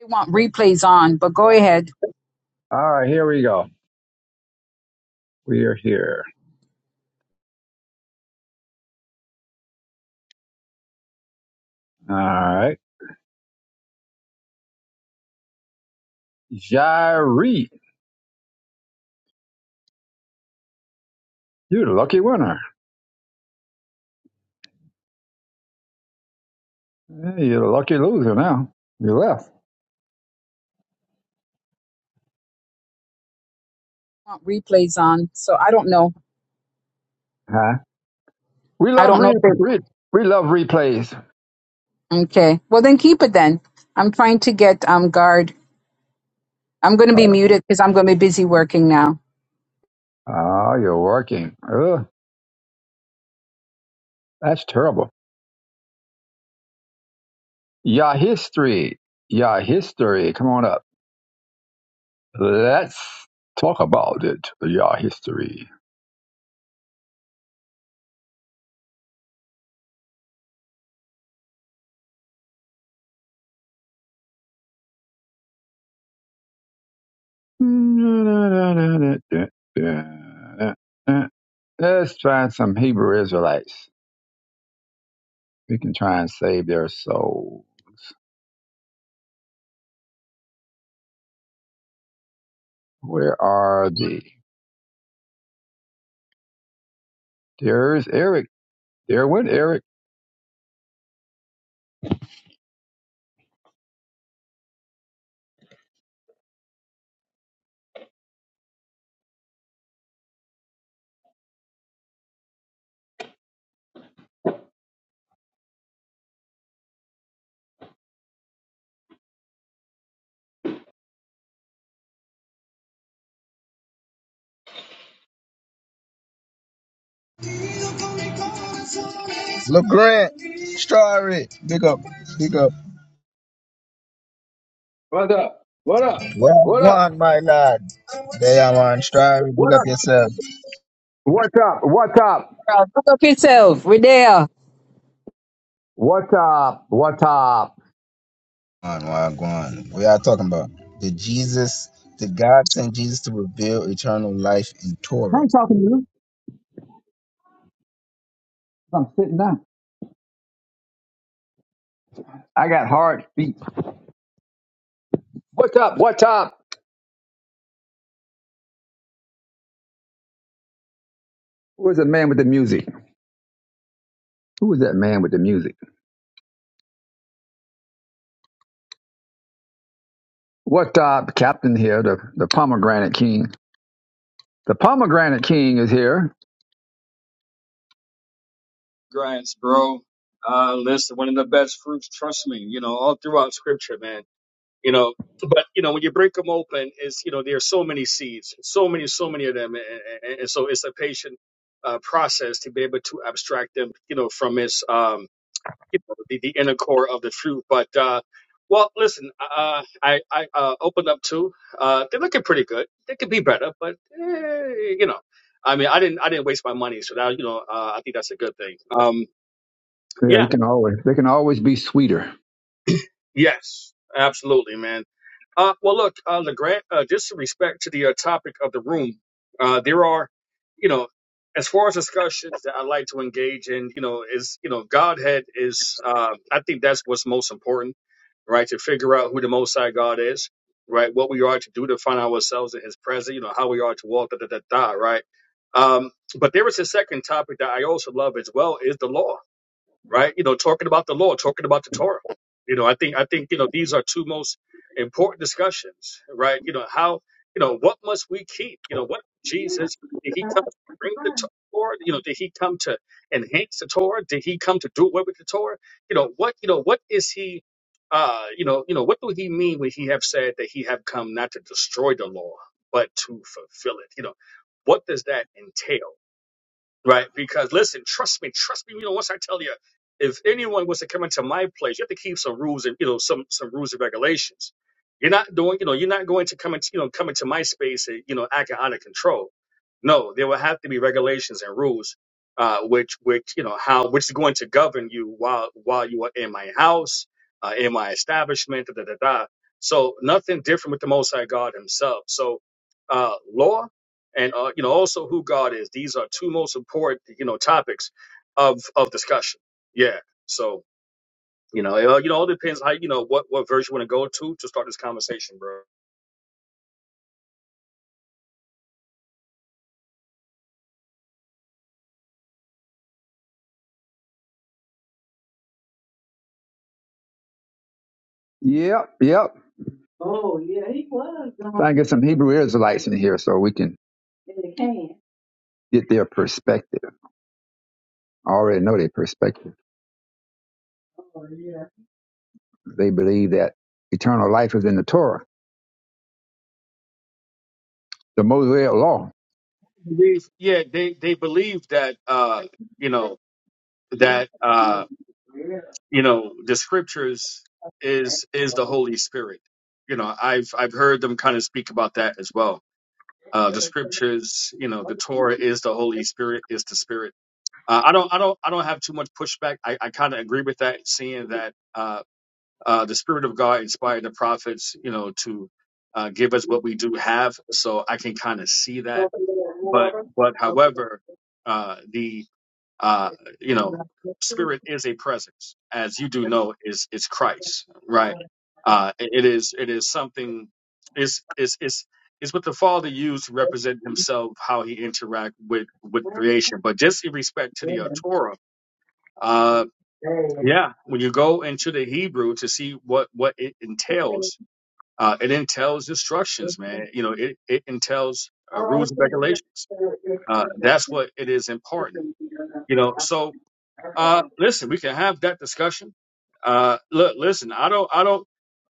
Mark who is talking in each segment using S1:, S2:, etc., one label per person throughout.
S1: They want replays on, but go
S2: All
S1: ahead. They
S2: right, here we go. We are here. All right. Jairi, you're the lucky winner. Hey, you're the lucky loser now. You left.
S1: want replays on. So I don't know.
S2: Huh? We
S1: I
S2: love
S1: don't
S2: re-
S1: know if they
S2: re- we love replays.
S1: okay. Well then keep it then. I'm trying to get um guard. I'm gonna be
S2: Oh,
S1: muted because I'm gonna be busy working now.
S2: oh, you're working. Ugh, that's terrible. Yeah, history. Yeah, history. Come on up. Let's talk about it. Yeah, history. Let's find some Hebrew Israelites. We can try and save their souls. Where are they? There's Eric. There went Eric.
S3: Look, LeGrant, Strawberry, big up, big up.
S2: What up? What up? What
S3: Wagwan,
S2: up?
S3: my lad. They are one, Strawberry,
S2: What
S3: big up
S2: up?
S3: yourself.
S2: What's up? What's up?
S1: Girl, Look up yourself. We're there.
S2: What's up? What's up?
S3: On Wagwan. We are talking about the Jesus, the God sent Jesus to reveal eternal life in
S2: I
S3: Torah.
S2: ain't talking to you. I'm sitting down. I got hard feet. What's up? What's up? Who is was that man with the music? Who is that man with the music? What's up, Captain here, the, the pomegranate king. The pomegranate king is here.
S4: grass, bro. Uh, listen, one of the best fruits, trust me, you know, all throughout scripture, man, you know, but you know, when you break them open is, you know, there are so many seeds, so many, so many of them. And, and, and so it's a patient, uh, process to be able to abstract them, you know, from its, um, you know, the, the inner core of the fruit. But, uh, well, listen, uh, uh, I, I, uh, opened up 2 uh, they're looking pretty good. They could be better, but, eh, you know, I mean, I didn't, I didn't waste my money. So that, you know, uh, I think that's a good thing. Um,
S2: Yeah, you
S4: yeah.
S2: can always they can always be sweeter.
S4: Yes. Absolutely, man. Uh, well, look, uh, LeGrand, uh, just in respect to the uh, topic of the room, uh, there are, you know, as far as discussions that I like to engage in, you know, is, you know, Godhead is, uh, I think that's what's most important, right? To figure out who the Most High God is, right? What we are to do to find ourselves in His presence, you know, how we are to walk, da da da da, right? Um, but there is a second topic that I also love as well is the law right? You know, talking about the law, talking about the Torah. You know, I think I think you know these are two most important discussions, right? You know how you know what must we keep? You know what Jesus did he come to bring the To- Torah? You know, did he come to enhance the Torah? Did he come to do away with the Torah? You know what? You know what is he? Uh, you know, you know what do he mean when he have said that he have come not to destroy the law but to fulfill it? You know, what does that entail? right? Because listen, trust me, trust me. You know, once I tell you, if anyone was to come into my place, you have to keep some rules and you know some some rules and regulations. You're not doing, you know, you're not going to come into you know come into my space and you know acting out of control. No, there will have to be regulations and rules, uh, which which you know how which is going to govern you while while you are in my house, uh, in my establishment, da da da. da. So nothing different with the Most High God Himself. So uh, law and uh, you know also who God is. These are two most important you know topics of of discussion. Yeah. So you know it, uh, you know all depends how you know what what version you want to go to to start this conversation, bro.
S2: Yep, yep. Trying to get some Hebrew Israelites in here so we can get their perspective. I already know their perspective. They believe that eternal life is in the Torah, the Mosaic law.
S4: Believe, yeah, they they believe that uh you know that uh you know the scriptures is is the Holy Spirit. You know I've I've heard them kind of speak about that as well. Uh, the scriptures, you know, the Torah is the Holy Spirit, is the Spirit Uh, I don't, I don't, I don't have too much pushback. I, I kind of agree with that, seeing that uh, uh, the Spirit of God inspired the prophets, you know, to uh, give us what we do have. So I can kind of see that. But, but, however, uh, the, uh, you know, Spirit is a presence, as you do know, is is Christ, right? Uh, it it is, it is something. Is is is is what the Father used to represent Himself, how He interact with with creation. But just in respect to the uh, Torah uh, yeah, when you go into the Hebrew to see what what it entails, uh, it entails instructions, man. You know, it it entails uh, rules and regulations. Uh, that's what it is important. You know, so uh, listen, we can have that discussion. Uh, look, listen, I don't, I don't,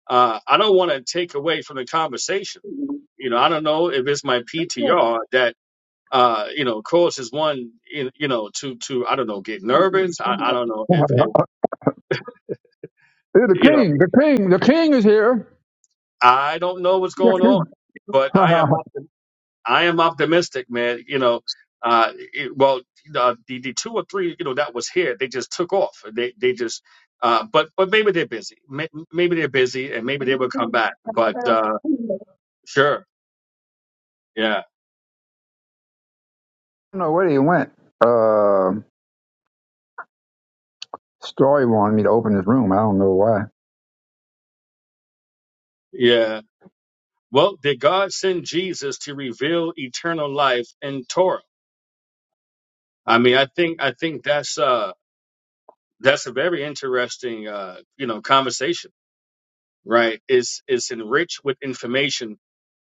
S4: uh, I don't want to take away from the conversation. You know, I don't know if it's my PTR that. Uh, you know, of course, is one, you you know, to, to, I don't know, get nervous. I, I don't know if, if,
S2: Here, the
S4: you know.
S2: king, the king, the king is here.
S4: I don't know what's
S2: The
S4: going on,
S2: king.
S4: but
S2: I
S4: I am optim- I am optimistic, man. You know, uh, it, well, uh, the the two or three, you know, that was here, they just took off. They they just, uh, but but maybe they're busy. May- Maybe they're busy, and maybe they will come back. But uh, sure, yeah,
S2: don't know where he went. Uh, Story wanted me to open his room. I don't know why.
S4: yeah. Well, did God send Jesus to reveal eternal life in Torah? I mean, I think I think that's uh that's a very interesting uh you know conversation, right? It's it's enriched with information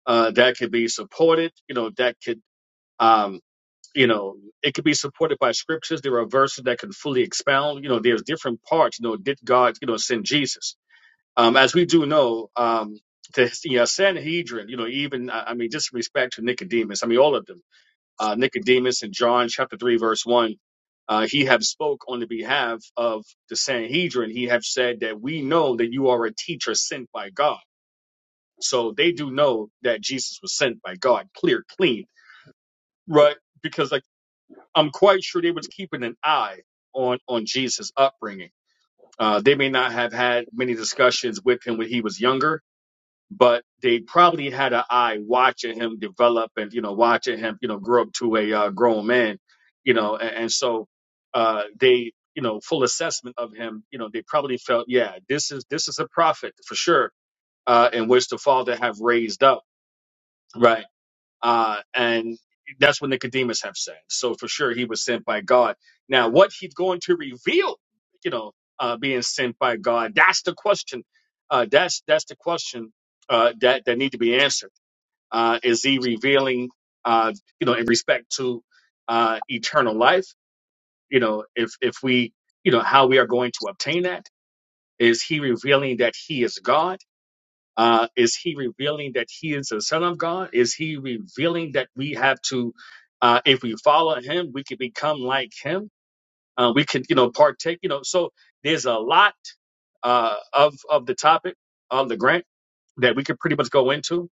S4: uh, that could be supported. You know, that could, um, you know, it could be supported by scriptures. There are verses that can fully expound. You know, there's different parts. You know, did God, you know, send Jesus? Um, as we do know, um, to you know, Sanhedrin, you know, even I I mean, just respect to Nicodemus. I mean, all of them. Uh, Nicodemus in John chapter three, verse one. Uh, he have spoke on the behalf of the Sanhedrin. He have said that we know that you are a teacher sent by God so they do know that Jesus was sent by God, clear, clean, right? Because like I'm quite sure they was keeping an eye on on Jesus' upbringing. Uh, they may not have had many discussions with him when he was younger, but they probably had an eye watching him develop and you know watching him you know grow up to a uh, grown man, you know, and, and so uh, they you know full assessment of him, you know, they probably felt yeah this is this is a prophet for sure, uh, in which the Father have raised up. Right uh, and that's what Nicodemus have said. So for sure, he was sent by God. Now, what he's going to reveal, you know, uh, being sent by God, that's the question. Uh, that's that's the question uh, that that need to be answered. Uh, is he revealing, uh, you know, in respect to uh, eternal life? You know, if if we, you know, how we are going to obtain that? Is he revealing that he is God? Uh, is he revealing that he is the Son of God? Is he revealing that we have to, uh, if we follow him, we can become like him? Uh, we can, you know, partake, you know. So there's a lot uh, of of the topic of the grant that we could pretty much go into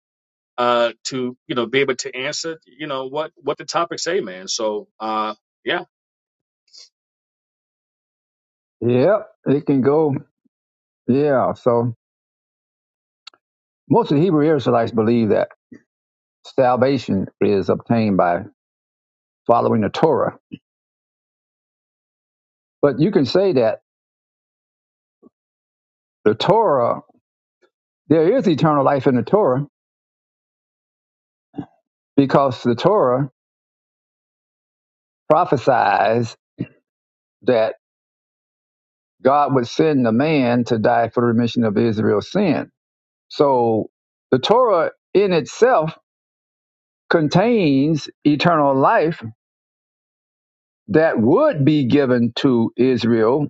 S4: uh, to, you know, be able to answer, you know, what what the topics say, man. So uh, yeah,
S2: Yep, it can go. Yeah, so most of the Hebrew Israelites believe that salvation is obtained by following the Torah. But you can say that the Torah, there is eternal life in the Torah because the Torah prophesies that God would send a man to die for the remission of Israel's sin. So the Torah in itself contains eternal life that would be given to Israel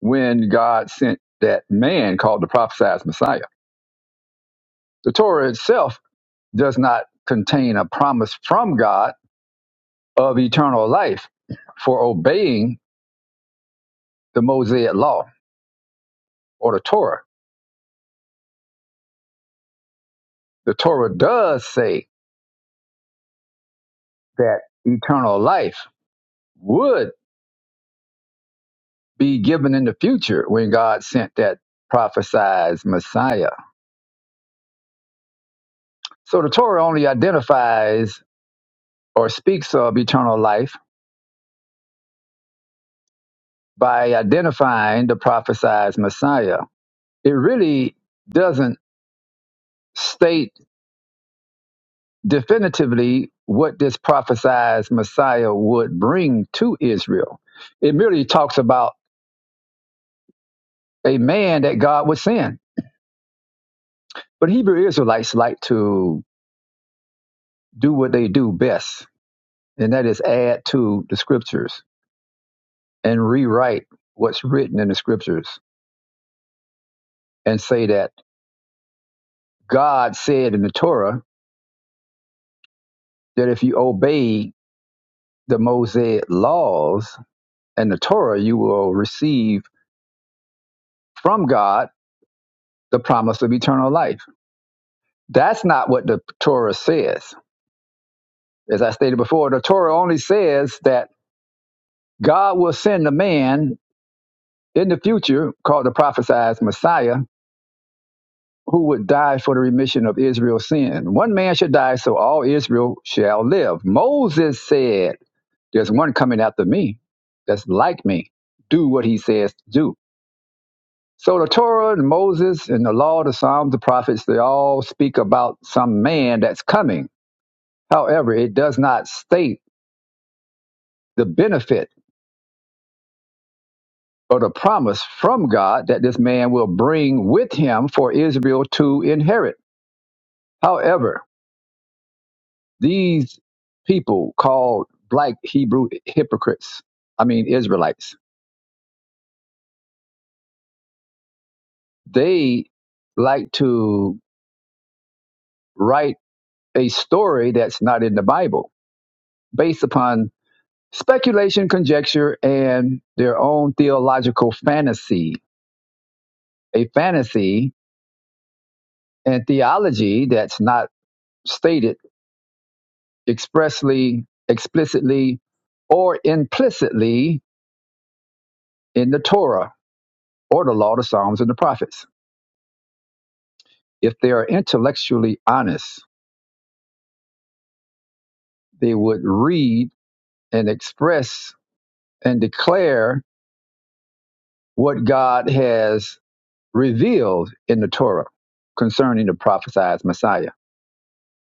S2: when God sent that man called the prophesied Messiah. The Torah itself does not contain a promise from God of eternal life for obeying the Mosaic law or the Torah. The Torah does say that eternal life would be given in the future when God sent that prophesied Messiah. So the Torah only identifies or speaks of eternal life by identifying the prophesied Messiah. It really doesn't state definitively what this prophesied Messiah would bring to Israel. It merely talks about a man that God would send. But Hebrew Israelites like to do what they do best, and that is add to the scriptures and rewrite what's written in the scriptures and say that God said in the Torah that if you obey the Mosaic laws and the Torah, you will receive from God the promise of eternal life. That's not what the Torah says. As I stated before, the Torah only says that God will send a man in the future called the prophesied Messiah who would die for the remission of Israel's sin. One man should die so all Israel shall live. Moses said, There's one coming after me that's like me. Do what he says to do. So the Torah and Moses and the law, the Psalms, the prophets, they all speak about some man that's coming. However, it does not state the benefit or the promise from God that this man will bring with him for Israel to inherit. However, these people called black Hebrew hypocrites, I mean Israelites, they like to write a story that's not in the Bible based upon speculation, conjecture, and their own theological fantasy. A fantasy and theology that's not stated expressly, explicitly, or implicitly in the Torah or the Law, the Psalms, and the Prophets. If they are intellectually honest, they would read and express and declare what God has revealed in the Torah concerning the prophesied Messiah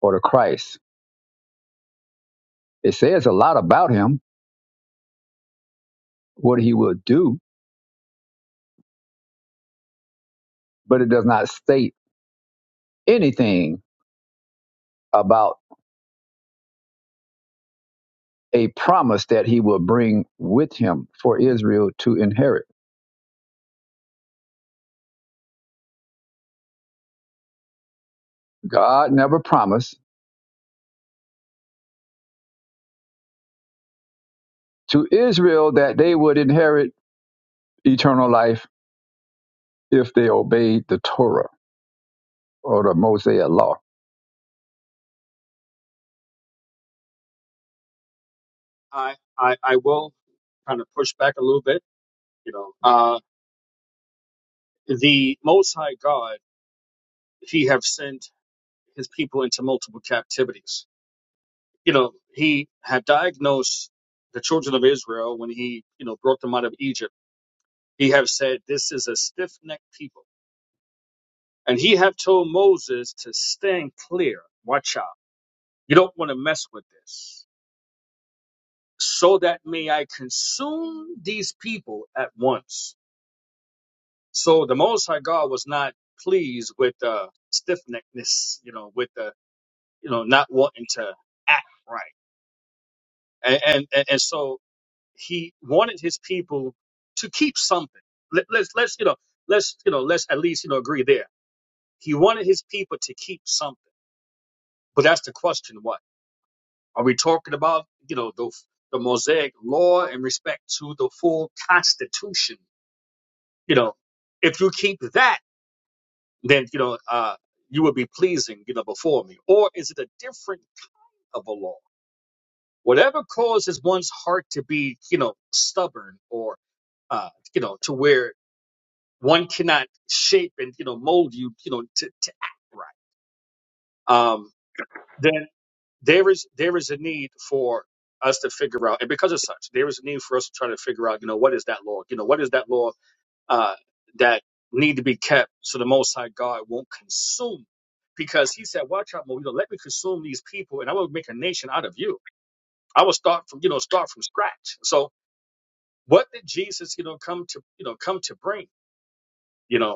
S2: or the Christ It says a lot about him, what he will do, but it does not state anything about a promise that he will bring with him for Israel to inherit. God never promised to Israel that they would inherit eternal life if they obeyed the Torah or the Mosaic law.
S4: I, I I will kind of push back a little bit, you know. Uh, the Most High God, He have sent. his people into multiple captivities. You know, he had diagnosed the children of Israel when he, you know, brought them out of Egypt. He have said, This is a stiff necked people. And he have told Moses to stand clear. Watch out. You don't want to mess with this. So that may I consume these people at once. So the Most High God was not pleased with uh, stiff neckedness, you know, with the, you know, not wanting to act right. And, and, and and so he wanted his people to keep something. Let, let's let's you know let's you know let's at least you know agree there. He wanted his people to keep something, but that's the question: what are we talking about? You know the the Mosaic law in respect to the full Constitution. You know, if you keep that, then you know uh, you will be pleasing you know before me. Or is it a different kind of a law? Whatever causes one's heart to be you know stubborn or uh, you know, to where one cannot shape and you know mold you you know to, to act right um then there is there is a need for us to figure out and because of such there is a need for us to try to figure out you know what is that law you know what is that law uh that need to be kept so the most high god won't consume because he said watch out Mo, you know let me consume these people and i will make a nation out of you i will start from you know start from scratch so what did jesus you know come to you know come to bring you know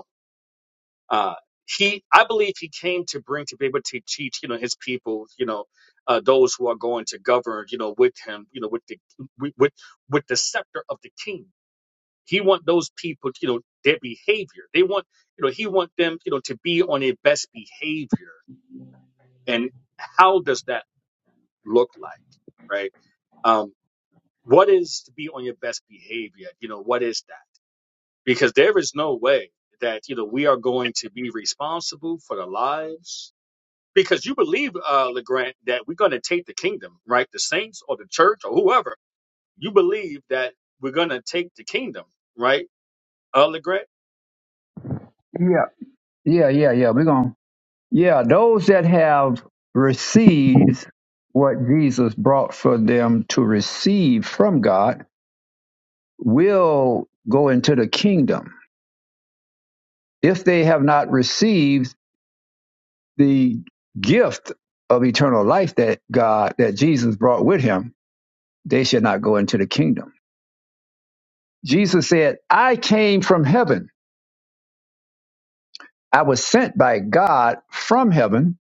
S4: uh, he i believe he came to bring to be able to teach you know his people you know uh, those who are going to govern you know with him you know with the with with with the scepter of the king he want those people you know their behavior they want you know he want them you know to be on their best behavior and how does that look like right um what is to be on your best behavior you know what is that because there is no way that you know we are going to be responsible for the lives because you believe, uh, Legrand, that we're going to take the kingdom, right? The saints or the church or whoever. You believe that we're going to take the kingdom, right, uh, Legrand?
S2: Yeah, yeah, yeah, yeah. We're going. to Yeah, those that have received what Jesus brought for them to receive from God will go into the kingdom if they have not received the gift of eternal life that God, that Jesus brought with him, they should not go into the kingdom. Jesus said, I came from heaven. I was sent by God from heaven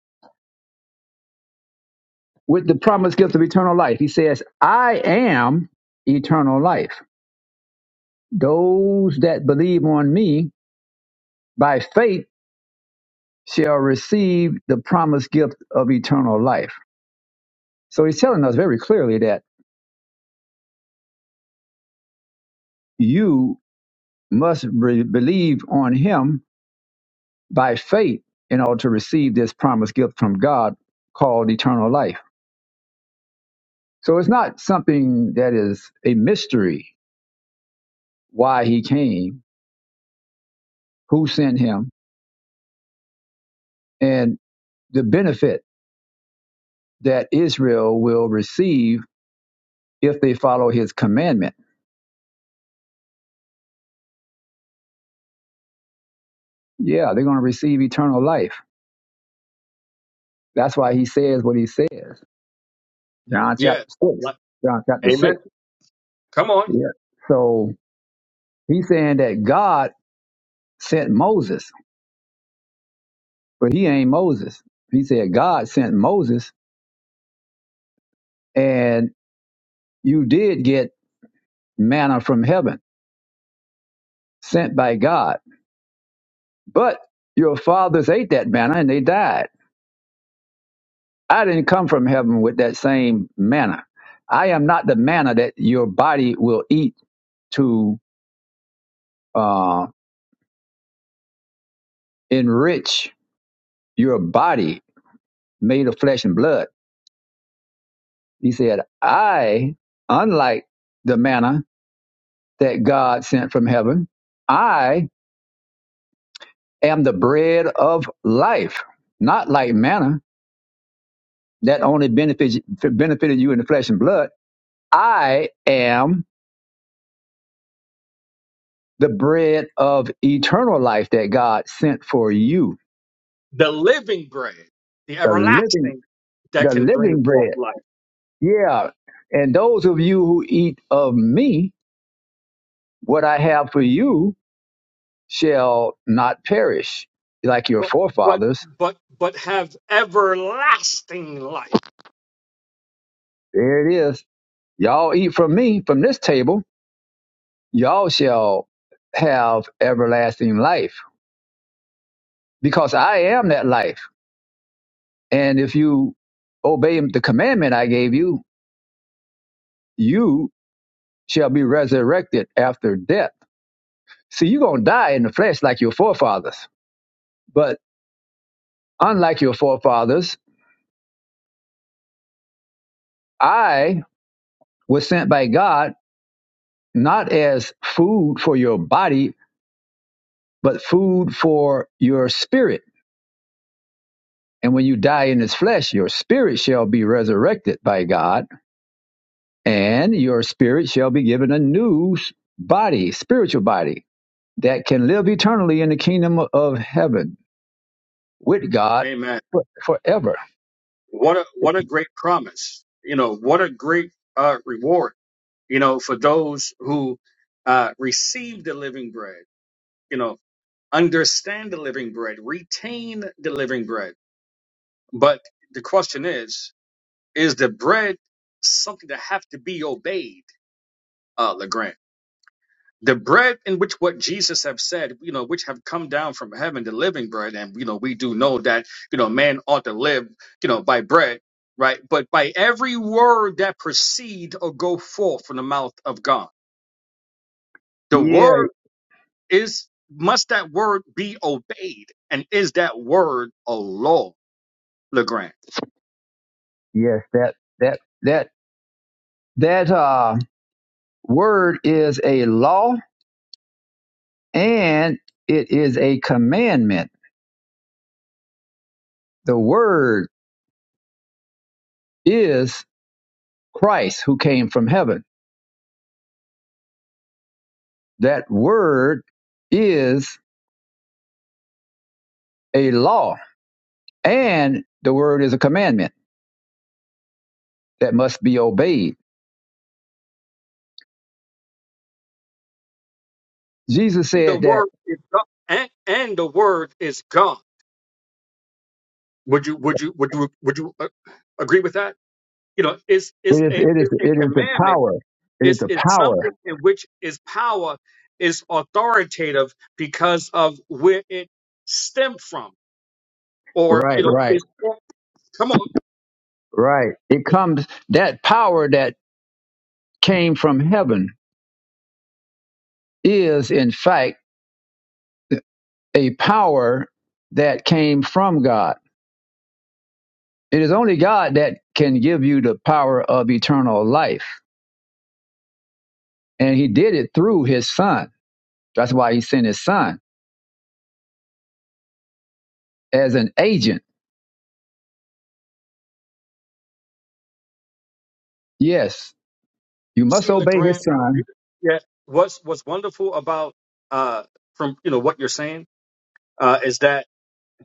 S2: with the promised gift of eternal life. He says, I am eternal life. Those that believe on me by faith shall receive the promised gift of eternal life. So he's telling us very clearly that You must re- believe on him by faith in order to receive this promised gift from God called eternal life. So it's not something that is a mystery why he came, who sent him, and the benefit that Israel will receive if they follow his commandment. Yeah, they're going to receive eternal life. That's why he says what he says. John chapter
S4: Yeah.
S2: 6.
S4: What?
S2: John chapter
S4: Amen.
S2: 6.
S4: Come on.
S2: Yeah. So he's saying that God sent Moses. but he ain't Moses. He said God sent Moses, and you did get manna from heaven, sent by God. But your fathers ate that manna and they died. I didn't come from heaven with that same manna. I am not the manna that your body will eat to uh, enrich your body made of flesh and blood. He said, I, unlike the manna that God sent from heaven, I am the bread of life, not like manna that only benefits, benefited you in the flesh and blood. I am the bread of eternal life that God sent for you,
S4: The living bread, the
S2: the living,
S4: everlasting that
S2: the
S4: can bring
S2: living
S4: forth
S2: bread.
S4: life,
S2: Yeah. And those of you who eat of me, what I have for you shall not perish like your
S4: but but
S2: forefathers.
S4: but, but have everlasting life.
S2: There it is. Y'all eat from me, from this table, y'all shall have everlasting life because I am that life. And if you obey the commandment I gave you, you shall be resurrected after death. See, you're going to die in the flesh like your forefathers. But unlike your forefathers, I was sent by God not as food for your body, but food for your spirit. And when you die in this flesh, your spirit shall be resurrected by God, and your spirit shall be given a new body, spiritual body that can live eternally in the kingdom of heaven with God
S4: Amen.
S2: for- forever.
S4: What a what a great promise. You know, what a great uh, reward. You know, for those who uh, receive the living bread. You know, understand the living bread, retain the living bread. But the question is, is the bread something that have to be obeyed, uh, Legrand? The bread in which what Jesus have said, you know, which have come down from heaven, the living bread, and you know, we do know that, you know, man ought to live, you know, by bread, right? But by every word that proceed or go forth from the mouth of God. The
S2: Yeah,
S4: word is must that word be obeyed, and is that word a law, Legrand?
S2: yes, that that that that uh, word is a law and it is a commandment. The word is Christ who came from heaven. That word is a law and the word is a commandment that must be obeyed. Jesus
S4: And the
S2: said that
S4: word is God. And, and the word is God. Would you would you would you would you uh, agree with that? You know, it's it's
S2: it is
S4: a
S2: it is
S4: it's a
S2: it is the
S4: commandment.
S2: power. It is
S4: It's
S2: the
S4: it's
S2: power.
S4: something in which its power is authoritative because of where it stemmed from, or
S2: Right,
S4: you know,
S2: right
S4: it's come on.
S2: Right. It comes, that power that came from heaven is, in fact, a power that came from God. It is only God that can give you the power of eternal life. And he did it through his son. That's why he sent his son as an agent. Yes, you must
S4: See,
S2: obey
S4: grant.
S2: his son.
S4: Yeah, what's what's wonderful about uh from you know what you're saying uh is that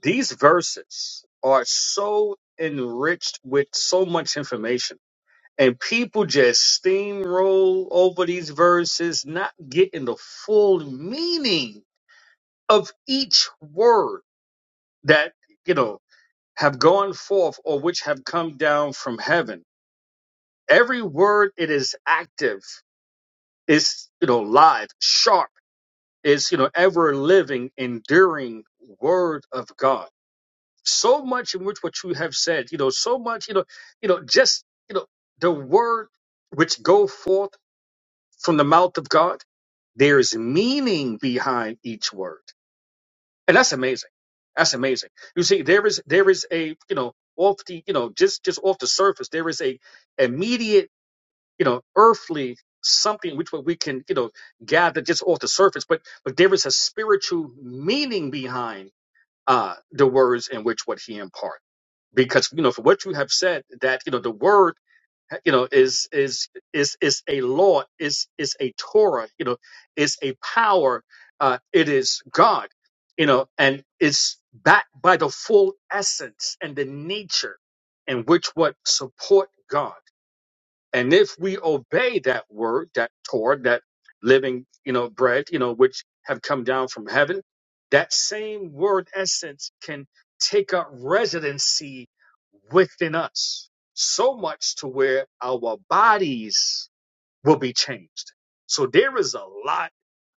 S4: these verses are so enriched with so much information and people just steamroll over these verses not getting the full meaning of each word that you know have gone forth or which have come down from heaven every word it is active is you know live sharp is you know ever living enduring word of god so much in which what you have said you know so much you know you know just you know the word which go forth from the mouth of god there's meaning behind each word and that's amazing that's amazing you see there is there is a you know off the you know just just off the surface there is a immediate you know earthly something which we can you know gather just off the surface but but there is a spiritual meaning behind uh the words in which what he imparts because you know for what you have said that you know the word you know is is is is a law is is a torah you know is a power uh it is god you know and it's backed by the full essence and the nature and which what support god and if we obey that word, that Torah, that living, you know, bread, you know, which have come down from heaven, that same word essence can take up residency within us so much to where our bodies will be changed. So there is a lot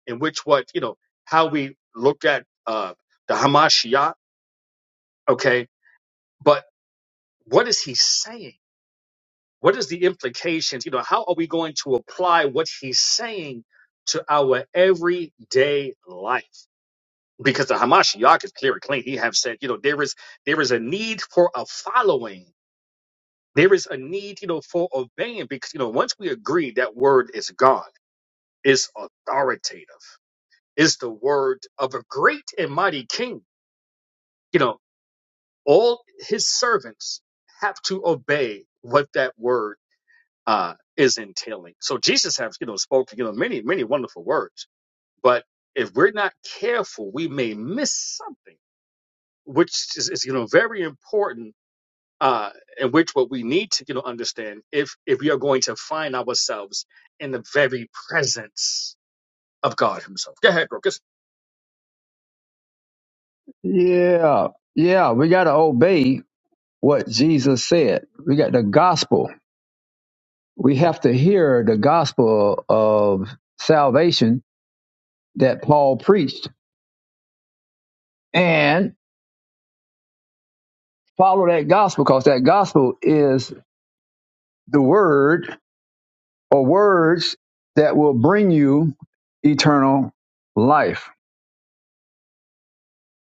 S4: in which what, you know, how we look at uh, the Hamashiach, okay, but what is he saying? What is the implications? You know, how are we going to apply what he's saying to our everyday life? Because the Hamashiach is clear and clean. He have said, you know, there is there is a need for a following. There is a need, you know, for obeying. Because you know, once we agree that word is God, is authoritative, is the word of a great and mighty king. You know, all his servants have to obey what that word uh, is entailing. So Jesus has, you know, spoken, you know, many, many wonderful words. But if we're not careful, we may miss something, which is, is you know, very important. Uh, and which what we need to, you know, understand if if we are going to find ourselves in the very presence of God Himself. Go ahead, bro.
S2: Yeah. Yeah. We got to obey what Jesus said. We got the gospel. We have to hear the gospel of salvation that Paul preached and follow that gospel because that gospel is the word or words that will bring you eternal life.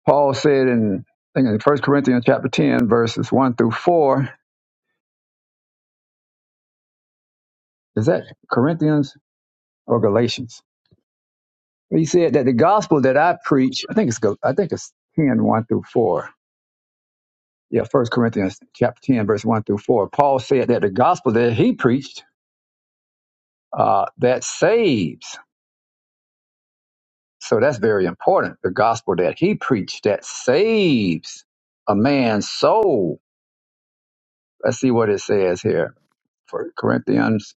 S2: Paul said in I think in First Corinthians chapter 10 verses 1 through 4, is that Corinthians or Galatians? He said that the gospel that I preach, I think it's Gal- I think it's ten one through 4. Yeah, First Corinthians chapter 10 verse 1 through 4. Paul said that the gospel that he preached uh, that saves So that's very important. The gospel that he preached that saves a man's soul. Let's see what it says here. For Corinthians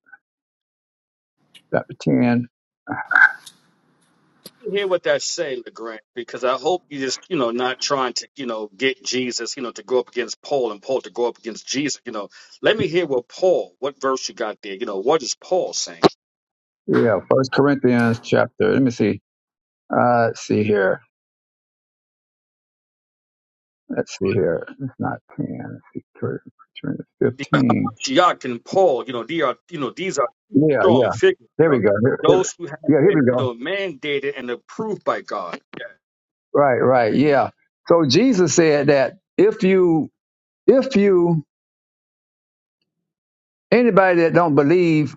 S2: chapter 10.
S4: you hear what that say, Legrand, because I hope you just, you know, not trying to, you know, get Jesus, you know, to go up against Paul and Paul to go up against Jesus. You know, let me hear what Paul, what verse you got there. You know, what is Paul saying?
S2: Yeah, first Corinthians chapter. Let me see. Uh let's see here. Let's see here. It's not 10. Let's see. Cor- Corinthians
S4: The
S2: 15.
S4: Hamashiach and Paul, you know, they are, you know, these are two
S2: Yeah,
S4: strong
S2: yeah.
S4: figures. You
S2: There we
S4: know,
S2: go. Here- here-
S4: those who have
S2: yeah, here
S4: been,
S2: we
S4: you
S2: go.
S4: know, mandated and approved by God.
S2: Right, right. Yeah. So Jesus said that if you if you anybody that don't believe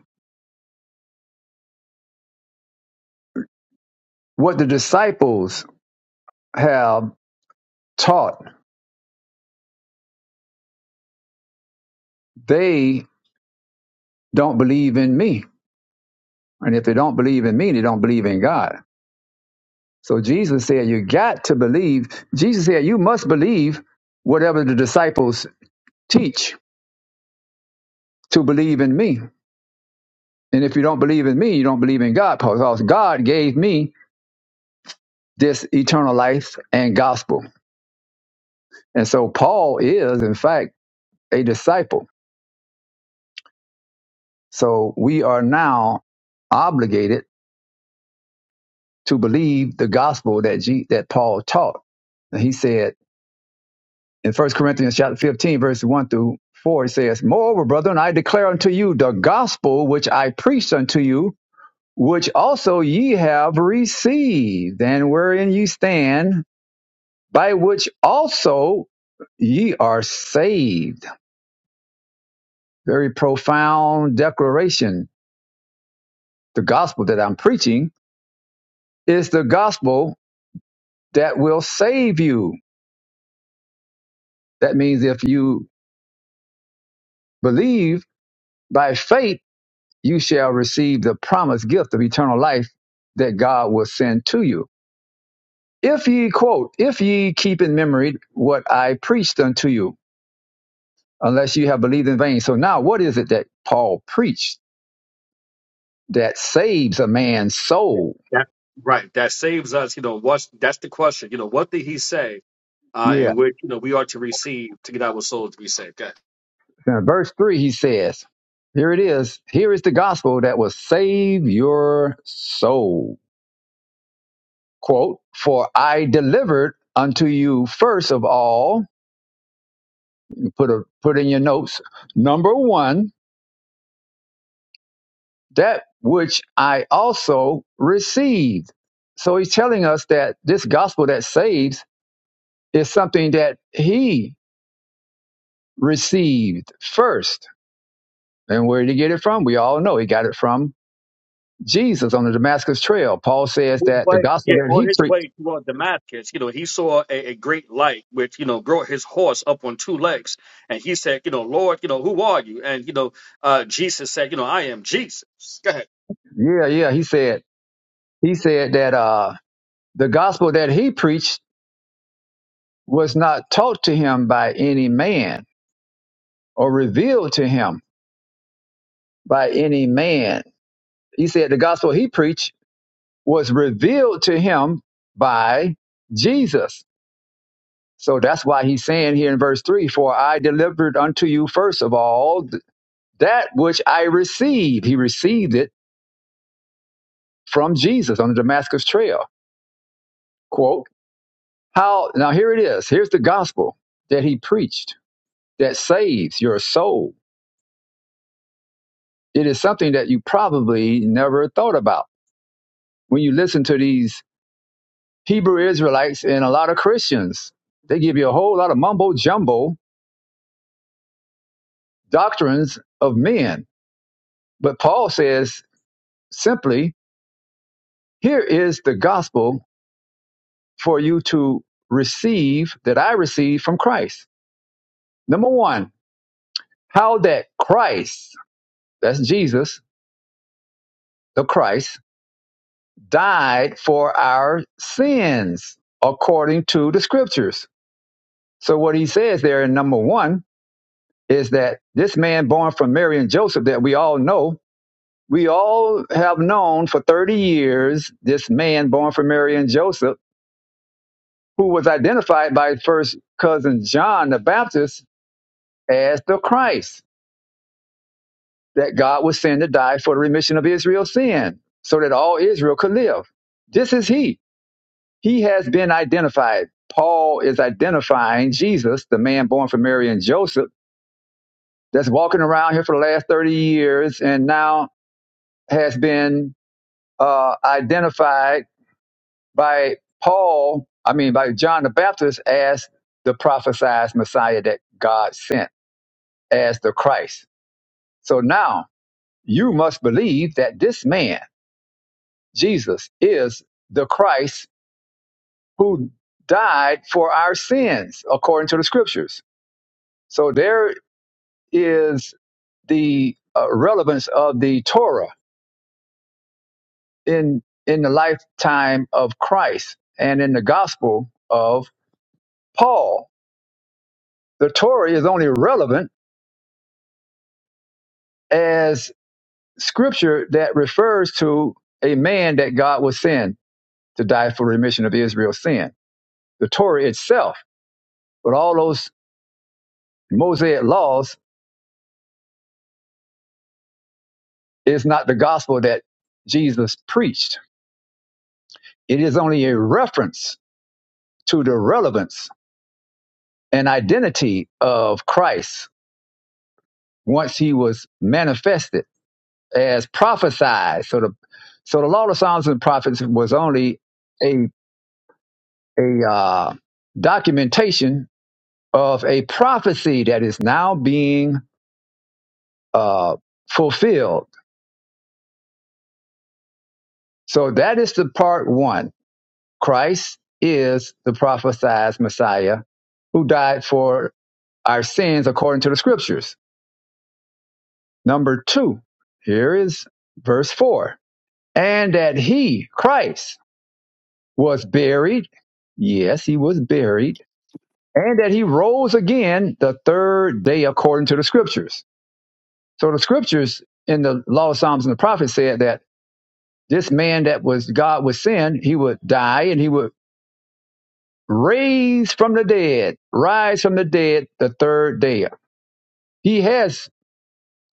S2: what the disciples have taught, they don't believe in me. And if they don't believe in me, they don't believe in God. So Jesus said, You got to believe. Jesus said, You must believe whatever the disciples teach to believe in me. And if you don't believe in me, you don't believe in God, because God gave me this eternal life and gospel. And so Paul is, in fact, a disciple. So we are now obligated to believe the gospel that G, that Paul taught. And he said in First Corinthians chapter 15, verses 1 through 4, it says, Moreover, brethren, I declare unto you the gospel which I preached unto you, which also ye have received, and wherein ye stand, by which also ye are saved. Very profound declaration. The gospel that I'm preaching is the gospel that will save you. That means if you believe By faith, you shall receive the promised gift of eternal life that God will send to you. If ye, quote, if ye keep in memory what I preached unto you, unless you have believed in vain. So now, what is it that Paul preached that saves a man's
S4: Yeah,
S2: soul?
S4: that right. That saves us. You know, what's that's the question. You know, what did he say? Uh,
S2: Yeah.
S4: and which you know we are to receive to get our souls to be saved.
S2: In verse 3, he says, Here it is. Here is the gospel that will save your soul. Quote, For I delivered unto you first of all Put a put in your notes. Number one, that which I also received. So he's telling us that this gospel that saves is something that he received first. And where did he get it from? We all know he got it from Jesus on the Damascus Trail. Paul says
S4: his
S2: that the
S4: way,
S2: gospel
S4: yeah,
S2: that
S4: on
S2: he
S4: his
S2: preached.
S4: way toward Damascus, you know, he saw a, a great light which, you know, brought his horse up on two legs. And he said, you know, Lord, you know, who are you? And, you know, uh, Jesus said, you know, I am Jesus. Go ahead.
S2: Yeah, yeah. He said he said that uh the gospel that he preached was not taught to him by any man or revealed to him by any man he said the gospel he preached was revealed to him by Jesus. So that's why he's saying here in verse 3 For I delivered unto you first of all th- that which I received. He received it from Jesus on the Damascus Trail. Quote, How, now here it is. Here's the gospel that he preached that saves your soul. It is something that you probably never thought about. When you listen to these Hebrew Israelites and a lot of Christians. They give you a whole lot of mumbo jumbo doctrines of men. But Paul says simply, here is the gospel for you to receive that I received from Christ. Number one, how that Christ, that's Jesus, the Christ, died for our sins according to the scriptures. So what he says there in number one is that this man born from Mary and Joseph that we all know we all have known for 30 years this man born from Mary and Joseph, who was identified by his first cousin John the Baptist as the Christ that God would send to die for the remission of Israel's sin so that all Israel could live. This is he. He has been identified. Paul is identifying Jesus, the man born from Mary and Joseph, that's walking around here for the last 30 years and now has been uh, identified by Paul, I mean by John the Baptist as the prophesied Messiah that God sent as the Christ. So now you must believe that this man, Jesus, is the Christ who died for our sins according to the scriptures. So there is the uh, relevance of the Torah in in the lifetime of Christ and in the gospel of Paul. The Torah is only relevant as scripture that refers to a man that God will send to die for remission of Israel's sin. The Torah itself, with all those Mosaic laws, is not the gospel that Jesus preached. It is only a reference to the relevance and identity of Christ once he was manifested as prophesied. So the so the law of the Psalms and prophets was only a a uh, documentation of a prophecy that is now being uh, fulfilled. So that is the part one. Christ is the prophesied Messiah who died for our sins according to the scriptures. Number two, here is verse four. And that he, Christ, was buried. Yes, he was buried. And that he rose again the third day according to the scriptures. So the scriptures in the law of Psalms and the prophets said that This man that was God was sin, he would die and he would raise from the dead, rise from the dead the third day. He has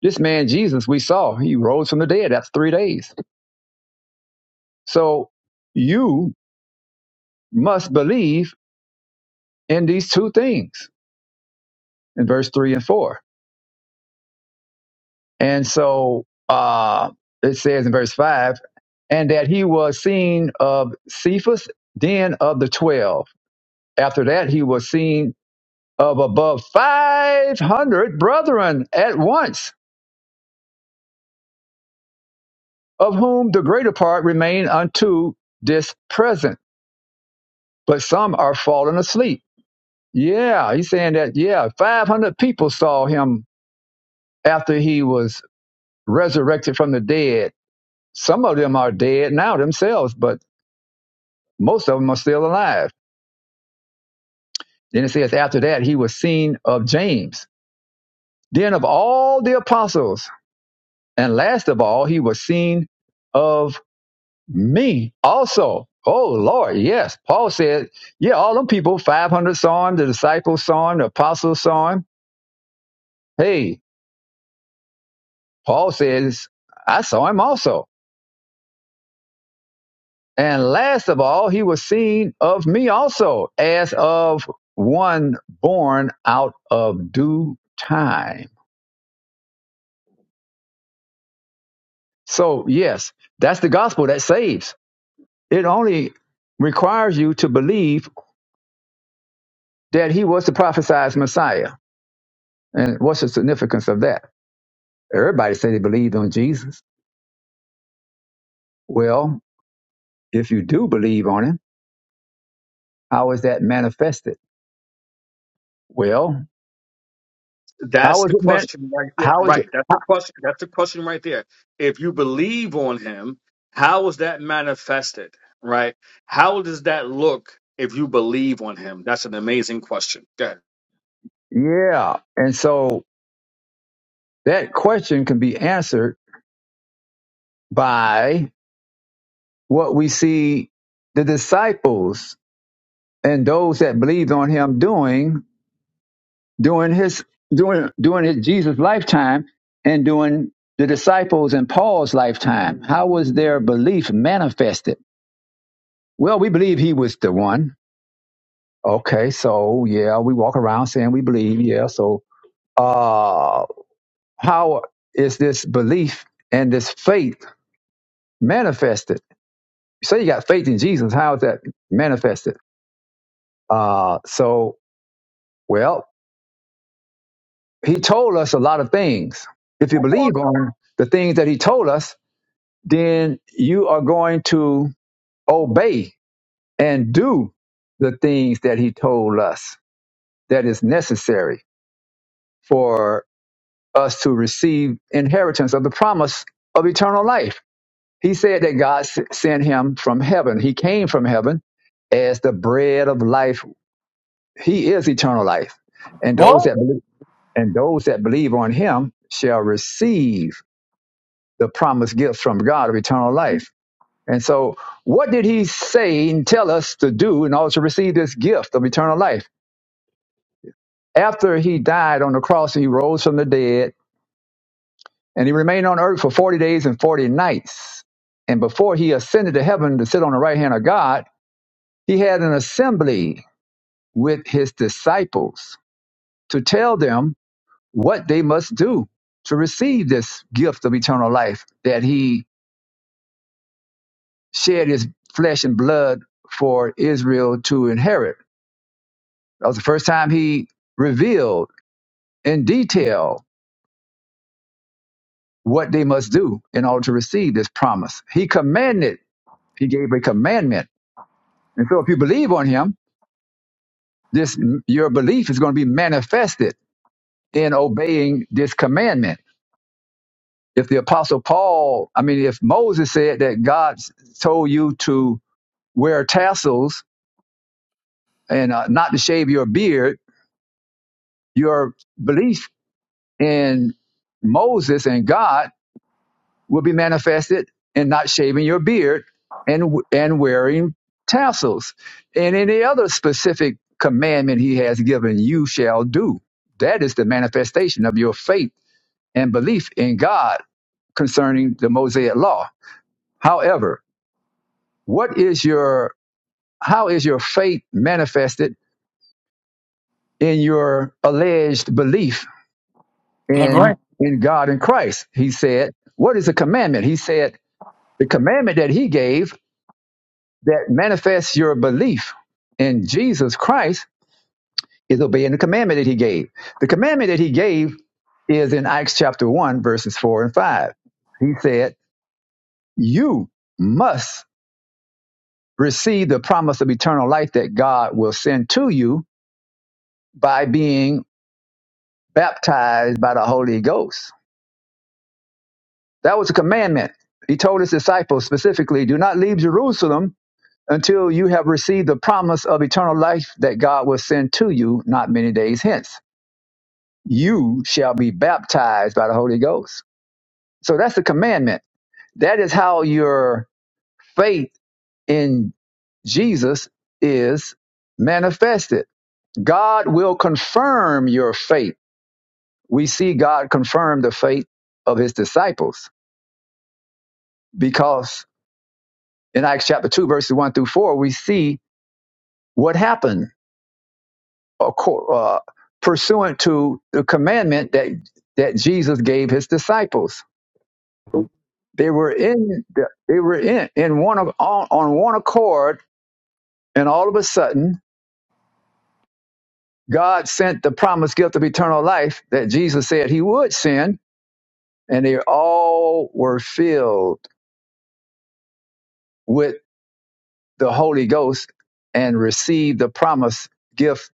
S2: this man Jesus we saw, he rose from the dead. That's three days. So you must believe in these two things in verse three and four. And so uh it says in verse five, and that he was seen of Cephas, then of the twelve. After that, he was seen of above 500 brethren at once, of whom the greater part remain unto this present, but some are fallen asleep. Yeah, he's saying that, yeah, 500 people saw him after he was resurrected from the dead. Some of them are dead now themselves, but most of them are still alive. Then it says, after that, he was seen of James, then of all the apostles, and last of all, he was seen of me also. Oh Lord, yes. Paul said, yeah, all them people, 500 saw him, the disciples saw him, the apostles saw him. Hey, Paul says, I saw him also. And last of all, he was seen of me also as of one born out of due time. So yes, that's the gospel that saves. It only requires you to believe that he was the prophesied Messiah. And what's the significance of that? Everybody say they believed on Jesus. Well, if you do believe on him, how is that manifested? Well, how
S4: That's
S2: is
S4: the
S2: it meant?
S4: question right there.
S2: How is it?
S4: Right. That's the question. That's the question right there. If you believe on him, how is that manifested? Right. How does that look if you believe on him? That's an amazing question. Go ahead.
S2: Yeah. And so that question can be answered by what we see the disciples and those that believed on him doing during his during during his Jesus lifetime and during the disciples and Paul's lifetime. How was their belief manifested? Well, we believe he was the one Okay, so yeah, we walk around saying we believe, yeah. So uh how is this belief and this faith manifested? You say you got faith in Jesus, how is that manifested? Uh so well, he told us a lot of things. If you
S4: Come on.
S2: believe on the things that he told us, then you are going to obey and do the things that he told us that is necessary for us to receive inheritance of the promise of eternal life. He said that God sent him from heaven. He came from heaven as the bread of life. He is eternal life. And those
S5: What?
S2: that believe, and those that believe on him shall receive the promised gift from God of eternal life. And so, what did he say and tell us to do in order to receive this gift of eternal life? After he died on the cross and he rose from the dead, And he remained on earth for 40 days and 40 nights. And before he ascended to heaven to sit on the right hand of God, he had an assembly with his disciples to tell them what they must do to receive this gift of eternal life that he shed his flesh and blood for Israel to inherit. That was the first time he revealed in detail what they must do in order to receive this promise. He commanded, he gave a commandment. And so if you believe on him, this your belief is going to be manifested in obeying this commandment. If the apostle Paul, I mean, if Moses said that God told you to wear tassels and uh, not to shave your beard, your belief in Moses and God will be manifested in not shaving your beard and and wearing tassels. And any other specific commandment he has given, you shall do. That is the manifestation of your faith and belief in God concerning the Mosaic law. However, what is your how is your faith manifested in your alleged belief in
S5: LeGrand,
S2: in God and Christ? He said, "What is the commandment?" He said, "The commandment that he gave that manifests your belief in Jesus Christ is obeying the commandment that he gave. The commandment that he gave is in Acts chapter 1 verses 4 and 5. He said, "You must receive the promise of eternal life that God will send to you by being baptized by the Holy Ghost. That was a commandment. He told his disciples specifically, do not leave Jerusalem until you have received the promise of eternal life that God will send to you not many days hence. You shall be baptized by the Holy Ghost. So that's the commandment. That is how your faith in Jesus is manifested God will confirm your faith. We see God confirm the faith of his disciples because in Acts chapter 2, verses 1 through 4, we see what happened acco- uh, pursuant to the commandment that, that Jesus gave his disciples. They were in, they were in, in one of, on, on one accord, and all of a sudden, God sent the promised gift of eternal life that Jesus said he would send, and they all were filled with the Holy Ghost and received the promised gift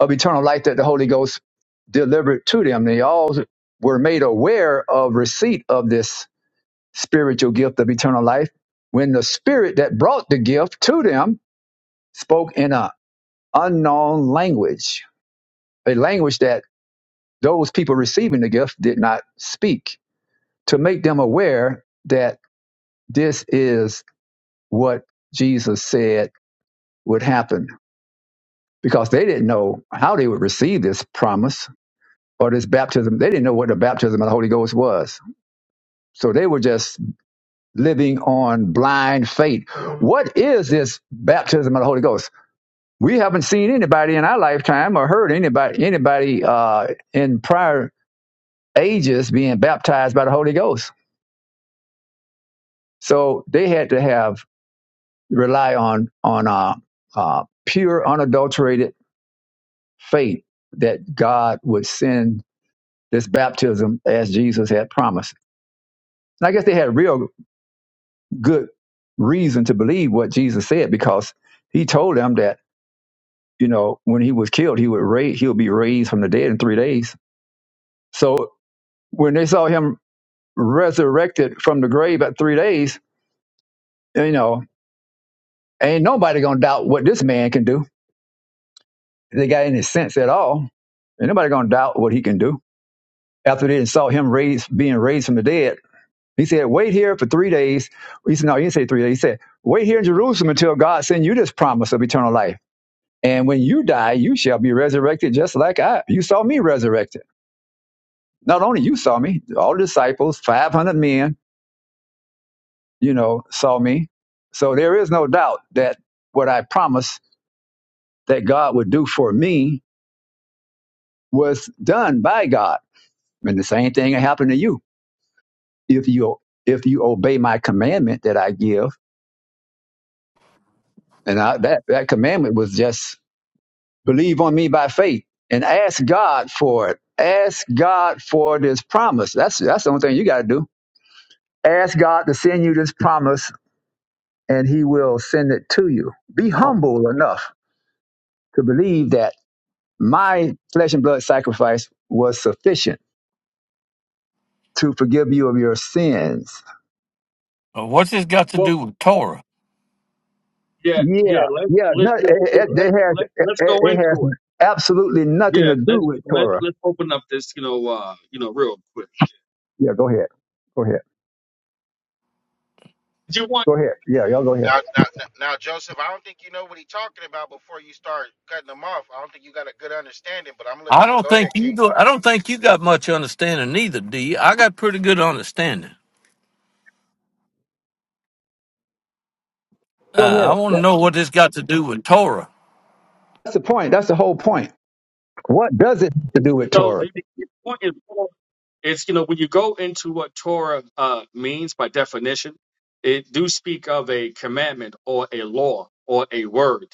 S2: of eternal life that the Holy Ghost delivered to them. They all were made aware of receipt of this spiritual gift of eternal life when the spirit that brought the gift to them spoke in an unknown language, a language that those people receiving the gift did not speak, to make them aware that this is what Jesus said would happen because they didn't know how they would receive this promise or this baptism. They didn't know what the baptism of the Holy Ghost was. So they were just living on blind faith. What is this baptism of the Holy Ghost? We haven't seen anybody in our lifetime or heard anybody anybody uh, in prior ages being baptized by the Holy Ghost. So they had to have rely on on uh, uh, pure, unadulterated faith that God would send this baptism as Jesus had promised. And I guess they had real good reason to believe what Jesus said because he told them that, you know, when he was killed, he would raise, he'll be raised from the dead in three days. So when they saw him resurrected from the grave at three days, you know, ain't nobody gonna doubt what this man can do. If they got any sense at all, ain't nobody gonna doubt what he can do. After they saw him raised, being raised from the dead, He said, wait here for three days. He said, no, he didn't say three days. He said, wait here in Jerusalem until God send you this promise of eternal life. And when you die, you shall be resurrected just like I. You saw me resurrected. Not only you saw me, all the disciples, 500 men, you know, saw me. So there is no doubt that what I promised that God would do for me was done by God. And the same thing will happen to you if you if you obey my commandment that I give. And I, that that commandment was just Believe on me by faith and ask God for it. Ask God for this promise. That's that's the only thing you got to do. Ask God to send you this promise and he will send it to you. Be humble enough to believe that my flesh and blood sacrifice was sufficient to forgive you of your sins.
S5: what's this got to
S4: Well.
S5: do with Torah?
S4: Yeah,
S2: Yeah,
S4: yeah. Let's
S2: yeah,
S4: let
S2: no, it,
S4: yeah, yeah,
S2: it, it
S4: let's
S2: has
S4: let
S2: it,
S4: let's go
S2: it has
S4: into it.
S2: absolutely nothing
S4: Yeah,
S2: to do
S4: let's
S2: with
S4: let
S2: Torah.
S4: let's open up this you know uh you know real quick.
S2: Yeah, go ahead. Go ahead.
S4: Do you want
S2: Go ahead. Yeah, y'all go ahead.
S6: Now, now, now, Joseph, I don't think you know what he's talking about before you start cutting him off. I don't think you got a good understanding, but I'm gonna let
S5: I
S6: you. But
S5: don't
S6: go ahead,
S5: think you
S6: King.
S5: do. I don't think you got much understanding neither, do you? I got pretty good understanding. Uh,
S2: Go
S5: I
S2: ahead.
S5: want
S2: Yeah,
S5: to know what this got to do with Torah.
S2: That's the point. That's the whole point What does it have to do with
S4: so the
S2: Torah?
S4: you, do you want it's you know when you go into what Torah uh, means by definition, it do speak of a commandment or a law or a word,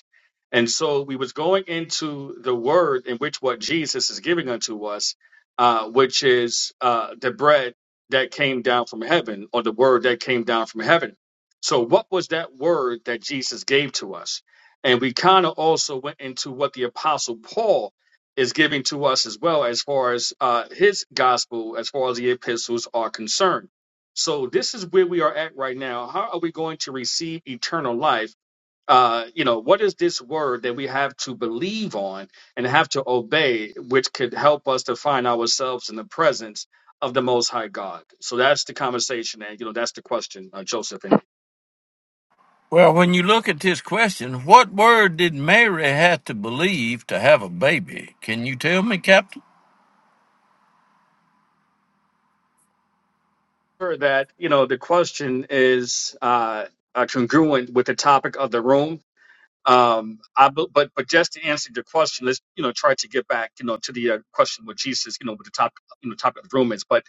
S4: and so we was going into the word in which what Jesus is giving unto us, uh, which is uh, the bread that came down from heaven or the word that came down from heaven. So what was that word that Jesus gave to us? And we kind of also went into what the apostle Paul is giving to us as well as far as uh, his gospel, as far as the epistles are concerned. So this is where we are at right now. How are we going to receive eternal life? Uh, you know, what is this word that we have to believe on and have to obey, which could help us to find ourselves in the presence of the Most High God? So that's the conversation, and you know, that's the question, uh, Joseph. And
S5: Well, when you look at this question, what word did Mary have to believe to have a baby? Can you tell me, Captain?
S4: for that, you know, the question is uh, uh, congruent with the topic of the room Um, I, bu- but but just to answer your question, let's you know try to get back you know to the uh, question with Jesus you know with the top you know topic of the room is. But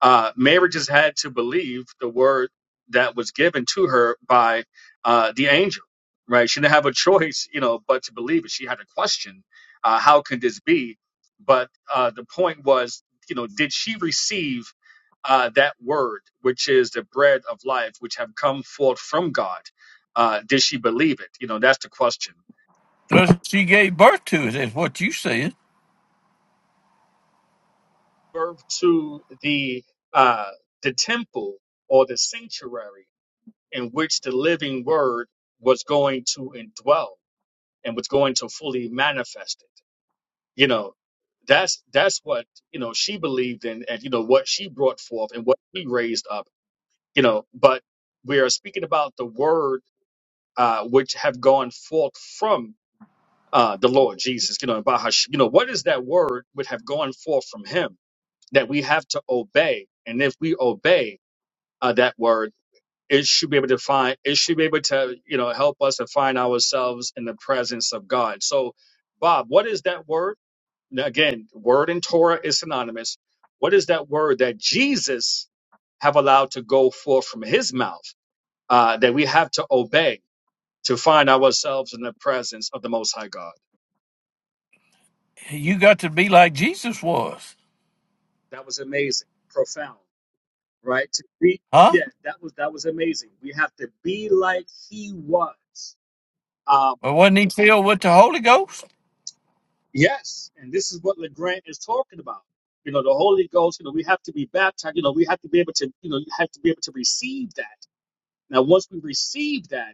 S4: uh, Mary just had to believe the word that was given to her by uh, the angel, right? She didn't have a choice, you know, but to believe it. She had a question: uh, How can this be? But uh, the point was, you know, did she receive uh, that word, which is the bread of life, which have come forth from God? Uh, did she believe it? You know, that's the question.
S5: Well, she gave birth to it, is what you said.
S4: Birth to the uh, the temple or the sanctuary in which the living word was going to indwell and was going to fully manifest it. You know, that's that's what you know she believed in, and you know what she brought forth and what she raised up. You know, but we are speaking about the word uh, which have gone forth from uh, the Lord Jesus. You know, about how she- you know what is that word would have gone forth from Him that we have to obey, and if we obey. Uh, that word it should be able to find it should be able to you know help us to find ourselves in the presence of god so bob what is that word Now, again word in torah is synonymous what is that word that jesus have allowed to go forth from his mouth uh, that we have to obey to find ourselves in the presence of the most high god
S5: You got to be like Jesus was,
S4: that was amazing profound right to be
S5: huh?
S4: yeah that was that was amazing we have to be like he was Uh,
S5: Well, wasn't he filled with the Holy Ghost?
S4: Yes, and this is what LeGrand is talking about. You know, the Holy Ghost, you know, we have to be baptized, you know, we have to be able to, you know, you have to be able to receive that. Now, once we receive that,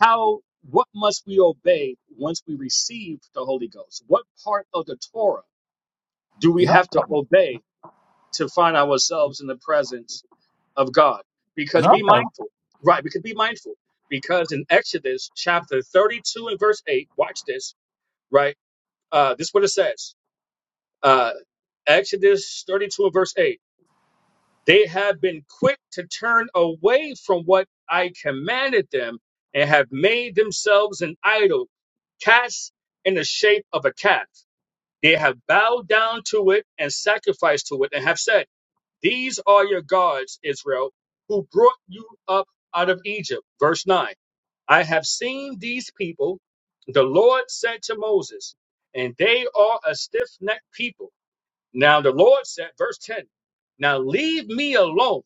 S4: how, what must we obey once we receive the Holy Ghost? What part of the Torah do we
S5: No,
S4: have to obey to find ourselves in the presence of God? Because be
S5: no.
S4: mindful, right? Because be mindful. Because in Exodus chapter 32 and verse 8, watch this, right? Uh, this is what it says. Uh, Exodus 32 and verse 8. They have been quick to turn away from what I commanded them and have made themselves an idol, cast in the shape of a calf. They have bowed down to it and sacrificed to it and have said, These are your gods, Israel, who brought you up out of Egypt. Verse 9. I have seen these people, the Lord said to Moses, and they are a stiff necked people. Now the Lord said, verse 10, now leave me alone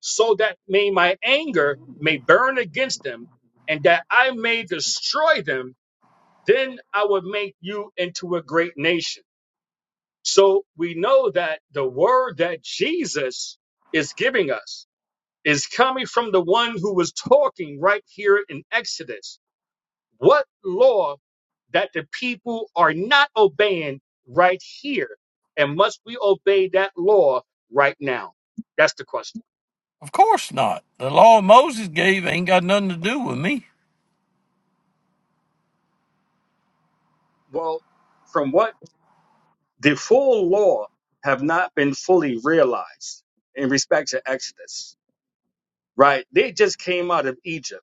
S4: so that may my anger may burn against them and that I may destroy them. Then I will make you into a great nation. So we know that the word that Jesus is giving us is coming from the one who was talking right here in Exodus what law that the people are not obeying right here? And must we obey that law right now? That's the question.
S5: Of course not. The law Moses gave ain't got nothing to do with me.
S4: Well, from what the full law have not been fully realized in respect to Exodus, right? They just came out of Egypt,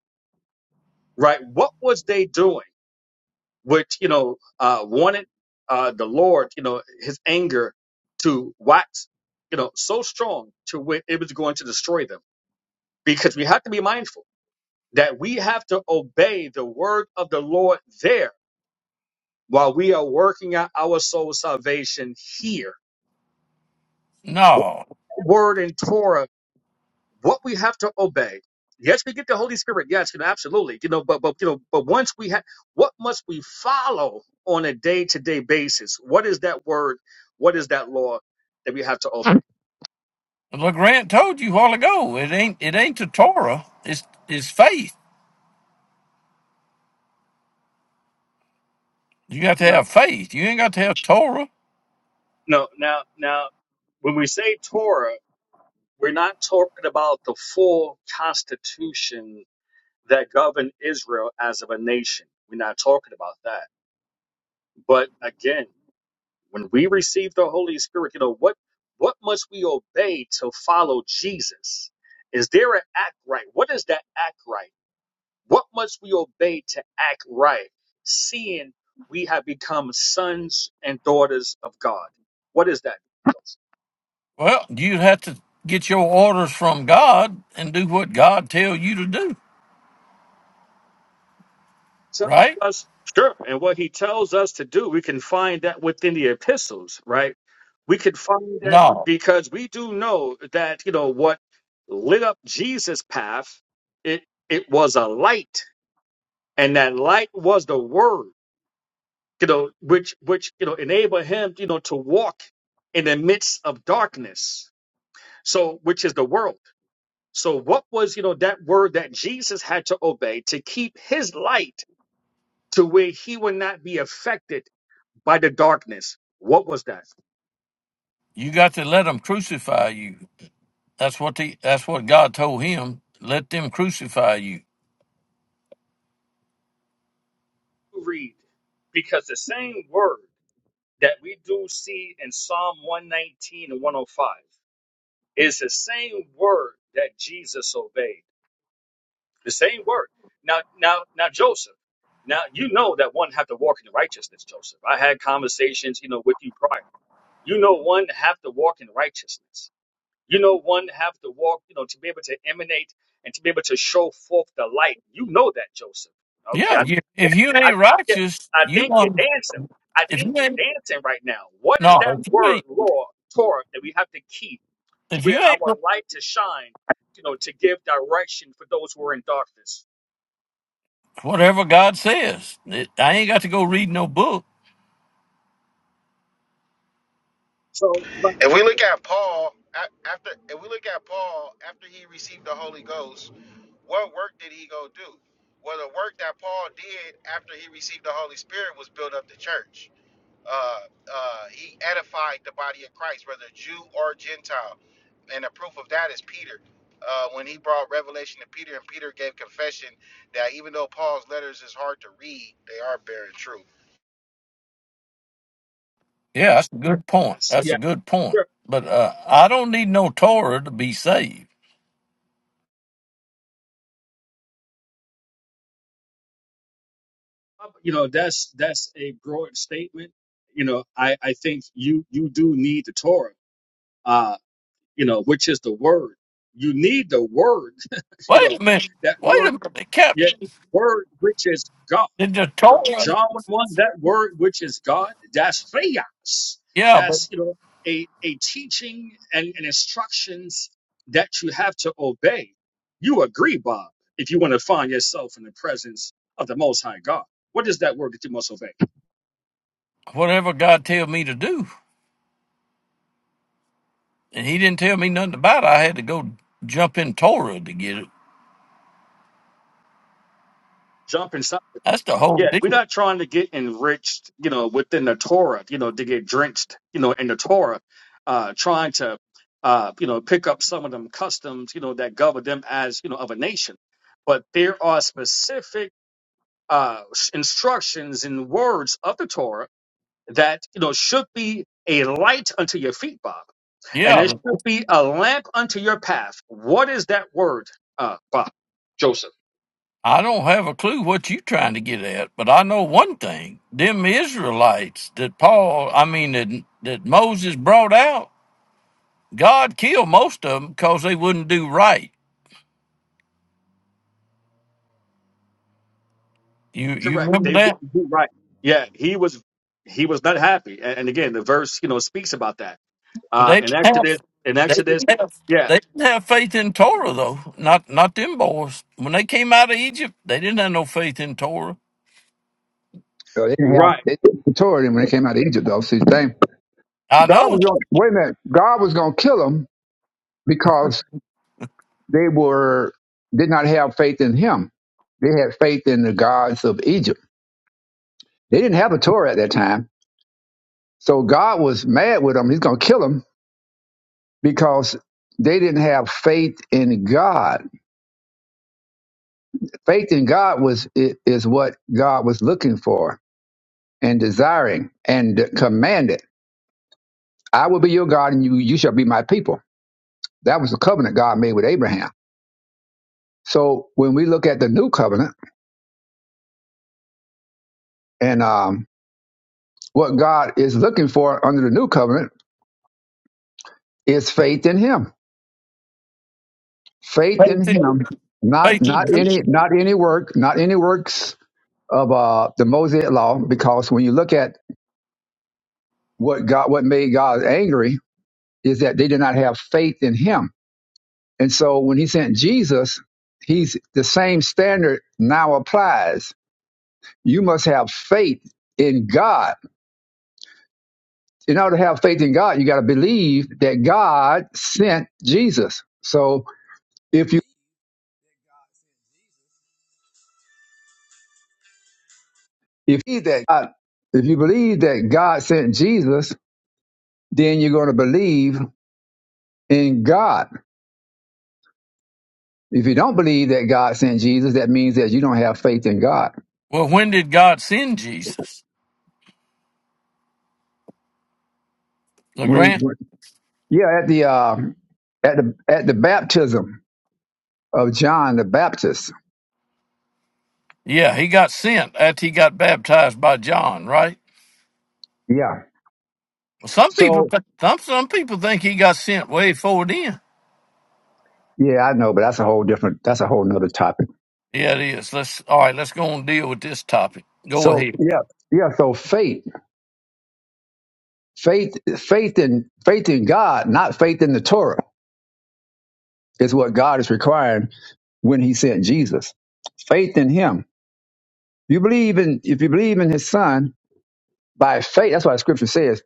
S4: right? What was they doing? Which, you know, uh, wanted uh, the Lord, you know, his anger to wax, you know, so strong to where it was going to destroy them because we have to be mindful that we have to obey the word of the Lord there while we are working out our soul salvation here. What
S5: No.
S4: Word in Torah, what we have to obey. Yes, we get the Holy Spirit. Yes, you know, absolutely. You know, but but you know, but once we have, what must we follow on a day-to-day basis? What is that word? What is that law that we have to obey?
S5: LeGrant told you a while ago, it ain't it ain't the Torah. It's it's faith. You got to
S4: No,
S5: have faith. You ain't got to have Torah.
S4: no. Now, now, when we say Torah, we're not talking about the full constitution that govern Israel as of a nation. We're not talking about that. But again, when we receive the Holy Spirit, you know what what must we obey to follow Jesus? Is there an act right? What is that act right? What must we obey to act right? Seeing we have become sons and daughters of God. What is that?
S5: Well, you have to get your orders from God and do what God tell you to do,
S4: tells
S5: right?
S4: us sure and what he tells us to do we can find that within the epistles right we could find that
S5: No.
S4: because we do know that you know what lit up jesus path it it was a light and that light was the word you know which which you know enabled him you know to walk in the midst of darkness so which is the world so what was you know that word that jesus had to obey to keep his light to where he would not be affected by the darkness. What was that?
S5: You got to let them crucify you. That's what the that's what God told him. Let them crucify you.
S4: read because the same word that we do see in Psalm 119 and 105 is the same word that Jesus obeyed. The same word. Now, now, now, Joseph. Now you know that one have to walk in righteousness, Joseph. I had conversations, you know, with you prior. You know, one have to walk in righteousness. You know, one have to walk, you know, to be able to emanate and to be able to show forth the light. You know that, Joseph. Okay,
S5: Yeah, you, if you
S4: I
S5: ain't
S4: think
S5: righteous,
S4: I
S5: you
S4: think you're
S5: won't.
S4: dancing. I
S5: If
S4: think
S5: you
S4: you're
S5: ain't
S4: dancing right now. What is
S5: no,
S4: that
S5: if you ain't
S4: word, Lord, Torah, that we have to keep
S5: If
S4: where
S5: you ain't
S4: our light to shine, you know, to give direction for those who are in darkness?
S5: whatever God says, it, I ain't got to go read no book.
S4: So, but-
S6: If we look at Paul a- after, if we look at Paul after he received the Holy Ghost, what work did he go do? Well, the work that Paul did after he received the Holy Spirit was build up the church. uh, uh, he edified the body of Christ, whether Jew or Gentile. And a proof of that is Peter. Uh, when he brought revelation to Peter, and Peter gave confession that even though Paul's letters is hard to read, they are bearing truth.
S5: Yeah, that's a good point.
S4: yes,
S5: That's a
S4: yeah,
S5: good point.
S4: sure.
S5: But uh, I don't need no Torah to be saved.
S4: you know, that's that's a broad statement. You know, I I think you you do need the Torah, uh, you know, which is the word. You need the word, you know,
S5: Wait a minute.
S4: that
S5: Wait a
S4: word,
S5: minute. Cap,
S4: yeah, word which is God.
S5: did the Torah?
S4: John 1, that word which is God, that's theos.
S5: Yeah, but
S4: That's, you know, a, a teaching and, and instructions that you have to obey. You agree, Bob, if you want to find yourself in the presence of the Most High God. What is that word that you must obey?
S5: whatever God tell me to do, and He didn't tell me nothing about it. I had to go jump in Torah to get it.
S4: Jump inside.
S5: That's the whole
S4: Yeah, we're
S5: deal.
S4: not trying to get enriched, you know, within the Torah, you know, to get drenched, you know, in the Torah, uh, trying to, uh, you know, pick up some of them customs, you know, that govern them as, you know, of a nation. But there are specific uh, s- instructions and words of the Torah that, you know, should be a light unto your feet, Bob, and it
S5: Yeah,
S4: should be a lamp unto your path. What is that word, uh, Bob, Joseph?
S5: I don't have a clue what you're trying to get at, but I know one thing: them Israelites that Paul, I mean that that Moses brought out, God killed most of them because they wouldn't do right. You you
S4: Correct.
S5: remember
S4: They
S5: that?
S4: wouldn't do right. Yeah, he was he was not happy. And, and again, the verse, you know, speaks about that.
S5: But
S4: Uh
S5: they
S4: in
S5: didn't have
S4: Exodus in
S5: they
S4: Exodus,
S5: didn't have
S4: yeah,
S5: they didn't have faith in Torah though. Not not them boys. When they came out of Egypt, they didn't have no faith in Torah.
S2: So they didn't have
S4: right.
S2: they didn't Torah them when they came out of Egypt though. See, thing
S5: I
S2: God
S5: know
S2: was going wait a minute. God was going to kill them because they were did not have faith in Him. They had faith in the gods of Egypt. They didn't have a Torah at that time, so God was mad with them. He's going to kill them because they didn't have faith in God. Faith in God was i- is what God was looking for and desiring and commanded. I will be your God, and you you shall be my people That was the covenant God made with Abraham. So when we look at the new covenant and um, what God is looking for under the new covenant is faith in Him. Faith in
S5: faith in,
S2: Him, not
S5: faith
S2: not
S5: in-
S2: any not any work, not any works of uh, the Mosaic law. Because when you look at what God, what made God angry is that they did not have faith in Him. And so when He sent Jesus, He's the same standard now applies. You must have faith in God in order to have faith in God, you got to believe that God sent Jesus. So if you if you believe that God, if you believe that God sent Jesus, then you're going to believe in God. If you don't believe that God sent Jesus, that means that you don't have faith in God.
S5: Well, when did God send Jesus?
S2: When he,
S5: LeGrand?
S2: when, yeah, at the uh, at the at the baptism of John the Baptist.
S5: Yeah, he got sent after he got baptized by John, right?
S2: Yeah.
S5: Well, some people,
S2: So
S5: th- some some people think he got sent way forward in.
S2: yeah, I know, but that's a whole different. That's a whole nother topic.
S5: Yeah, it is. Let's all right. Let's go and deal with this topic. Go
S2: So
S5: ahead.
S2: yeah, yeah. So faith. Faith, faith in faith in God, not faith in the Torah, is what God is requiring when He sent Jesus. Faith in Him. You believe in if you believe in His Son by faith. That's why the Scripture says,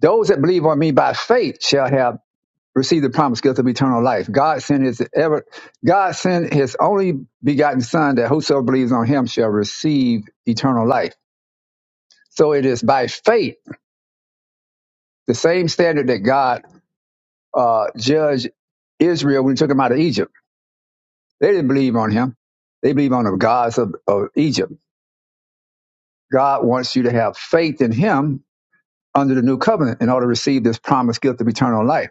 S2: "Those that believe on Me by faith shall have received the promised gift of eternal life." God sent His ever. God sent His only begotten Son that whosoever believes on Him shall receive eternal life. So it is by faith, the same standard that God uh, judged Israel when He took Him out of Egypt They didn't believe on him. They believe on the gods of, of Egypt. God wants you to have faith in him under the new covenant in order to receive this promised gift of eternal life.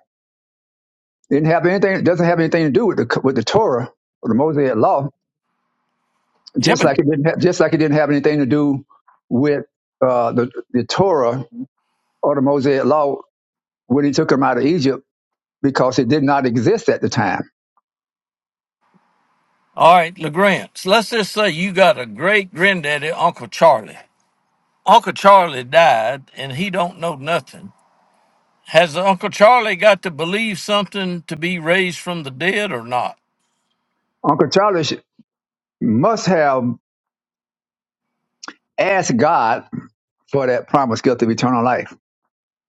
S2: It didn't have anything, it doesn't have anything to do with the, with the Torah or the Mosaic law,
S5: Yeah,
S2: just
S5: but
S2: like it didn't have, just like it didn't have anything to do with uh, the, the Torah or the Mosaic law when he took them out of Egypt because it did not exist at the time.
S5: all right, Legrand. So let's just say you got a great granddaddy, Uncle Charlie. Uncle Charlie died, and he don't know nothing. Has Uncle Charlie got to believe something to be raised from the dead or not?
S2: Uncle Charlie sh- must have asked God for that promised gift of eternal life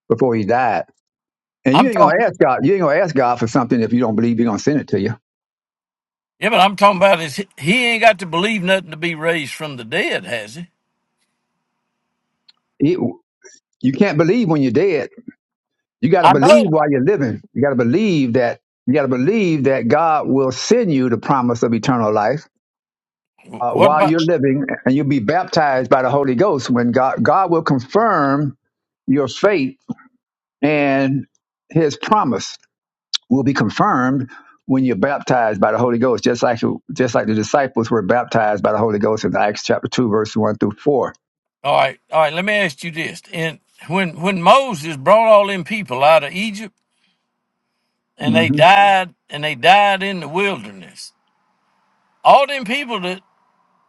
S2: before he died And you
S5: I'm
S2: ain't gonna
S5: talking.
S2: ask God. You ain't gonna ask God for something if you don't believe He's gonna send it to you.
S5: Yeah, but I'm talking about is he he ain't got to believe nothing to be raised from the dead, has he?
S2: He- you can't believe when you're dead. You got to
S5: I
S2: believe
S5: know.
S2: while you're living. You got to believe that. You got to believe that God will send you the promise of eternal life uh,
S5: What
S2: while you're
S5: about?
S2: living, and you'll be baptized by the Holy Ghost when God God will confirm your faith and His promise will be confirmed when you're baptized by the Holy Ghost, just like just like the disciples were baptized by the Holy Ghost in Acts chapter two, verse one through 4
S5: All right, all right. Let me ask you this: and when when Moses brought all them people out of Egypt, and they
S2: Mm-hmm.
S5: died, and they died in the wilderness, all them people that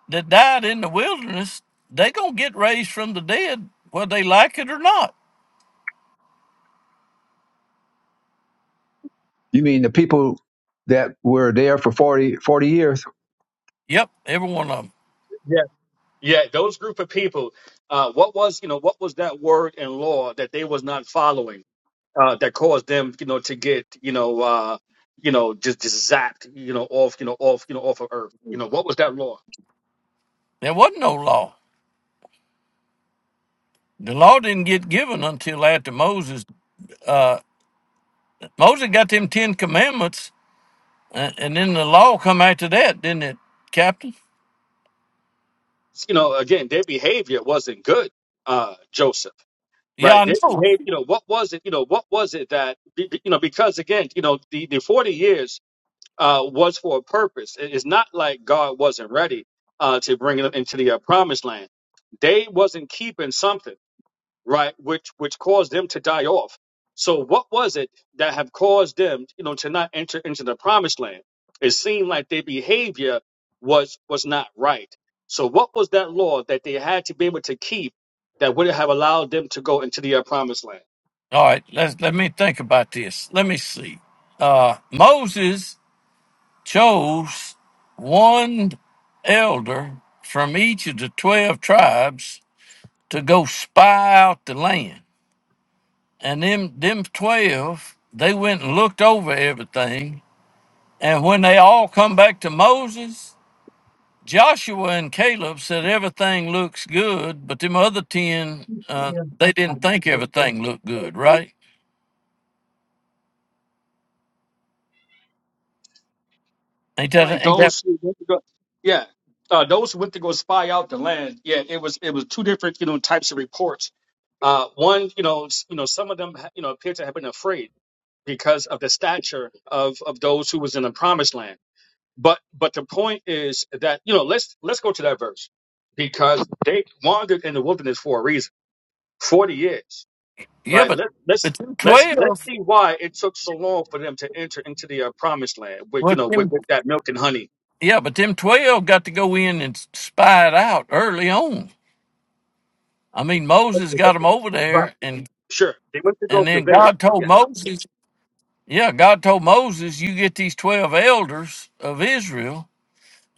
S5: that died in the wilderness, they gonna get raised from the dead, whether they like it or not.
S2: You mean the people that were there for 40 40 years?
S5: Yep, every one of them.
S4: Yeah. Yeah, those group of people, uh what was, you know, what was that word in law that they was not following uh that caused them, you know, to get, you know, uh you know, just, just zapped, you know, off, you know, off, you know, off of earth. You know, what was that law?
S5: There wasn't no law. The law didn't get given until after Moses. Uh, Moses got them Ten Commandments, and, and then the law come after that, didn't it, Captain?
S4: You know, again, their behavior wasn't good, uh, Joseph.
S5: Yeah,
S4: Right.
S5: I
S4: They
S5: know.
S4: behaved, you know, what was it, you know, what was it that, be- be- you know, because again, you know, the, the 40 years uh, was for a purpose. It- It's not like God wasn't ready uh, to bring them into the uh, promised land. They wasn't keeping something right? Which which caused them to die off. So what was it that have caused them, you know, to not enter into the promised land? It seemed like their behavior was was not right. So what was that law that they had to be able to keep that would have allowed them to go into the uh, promised land?
S5: All right, let's let me think about this. Let me see. Uh, Moses chose one elder from each of the twelve tribes to go spy out the land, and them them twelve they went and looked over everything, and when they all come back to Moses, Joshua and Caleb said everything looks good, but them other ten uh, they didn't think everything looked good, right? Ain't
S4: Like
S5: that ain't that
S4: those who went to go, yeah, uh, those who went to go spy out the land. Yeah, it was it was two different you know types of reports. Uh, one, you know, s- you know, some of them, ha- you know, appear to have been afraid because of the stature of of those who was in the promised land. But but the point is that you know let's let's go to that verse because they wandered in the wilderness for a reason, forty years,
S5: Yeah,
S4: right?
S5: but
S4: Let let's
S5: but them
S4: let's let's
S5: twelve.
S4: see why it took so long for them to enter into the uh, promised land with you
S5: Well,
S4: know with,
S5: them,
S4: with that milk and honey.
S5: yeah, but them twelve got to go in and spy it out early on. I mean, Moses got them over
S4: But
S5: there, and
S4: sure, they went to
S5: and
S4: go
S5: then
S4: surveying.
S5: God told
S4: Yeah,
S5: Moses, yeah, God told Moses, you get these twelve elders of Israel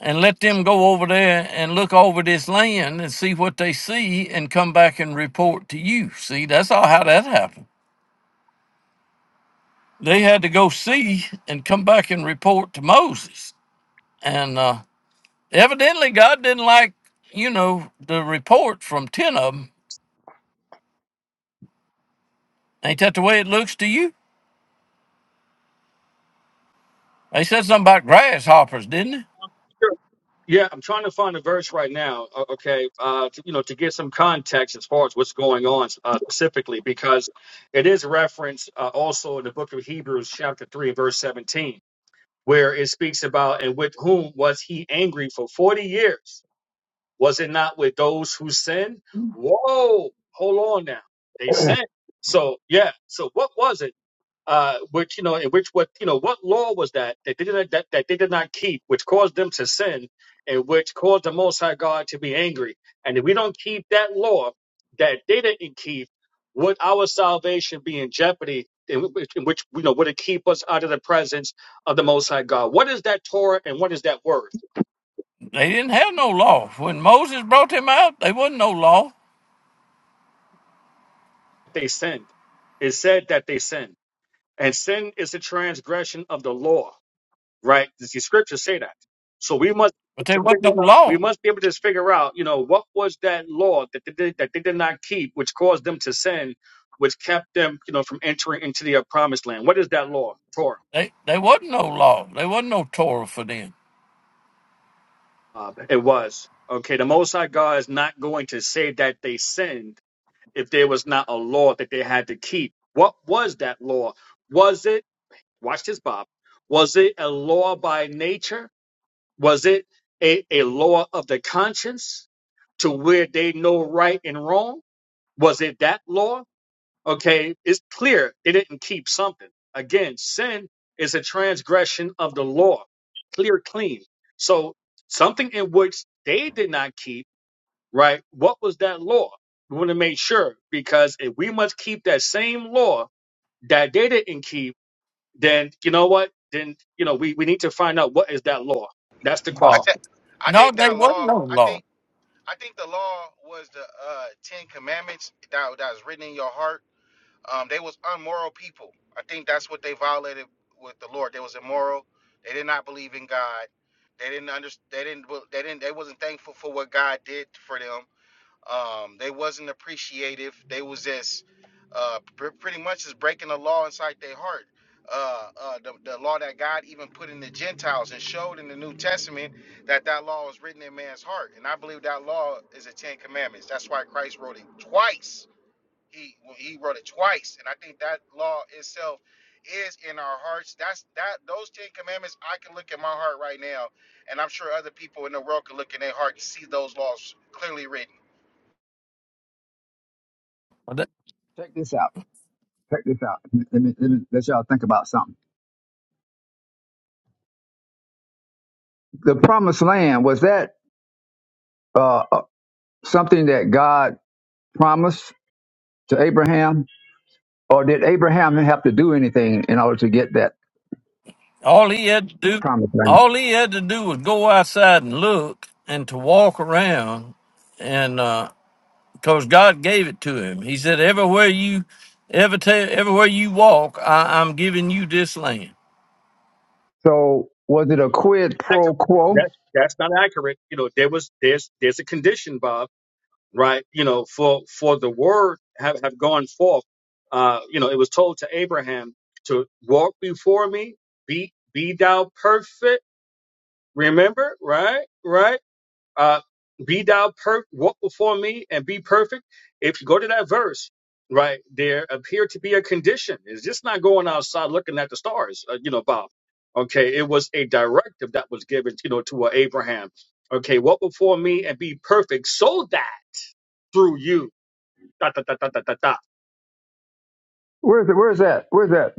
S5: and let them go over there and look over this land and see what they see and come back and report to you. See, that's all how that happened. They had to go see and come back and report to Moses, and uh, Evidently, God didn't like, you know, the report from 10 of them. Ain't that the way it looks to you? They said something about grasshoppers, didn't
S4: sure. Yeah, I'm trying to find a verse right now. o- Okay, uh, to, you know, to get some context as far as what's going on uh, specifically, because it is referenced uh, also in the book of Hebrews, chapter three, verse 17, where it speaks about and with whom was he angry for 40 years? Was it not with those who sinned? Whoa, hold on now, they sinned. So yeah, so what was it? uh, which you know, in which what you know, what law was that that they did not, that, that they did not keep, which caused them to sin, and which caused the Most High God to be angry. And if we don't keep that law that they didn't keep, would our salvation be in jeopardy? In which, in which you know, would it keep us out of the presence of the Most High God? What is that Torah and what is that word?
S5: they? They didn't have no law. When Moses brought them out, they wasn't no law,
S4: They sinned. It said that they sinned, and sin is the transgression of the law. right? The the scriptures say that. So we must be
S5: but
S4: able to
S5: there wasn't no
S4: figure out, we
S5: law.
S4: must be able to figure out, you know, what was that law that they did, that they did not keep, which caused them to sin, which kept them, you know, from entering into the promised land. What is that law? Torah.
S5: They, they wasn't no law. There wasn't no Torah for them.
S4: Uh, it was okay. The Most High God is not going to say that they sinned if there was not a law that they had to keep. What was that law? Was it? Watch this, Bob. Was it a law by nature? Was it a, a law of the conscience to where they know right and wrong? Was it that law? Okay, it's clear they didn't keep something. Again, sin is a transgression of the law, clear, clean. So something in which they did not keep, right? What was that law? We want to make sure because if we must keep that same law that they didn't keep, then you know what? Then you know we, we need to find out what is that law. That's the
S6: I,
S4: question.
S5: No,
S6: th- I
S5: no
S6: think
S5: they
S6: that
S5: wasn't
S6: law,
S5: no
S6: I
S5: law.
S6: think, I think the law was the uh, Ten Commandments that, that was written in your heart Um, they was unmoral people. I think that's what they violated with the Lord. They was immoral. They did not believe in God. They didn't understand. They didn't. well, They didn't. They wasn't thankful for what God did for them. Um, they wasn't appreciative. They was just uh, pr- pretty much just breaking the law inside their heart. Uh, uh, the, the law that God even put in the Gentiles and showed in the New Testament that that law was written in man's heart. And I believe that law is the Ten Commandments. That's why Christ wrote it twice he he wrote it twice and i think that law itself is in our hearts that's that those 10 commandments i can look at my heart right now and i'm sure other people in the world can look in their heart and see those laws clearly written
S5: But that-
S2: Check this out. Check this out. Let me, let me let y'all think about something. The promised land, was that uh, uh, something that God promised to Abraham? Or did Abraham have to do anything in order to get that
S5: All he had to do,
S2: promised land?
S5: all he had to do was go outside and look and to walk around and. uh, because God gave it to him. He said, "Everywhere you ever ta- everywhere you walk, I- I'm giving you this land."
S2: So was it a quid pro
S4: accurate.
S2: quo?
S4: That's that's not accurate. You know, there was there's there's a condition, Bob, right? You know, for for the word have have gone forth. Uh, you know, it was told to Abraham to walk before me, be be thou perfect. Remember, right, right? uh, be thou per walk before me and be perfect. If you go to that verse, right, there appeared to be a condition. It's just not going outside looking at the stars, uh, you know, Bob. Okay, it was a directive that was given, you know, to uh, Abraham. Okay, walk before me and be perfect, so that through you, dot dot dot dot dot dot. dot.
S2: Where is it? Where is that? Where is that?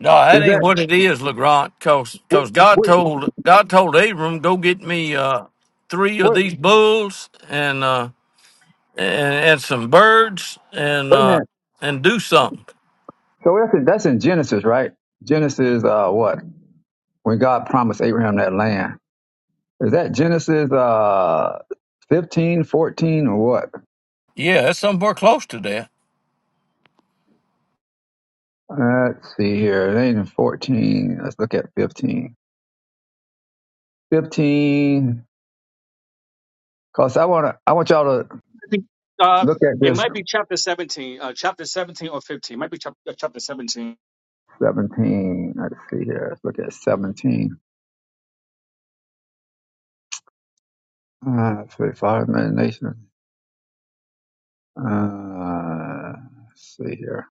S5: No,
S2: Is
S5: that ain't
S2: that
S5: what it is, Legrand. Cause,
S2: what?
S5: 'cause God
S2: What?
S5: told God told Abram, "Go get me uh, three of
S2: what
S5: these bulls and uh, and, and some birds and
S2: wait a
S5: uh,
S2: minute.
S5: and do something."
S2: So that's in, that's in Genesis, right? Genesis, uh, what? When God promised Abraham that land. Is that Genesis uh, 15, fourteen, or what?
S5: Yeah, that's somewhere close to that.
S2: Let's see here. It ain't in 14. Let's look at 15. 15, because I, wanna, I want y'all to
S4: Uh,
S2: look at
S4: it
S2: this
S4: might be chapter seventeen, uh, chapter seventeen or fifteen. Might be chap- uh, chapter seventeen.
S2: 17. Let's see here. Let's look at 17. Uh, 35 minute nation. Uh, let's see here.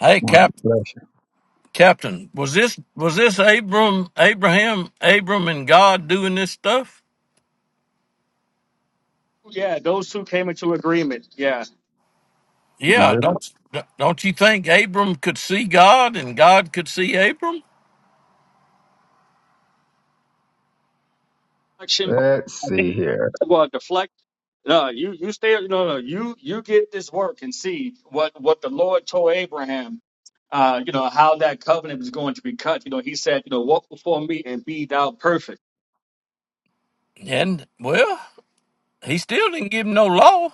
S5: Hey,
S2: One
S5: Cap,
S2: flesh.
S5: Captain, was this was this Abram Abraham Abram and God doing this stuff?
S4: Yeah, those two came into agreement. Yeah,
S2: Now,
S5: Yeah,
S2: let's
S5: don't don't you think Abram could see God and God could see Abram?
S4: Action,
S2: let's
S4: I think.
S2: see here.
S4: Well, deflection No, you you stay. No, no, you you get this work and see what what the Lord told Abraham. Uh, you know how that covenant was going to be cut. You know, he said, you know, walk before me and be thou perfect.
S5: And well, he still didn't give him no law.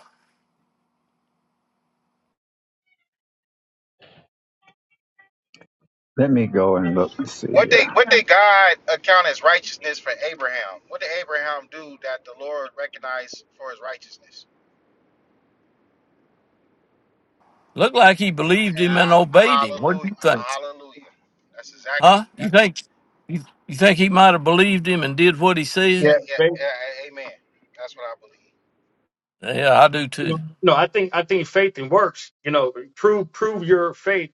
S2: Let me go and look and see
S6: what they
S2: here.
S6: what they god account as righteousness for abraham what did abraham do that the lord recognized for his righteousness
S5: Looked like he believed him and
S6: Ah,
S5: obeyed him. What do
S6: hallelujah
S5: you think?
S6: hallelujah that's exactly
S5: Huh?
S6: that,
S5: You think you, you think he might have believed him and did what he
S4: Yeah,
S5: said?
S6: yeah, yeah
S4: faith.
S6: yeah amen that's what i believe
S5: Yeah, I do
S4: You know,
S5: too.
S4: no, I think I think faith and works. You know, prove prove your faith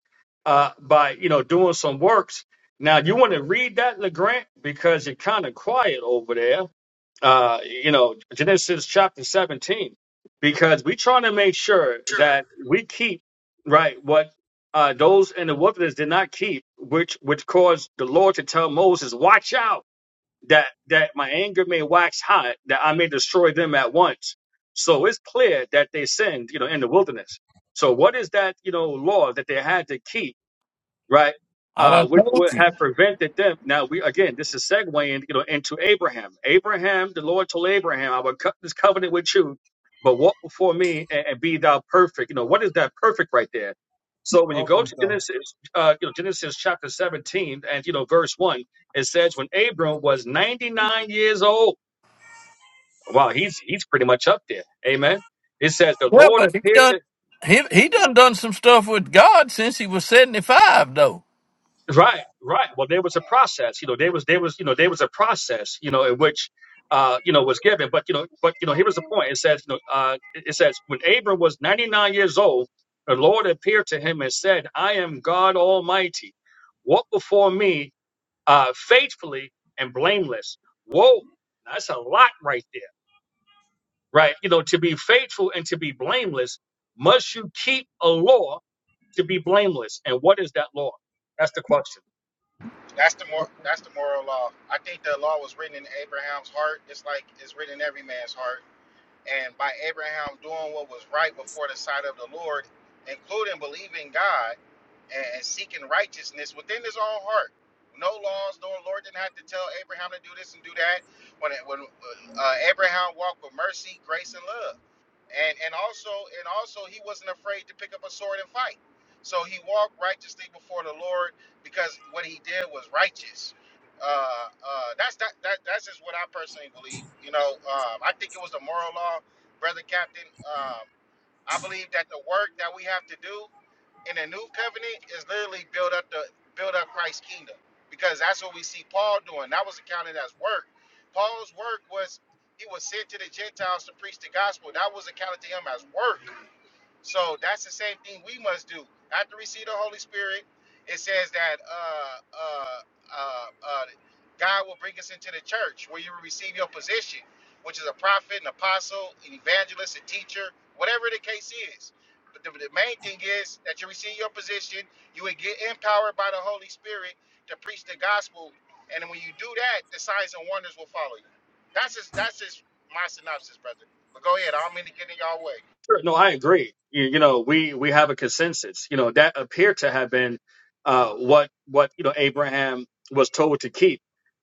S4: uh, by you know doing some works. Now you want to read that, Legrand, because you're kind of quiet over there. uh, you know, Genesis chapter 17, because we're trying to make sure that we keep, right, what uh, those in the wilderness did not keep, which which caused the Lord to tell Moses, watch out that that my anger may wax hot, that I may destroy them at once. So it's clear that they sinned, you know, in the wilderness. So what is that, you know, law that they had to keep? right?
S5: I
S4: Uh,
S5: done
S4: which
S5: told
S4: would have
S5: you.
S4: prevented them. Now we again, this is segueing, you know, into Abraham. Abraham, the Lord told Abraham, "I will cut this covenant with you, but walk before me and, and be thou perfect." You know, what is that perfect right there? So when you go to Genesis, uh, you know, Genesis chapter seventeen and you know verse one, it says, "When Abram was ninety nine years old, wow, he's he's pretty much up there." Amen. It says, "The
S5: Yeah,
S4: Lord
S5: but he
S4: appeared
S5: done
S4: to
S5: he he done done some stuff with God since he was seventy five though.
S4: Right, right. Well, there was a process, you know. There was, there was, you know, there was a process, you know, in which, uh, you know, was given. But you know, but you know, here was the point. It says, you know, uh, it it says when Abram was ninety nine years old, the Lord appeared to him and said, "I am God Almighty. Walk before me, uh, faithfully and blameless." Whoa, that's a lot right there, right? You know, to be faithful and to be blameless, must you keep a law to be blameless? And what is that law? That's the question.
S6: That's the mor. That's the moral law. I think the law was written in Abraham's heart, just like it's written in every man's heart. And by Abraham doing what was right before the sight of the Lord, including believing God and, and seeking righteousness within his own heart, no laws, no Lord didn't have to tell Abraham to do this and do that. When it, when uh, Abraham walked with mercy, grace, and love and and also and also he wasn't afraid to pick up a sword and fight so he walked righteously before the lord because what he did was righteous uh uh that's that, that that's just what i personally believe you know um i think it was the moral law brother captain Um, I believe that the work that we have to do in the new covenant is literally build up the build up Christ's kingdom because that's what we see Paul doing. That was accounted as work. Paul's work was he was sent to the Gentiles to preach the gospel. That was accounted to him as work. So that's the same thing we must do. After we see the Holy Spirit, it says that uh, uh, uh, uh, God will bring us into the church where you will receive your position which is a prophet, an apostle, an evangelist, a teacher, whatever the case is. But the, the main thing is that you receive your position, you would get empowered by the Holy Spirit to preach the gospel, and when you do that, the signs and wonders will follow you. That's just that's just my synopsis, brother. But go ahead, I don't mean to get in y'all way.
S4: Sure. No, I agree. You, you know, we we have a consensus. You know, that appeared to have been uh, what what you know Abraham was told to keep,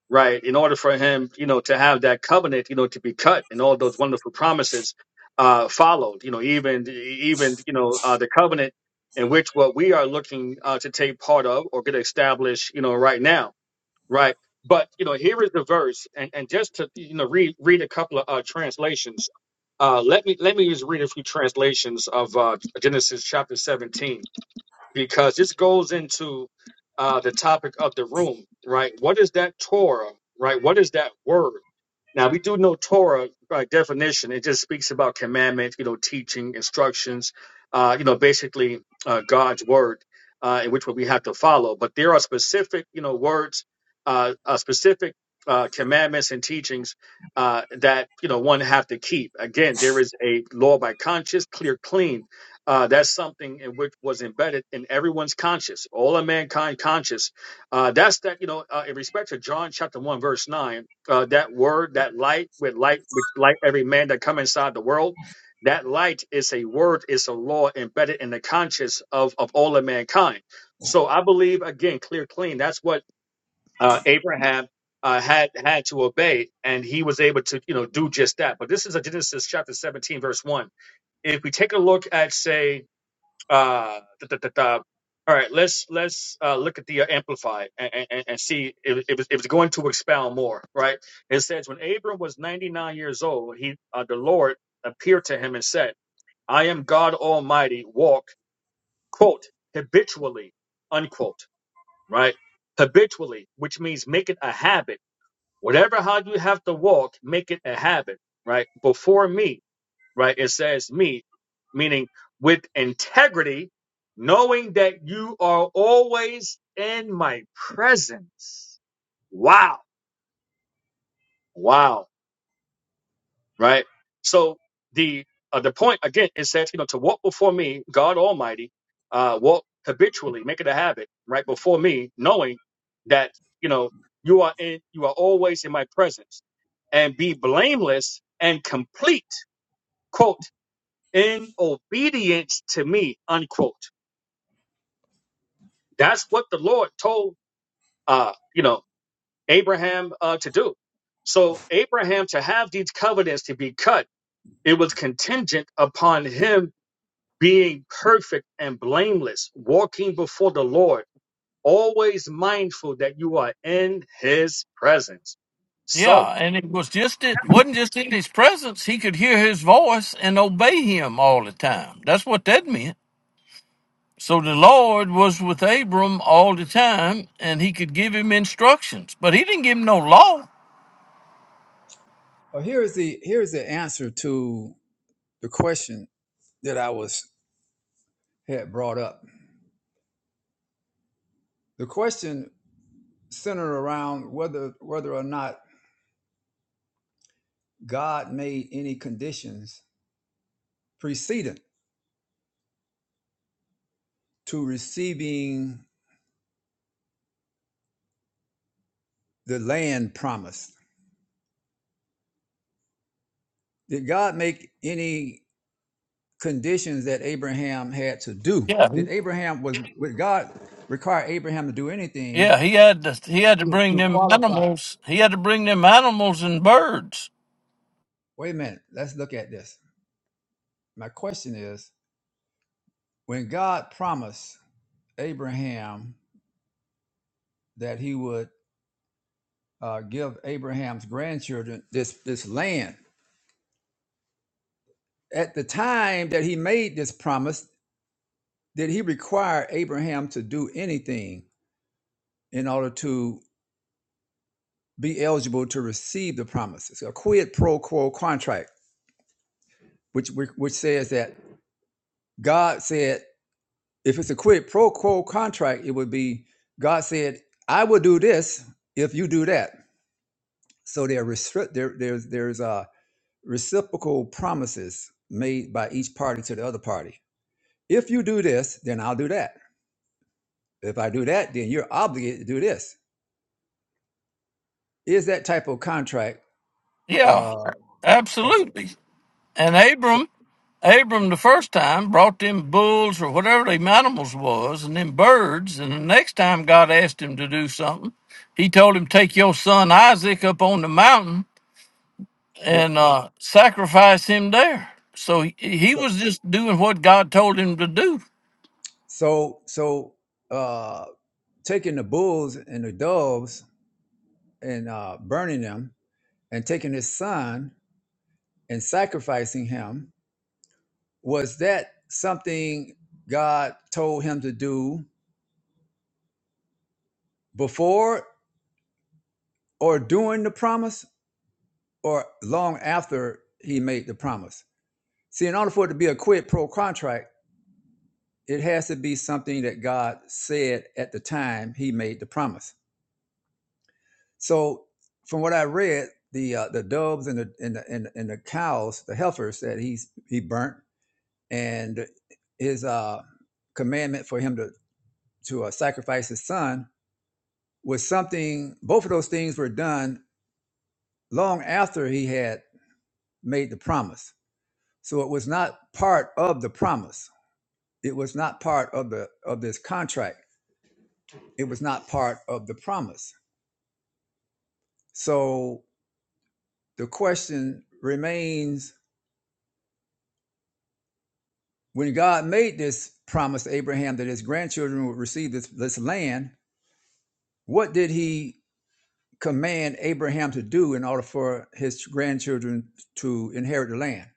S4: right? In order for him, you know, to have that covenant, you know, to be cut, and all those wonderful promises uh, followed. You know, even even you know uh, the covenant in which what we are looking uh, to take part of or get established, you know, right now right? But you know, here is the verse, and, and just to you know read read a couple of uh, translations. Uh, let me let me just read a few translations of uh, Genesis chapter 17 because this goes into uh, the topic of the room, right? What is that Torah, right? What is that word? Now we do know Torah by definition; it just speaks about commandments, you know, teaching, instructions, uh, you know, basically uh, God's word, uh, in which we have to follow. But there are specific, you know, words, uh, uh, specific uh, commandments and teachings. Uh, that you know one have to keep again there is a law by conscience clear clean uh, that's something in which was embedded in everyone's conscious, all of mankind conscious. Uh, that's that, you know, uh, in respect to John chapter 1, verse 9, uh, that word, that light, with light, with light, every man that come inside the world, that light is a word, is a law embedded in the conscious of, of all of mankind. So I believe, again, clear, clean, that's what uh, Abraham uh, had had to obey, and he was able to, you know, do just that. But this is a Genesis chapter 17, verse 1. If we take a look at, say, uh, da, da, da, da. All right, let's let's uh, look at the uh, amplified and, and, and see if it was, it was going to expound more. Right? It says when Abram was ninety nine years old, he uh, the Lord appeared to him and said, "I am God Almighty. Walk quote habitually unquote right habitually, which means make it a habit. Whatever how you have to walk, make it a habit. Right before me, right? It says me, meaning with integrity, knowing that you are always in my presence. Wow. Wow. Right. So the, uh, the point again, it says, you know, to walk before me, God Almighty, uh, walk habitually, make it a habit right before me, knowing that, you know, you are in, you are always in my presence and be blameless and complete. Quote. in obedience to me, unquote. That's what the Lord told, uh, you know, Abraham uh, to do. So Abraham to have these covenants to be cut, it was contingent upon him being perfect and blameless, walking before the Lord, always mindful that you are in His presence. So,
S5: Yeah, and it was just it wasn't just in his presence. He could hear his voice and obey him all the time. That's what that meant. So the Lord was with Abram all the time, and he could give him instructions, but he didn't give him no law.
S2: Well, here is the here is the answer to the question that I was had brought up. The question centered around whether whether or not God made any conditions precedent to receiving the land promised. Did God make any conditions that Abraham had to do?
S5: Yeah,
S2: Did Abraham was would God require Abraham to do anything
S5: yeah, he had to he had to bring
S2: to
S5: them
S2: qualify?
S5: animals. He had to bring them animals and birds.
S2: Wait a minute, let's look at this. My question is when God promised Abraham that he would uh, give Abraham's grandchildren this this land. At the time that he made this promise, did he require Abraham to do anything in order to be eligible to receive the promises? a quid pro quo contract, which which says that God said, if it's a quid pro quo contract, it would be God said, "I will do this if you do that." So there restrict there there's there's uh, reciprocal promises made by each party to the other party If you do this, then I'll do that. If I do that, then you're obligated to do this. Is that type of contract?
S5: Yeah,
S2: Uh,
S5: absolutely. And Abram Abram the first time brought them bulls or whatever them animals was and them birds, and the next time God asked him to do something, he told him, Take your son Isaac up on the mountain and uh, sacrifice him there. So he, he was just doing what God told him to do.
S2: so so uh, taking the bulls and the doves and uh, burning them and taking his son and sacrificing him was that something God told him to do before or during the promise or long after he made the promise? See, in order for it to be a quid pro contract It has to be something that God said at the time He made the promise. So, from what I read, the uh, the doves and the, and the and the and the cows, the heifers that he's he burnt, and his uh, commandment for him to to uh, sacrifice his son was something. Both of those things were done long after he had made the promise. So it was not part of the promise. It was not part of the of this contract. It was not part of the promise. So the question remains when God made this promise to Abraham that his grandchildren would receive this, this land, what did he command Abraham to do in order for his grandchildren to inherit the land?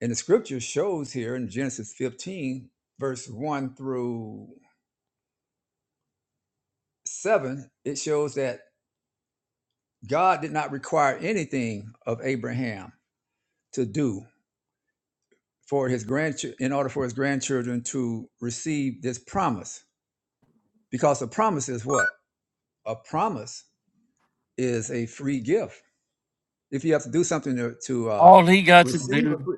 S2: And the scripture shows here in Genesis 15, verse 1 through 7, it shows that God did not require anything of Abraham to do for his grandchildren in order for his grandchildren to receive this promise because a promise is what a promise is a free gift. If you have to do something to, to uh,
S5: All he got to
S2: receive a
S5: do,
S2: free,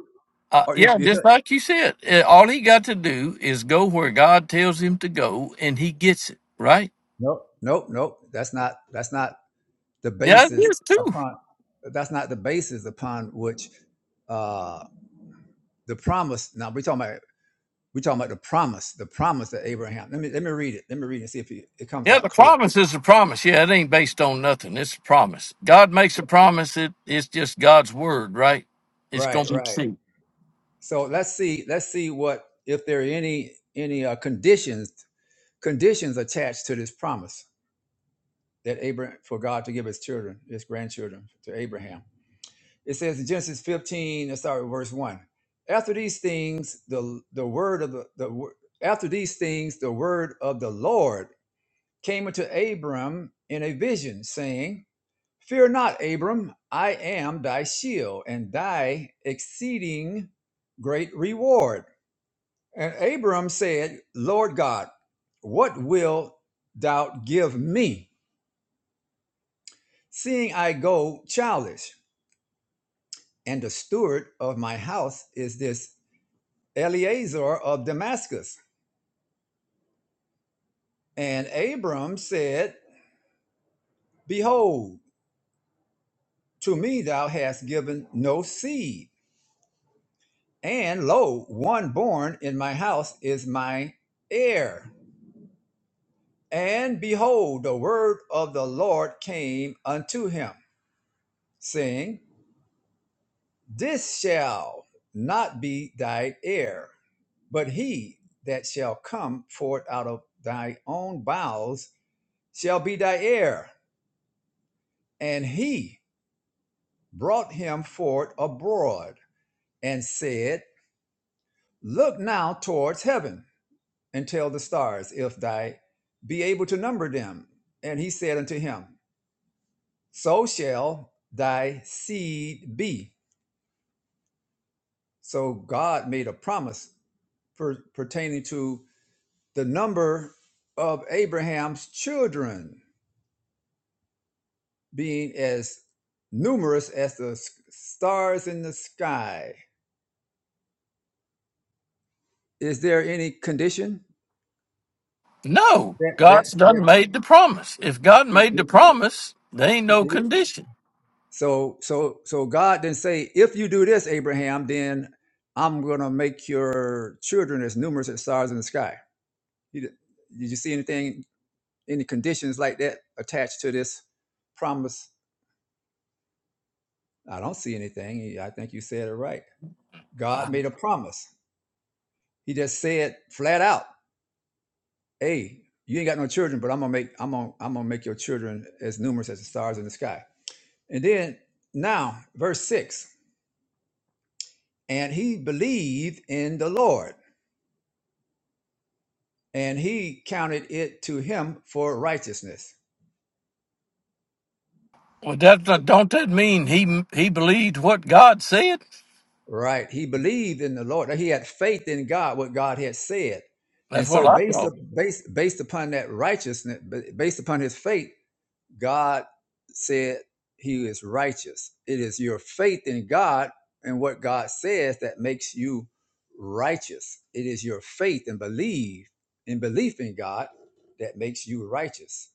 S5: uh,
S2: or if
S5: yeah,
S2: you
S5: just like you said, uh, all he got to do is go where God tells him to go, and he gets it, right?
S2: nope, nope, nope, that's not that's not the
S5: Yeah, it
S2: basis
S5: is too.
S2: upon that's not the basis upon which uh, the promise. Now we're talking about we're talking about the promise, the promise that Abraham. Let me let me read it. Let me read it and see if it, it comes
S5: Yeah,
S2: out
S5: the
S2: clear.
S5: promise is a promise. Yeah, it ain't based on nothing. It's a promise. God makes a promise. It it's just God's word, right? It's
S2: Right,
S5: gonna be
S2: right.
S5: true.
S2: So let's see let's see what if there are any any uh, conditions conditions attached to this promise. that Abraham for God to give his children, his grandchildren to Abraham. It says in Genesis 15, let's start with verse 1. After these things, the the word of the, the wo- after these things, the word of the Lord came unto Abram in a vision, saying, Fear not, Abram, I am thy shield and thy exceeding great reward. And Abram said, Lord God, what wilt thou give me, seeing I go childless? and the steward of my house is this Eleazar of Damascus. And Abram said, Behold, to me thou hast given no seed, and lo, one born in my house is my heir. And behold, the word of the Lord came unto him, saying, This shall not be thy heir, but he that shall come forth out of thy own bowels shall be thy heir. And he brought him forth abroad and said, Look now towards heaven and tell the stars, if thy be able to number them. And he said unto him, So shall thy seed be. So God made a promise per- pertaining to the number of Abraham's children being as numerous as the stars in the sky. Is there any condition
S5: No,
S2: that that,
S5: God's
S2: that
S5: done made the promise. If God made the promise, there ain't no condition.
S2: So so so God didn't say, if you do this, Abraham, then I'm gonna make your children as numerous as stars in the sky. He did, did you see anything, any conditions like that attached to this promise? I don't see anything. I think you said it right. God
S5: Uh,
S2: made a promise. He just said flat out, "Hey, you ain't got no children, but I'm gonna make I'm gonna I'm gonna make your children as numerous as the stars in the sky." And then now, verse six. and he believed in the Lord, and he counted it to him for righteousness.
S5: Well, that that- don't that mean he he believed what God said?
S2: Right? He believed in the Lord. He had faith in God, what God had said, and
S5: That's what
S2: so
S5: I
S2: based
S5: thought.
S2: up, based based upon that righteousness, ba- based upon his faith, God said he is righteous. It is your faith in God and what God says that makes you righteous. It is your faith and belief in belief in God that makes you righteous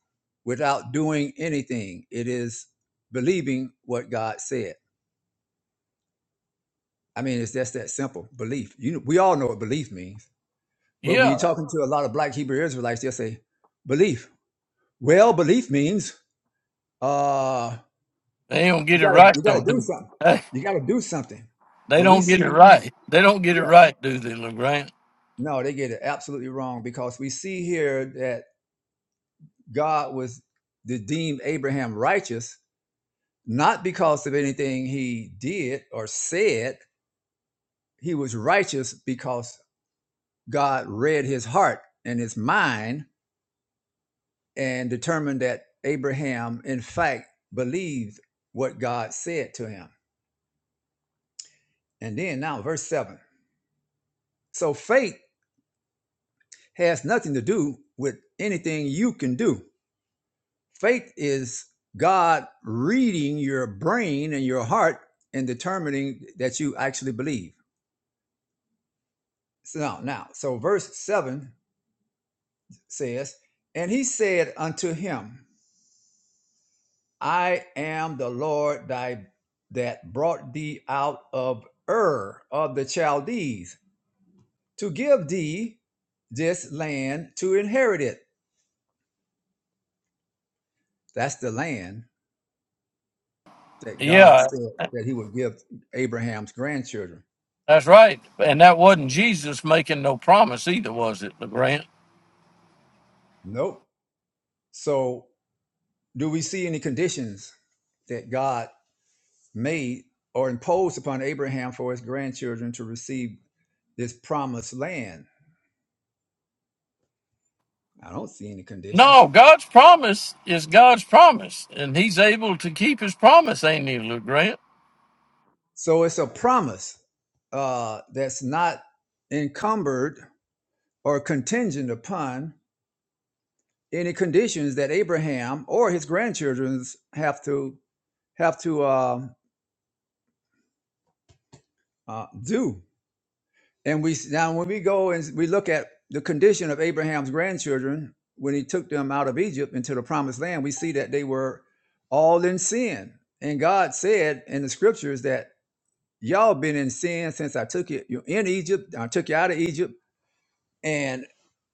S2: without doing anything. It is believing what God said. I mean, it's just that simple belief. You know, we all know what belief means, but when you're
S5: Yeah,
S2: talking to a lot of black Hebrew Israelites, they'll say, belief. Well, belief means uh.
S5: they don't
S2: You
S5: get it
S2: gotta
S5: right
S2: you gotta
S5: though.
S2: do
S5: Do
S2: something.
S5: they?
S2: You gotta do something.
S5: they
S2: But we
S5: don't get it
S2: see,
S5: right. They don't get it
S2: yeah,
S5: right, do they, Legrand?
S2: no, they get it absolutely wrong because we see here that God was to deem Abraham righteous, not because of anything he did or said. He was righteous because God read his heart and his mind and determined that Abraham, in fact, believed what God said to him. And then now, verse 7. So faith. has nothing to do with anything you can do. Faith is God reading your brain and your heart and determining that you actually believe. So now, now, so verse 7 says, And he said unto him, I am the Lord thy that brought thee out of Ur of the Chaldees to give thee this land to inherit it. That's the land that
S5: Yeah,
S2: God said that he would give Abraham's grandchildren.
S5: That's right. And that wasn't Jesus making no promise either, was it, LeGrant?
S2: Nope. So, do we see any conditions that God made or imposed upon Abraham for his grandchildren to receive this promised land? I don't see any conditions.
S5: No, God's promise is God's promise, and He's able to keep His promise, ain't He, LeGrant?
S2: So, it's a promise uh, that's not encumbered or contingent upon any conditions that Abraham or his grandchildren have to have to um uh, do. And we now when we go and we look at the condition of Abraham's grandchildren when he took them out of Egypt into the promised land, we see that they were all in sin. And God said in the scriptures that y'all been in sin since I took you, you in Egypt, I took you out of Egypt, and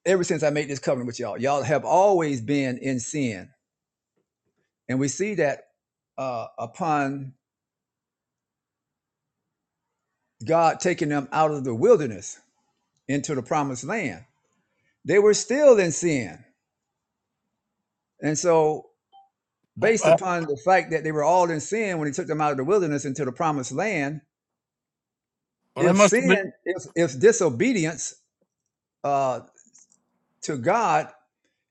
S2: ever since I made this covenant with y'all, y'all have always been in sin. And we see that uh, upon God taking them out of the wilderness into the promised land, they were still in sin. And so
S5: Oh,
S2: based
S5: Uh,
S2: upon the fact that they were all in sin when he took them out of the wilderness into the promised land.
S5: well, they
S2: If
S5: must have been.
S2: sin, if, if disobedience uh, to God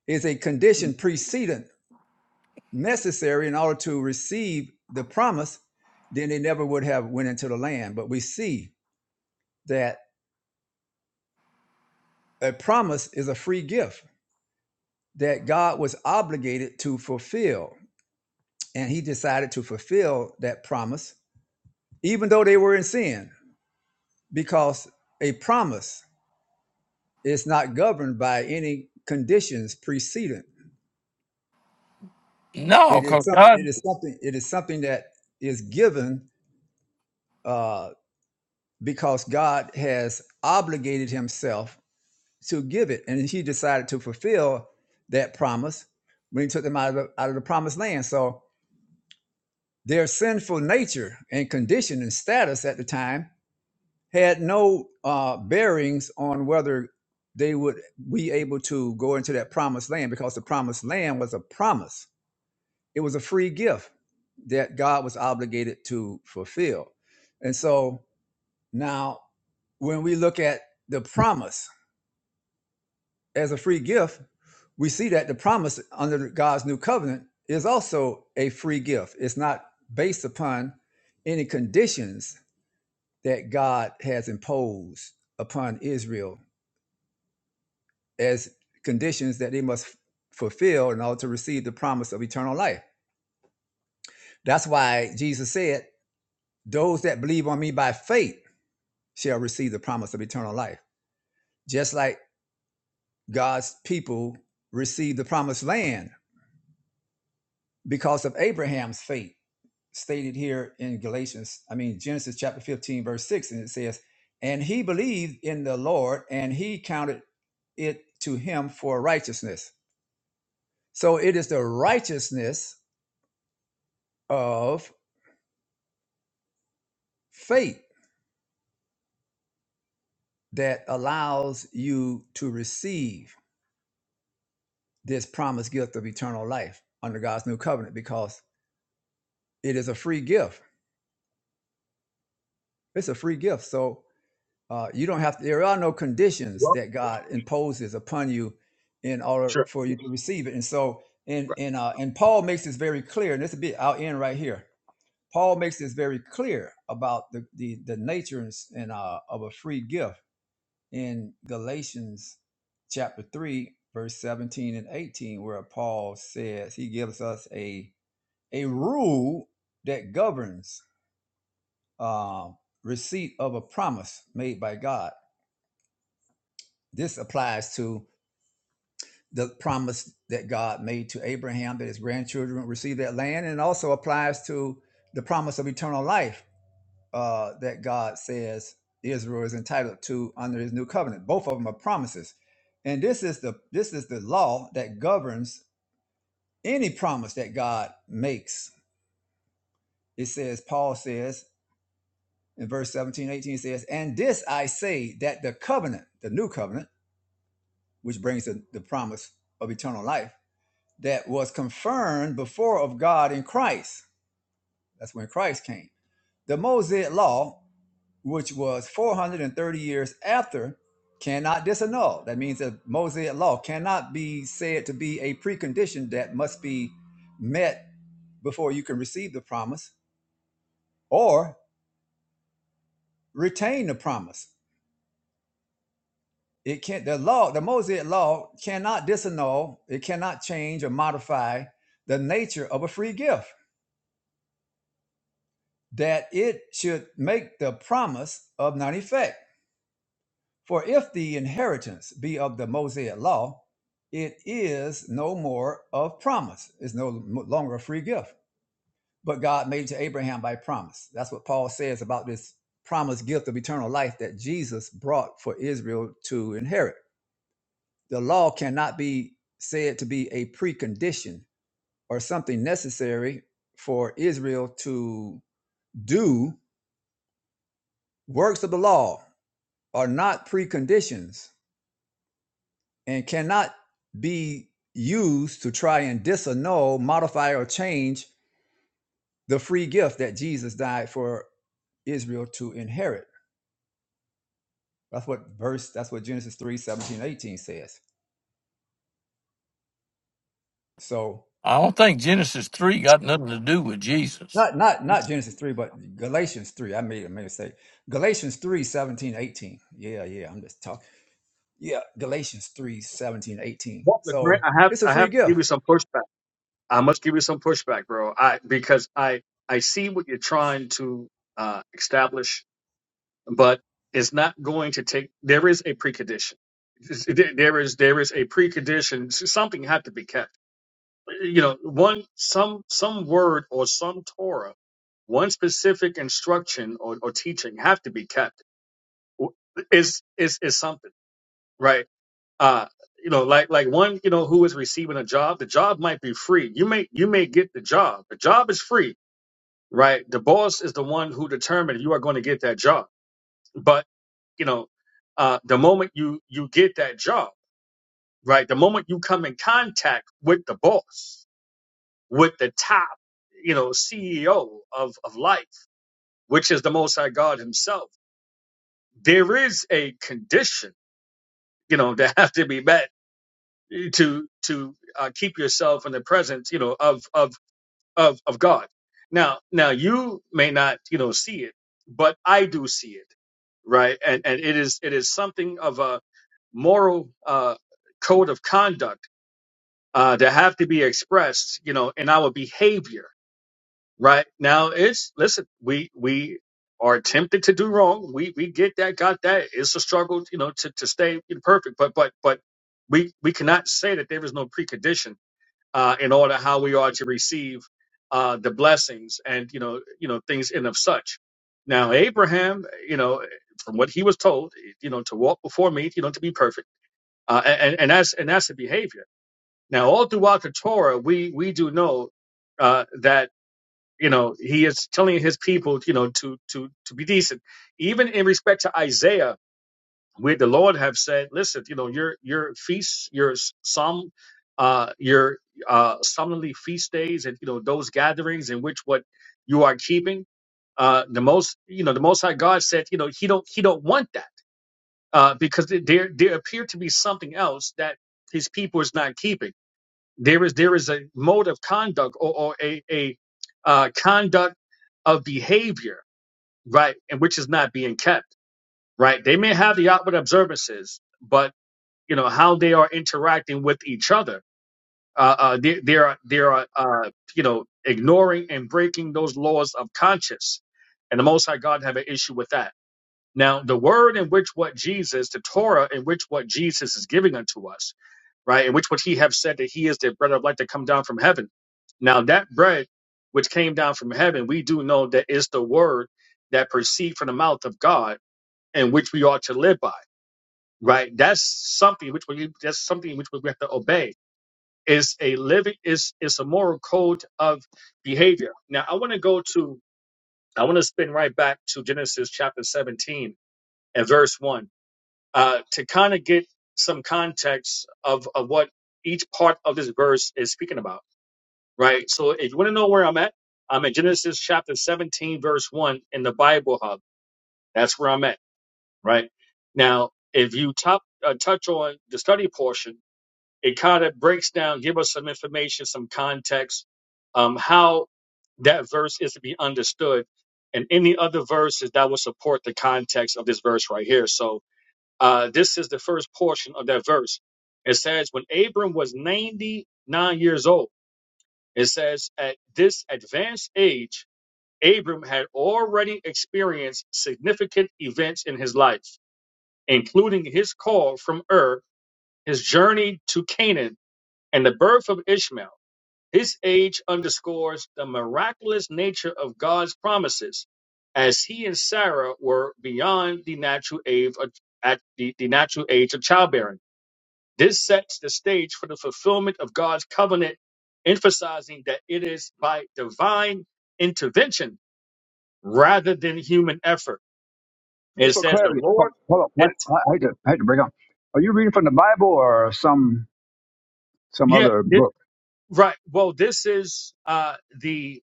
S2: is a condition precedent necessary in order to receive the promise, then they never would have went into the land. But we see that a promise is a free gift that God was obligated to fulfill. And he decided to fulfill that promise, even though they were in sin, because a promise It's not governed by any conditions precedent.
S5: No,
S2: It is
S5: because
S2: something. It
S5: God,
S2: is something. It is something that is given uh, because God has obligated Himself to give it, and He decided to fulfill that promise when He took them out of the, out of the promised land. So their sinful nature and condition and status at the time had no uh, bearings on whether they would be able to go into that promised land because the promised land was a promise It was a free gift that God was obligated to fulfill. And so now when we look at the promise as a free gift, we see that the promise under God's new covenant is also a free gift. It's not based upon any conditions that God has imposed upon Israel as conditions that they must fulfill in order to receive the promise of eternal life. That's why Jesus said, Those that believe on me by faith shall receive the promise of eternal life. Just like God's people received the promised land because of Abraham's faith, stated here in Galatians, I mean, Genesis chapter 15, verse 6, and it says, And he believed in the Lord, and he counted it to him for righteousness. So it is the righteousness of faith that allows you to receive this promised gift of eternal life under God's new covenant because it is a free gift It's a free gift. So uh, you don't have to. there are no conditions
S4: well,
S2: that God imposes upon you in order
S4: sure.
S2: for you to receive it. And so and and uh, and Paul makes this very clear, and this will be I'll end right here. Paul makes this very clear about the the, the nature and, s- and, uh, of a free gift in Galatians chapter three, verse seventeen and eighteen, where Paul says he gives us a a rule that governs uh, receipt of a promise made by God This applies to the promise that God made to Abraham that his grandchildren would receive that land, and also applies to the promise of eternal life uh, that God says Israel is entitled to under His new covenant. Both of them are promises, and this is the this is the law that governs any promise that God makes. It says, Paul says in verse seventeen, eighteen 18, says, And this I say that the covenant, the new covenant, which brings the, the promise of eternal life that was confirmed before of God in Christ. That's when Christ came. The Mosaic law, which was 430 years after, cannot disannul. That means the Mosaic law cannot be said to be a precondition that must be met before you can receive the promise or retain the promise. It can't the law, the Mosaic law cannot disannul, it cannot change or modify the nature of a free gift that it should make the promise of none effect. For if the inheritance be of the Mosaic law, it is no more of promise. It's no longer a free gift, but God made it to Abraham by promise. That's what Paul says about this promised gift of eternal life that Jesus brought for Israel to inherit. The law cannot be said to be a precondition or something necessary for Israel to do works of the law are not preconditions and cannot be used to try and disannul, modify, or change the free gift that Jesus died for Israel to inherit. That's what verse, that's what Genesis 3 17 18 says. So
S5: I don't think Genesis 3 got nothing to do with Jesus.
S2: not not not Genesis 3, but Galatians 3. I made a mistake. Galatians 3 17 18. Yeah, yeah. I'm just talking. Yeah, Galatians 3 17 18.
S4: Well, Grant,
S2: So
S4: I have
S2: it's a
S4: I
S2: free
S4: have to
S2: gift
S4: give you some pushback. I must give you some pushback, bro. I because I I see what you're trying to uh, establish, but it's not going to take. There is a precondition. There there is there is a precondition. Something had to be kept. You know, one some some word or some Torah, one specific instruction or, or teaching have to be kept. Is is is something right? uh you know like like one you know who is receiving a job the job might be free you may you may get the job the job is free right the boss is the one who determined you are going to get that job but you know uh the moment you you get that job right the moment you come in contact with the boss with the top you know ceo of of life which is the most high god himself there is a condition you know that have to be met to to uh, keep yourself in the presence, you know, of of of of God. Now, now you may not, you know, see it, but I do see it, right? And and it is it is something of a moral uh, code of conduct uh, that have to be expressed, you know, in our behavior, right? Now, it's listen, we we are tempted to do wrong. We we get that, got that. It's a struggle, you know, to to stay perfect, but but but we we cannot say that there is no precondition uh, in order how we are to receive uh, the blessings and you know you know things and of such. Now Abraham, you know, from what he was told, you know, to walk before me, you know, to be perfect, uh, and and that's and that's the behavior. Now all throughout the Torah, we we do know uh, that you know he is telling his people, you know, to to to be decent, even in respect to Isaiah we the Lord have said, listen, you know, your your feasts, your some uh your uh solemnly feast days and you know those gatherings in which what you are keeping, uh the most you know, the most high God said, you know, he don't he don't want that. Uh because there there appeared to be something else that his people is not keeping. There is there is a mode of conduct or, or a, a uh conduct of behavior, right, and which is not being kept. Right. They may have the outward observances, but you know how they are interacting with each other. Uh, uh, they, they are they are uh, you know ignoring and breaking those laws of conscience, and the Most High God have an issue with that. Now, the word in which what Jesus, the Torah in which what Jesus is giving unto us, right, in which what He have said that He is the bread of life that come down from heaven. Now, that bread which came down from heaven, we do know that is the word that proceed from the mouth of God, and which we ought to live by right? That's something which we that's something which we have to obey. It's a living is it's a moral code of behavior. Now I want to go to I want to spin right back to Genesis chapter 17 and verse one uh, to kind of get some context of of what each part of this verse is speaking about, right? So if you want to know where I'm at, I'm at Genesis chapter 17 verse one in the Bible Hub. That's where I'm at, right? Now if you top, uh, touch on the study portion it kind of breaks down, give us some information, some context, um, how that verse is to be understood, and any other verses that will support the context of this verse right here. So uh, this is the first portion of that verse. It says, when Abram was 99 years old, it says, at this advanced age, Abram had already experienced significant events in his life, including his call from Ur, his journey to Canaan, and the birth of Ishmael. This age underscores the miraculous nature of God's promises, as he and Sarah were beyond the natural age of, at the, the natural age of childbearing. This sets the stage for the fulfillment of God's covenant, emphasizing that it is by divine intervention rather than human effort.
S2: Just
S4: It
S2: for
S4: says the
S2: clarity, hold
S4: Lord.
S2: on. hold on.
S4: It's
S2: I, I hate to I hate to break on. Are you reading from the Bible or some some
S4: yeah,
S2: other
S4: this,
S2: book?
S4: right. Well, this is uh, the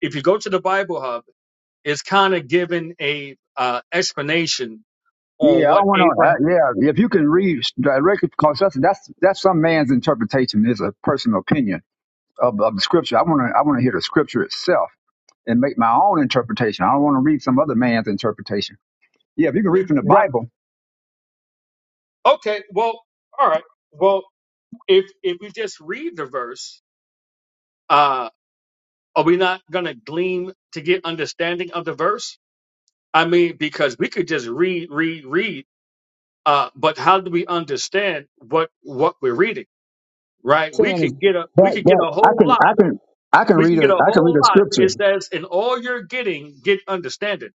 S4: if you go to the Bible Hub is kind of giving a uh, explanation
S2: Yeah,
S4: on
S2: I
S4: what
S2: don't want
S4: Abraham.
S2: to. Yeah, if you can read directly, because that's that's that's some man's interpretation. It's a personal opinion of, of the scripture. I want to I want to hear the scripture itself and make my own interpretation. I don't want to read some other man's interpretation. Yeah, if you can read from the
S4: Right.
S2: Bible,
S4: Okay. Well. All right. Well, if if we just read the verse, uh, are we not going to glean to get understanding of the verse? I mean, because we could just read, read, read. Uh, but how do we understand what what we're reading? Right. We
S2: saying is
S4: could get a we
S2: that
S4: could get
S2: that
S4: a
S2: I
S4: whole
S2: can
S4: lot.
S2: I can I can
S4: We
S2: read
S4: can get
S2: a
S4: a
S2: I can read
S4: whole
S2: a
S4: lot.
S2: scripture.
S4: It says, "In all you're getting, get understanding."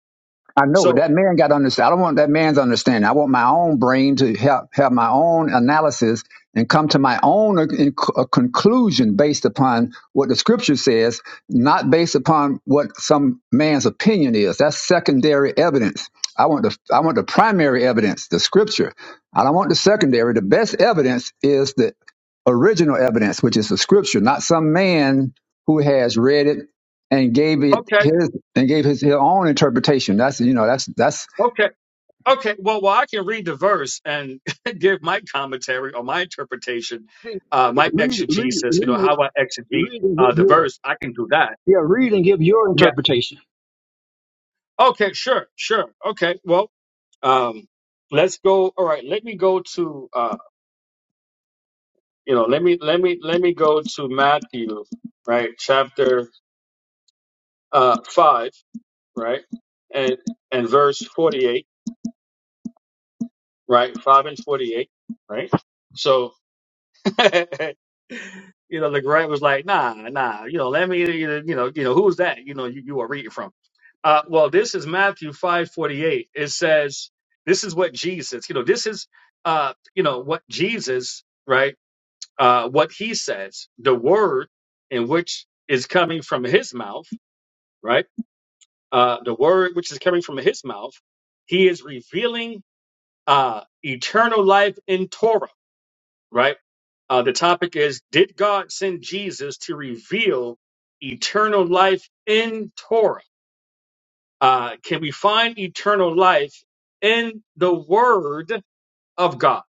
S2: I know
S4: So,
S2: that man got to understand. I don't want that man's understanding. I want my own brain to have, have my own analysis and come to my own uh, in- uh, conclusion based upon what the scripture says, not based upon what some man's opinion is. That's secondary evidence. I want the I want the primary evidence, the scripture. I don't want the secondary. The best evidence is the original evidence, which is the scripture, not some man who has read it and gave it
S4: okay,
S2: his and gave his, his own interpretation. That's you know that's that's
S4: okay. Okay, well, well, I can read the verse and give my commentary or my interpretation, uh, my exegesis. You know how I exegete uh, the verse. I can do that. Yeah. Okay. Sure. Sure. Okay. Well, um, let's go. All right. Let me go to. Uh, you know, let me let me let me go to Matthew, right, chapter uh, five, right, and and verse forty-eight, right, five and forty-eight, right. So you know, LeGrand was like, nah, nah, you know, let me, you know, you know, you know, who's that? You know, you, you are reading from. Uh, well, this is Matthew five forty eight. It says, this is what Jesus, you know, this is, uh, you know, what Jesus, right? Uh, what he says, the word in which is coming from his mouth, right? Uh, the word which is coming from his mouth, he is revealing uh, eternal life in Torah, right? Uh, the topic is Did God send Jesus to reveal eternal life in Torah? Uh, can we find eternal life in the Word of God?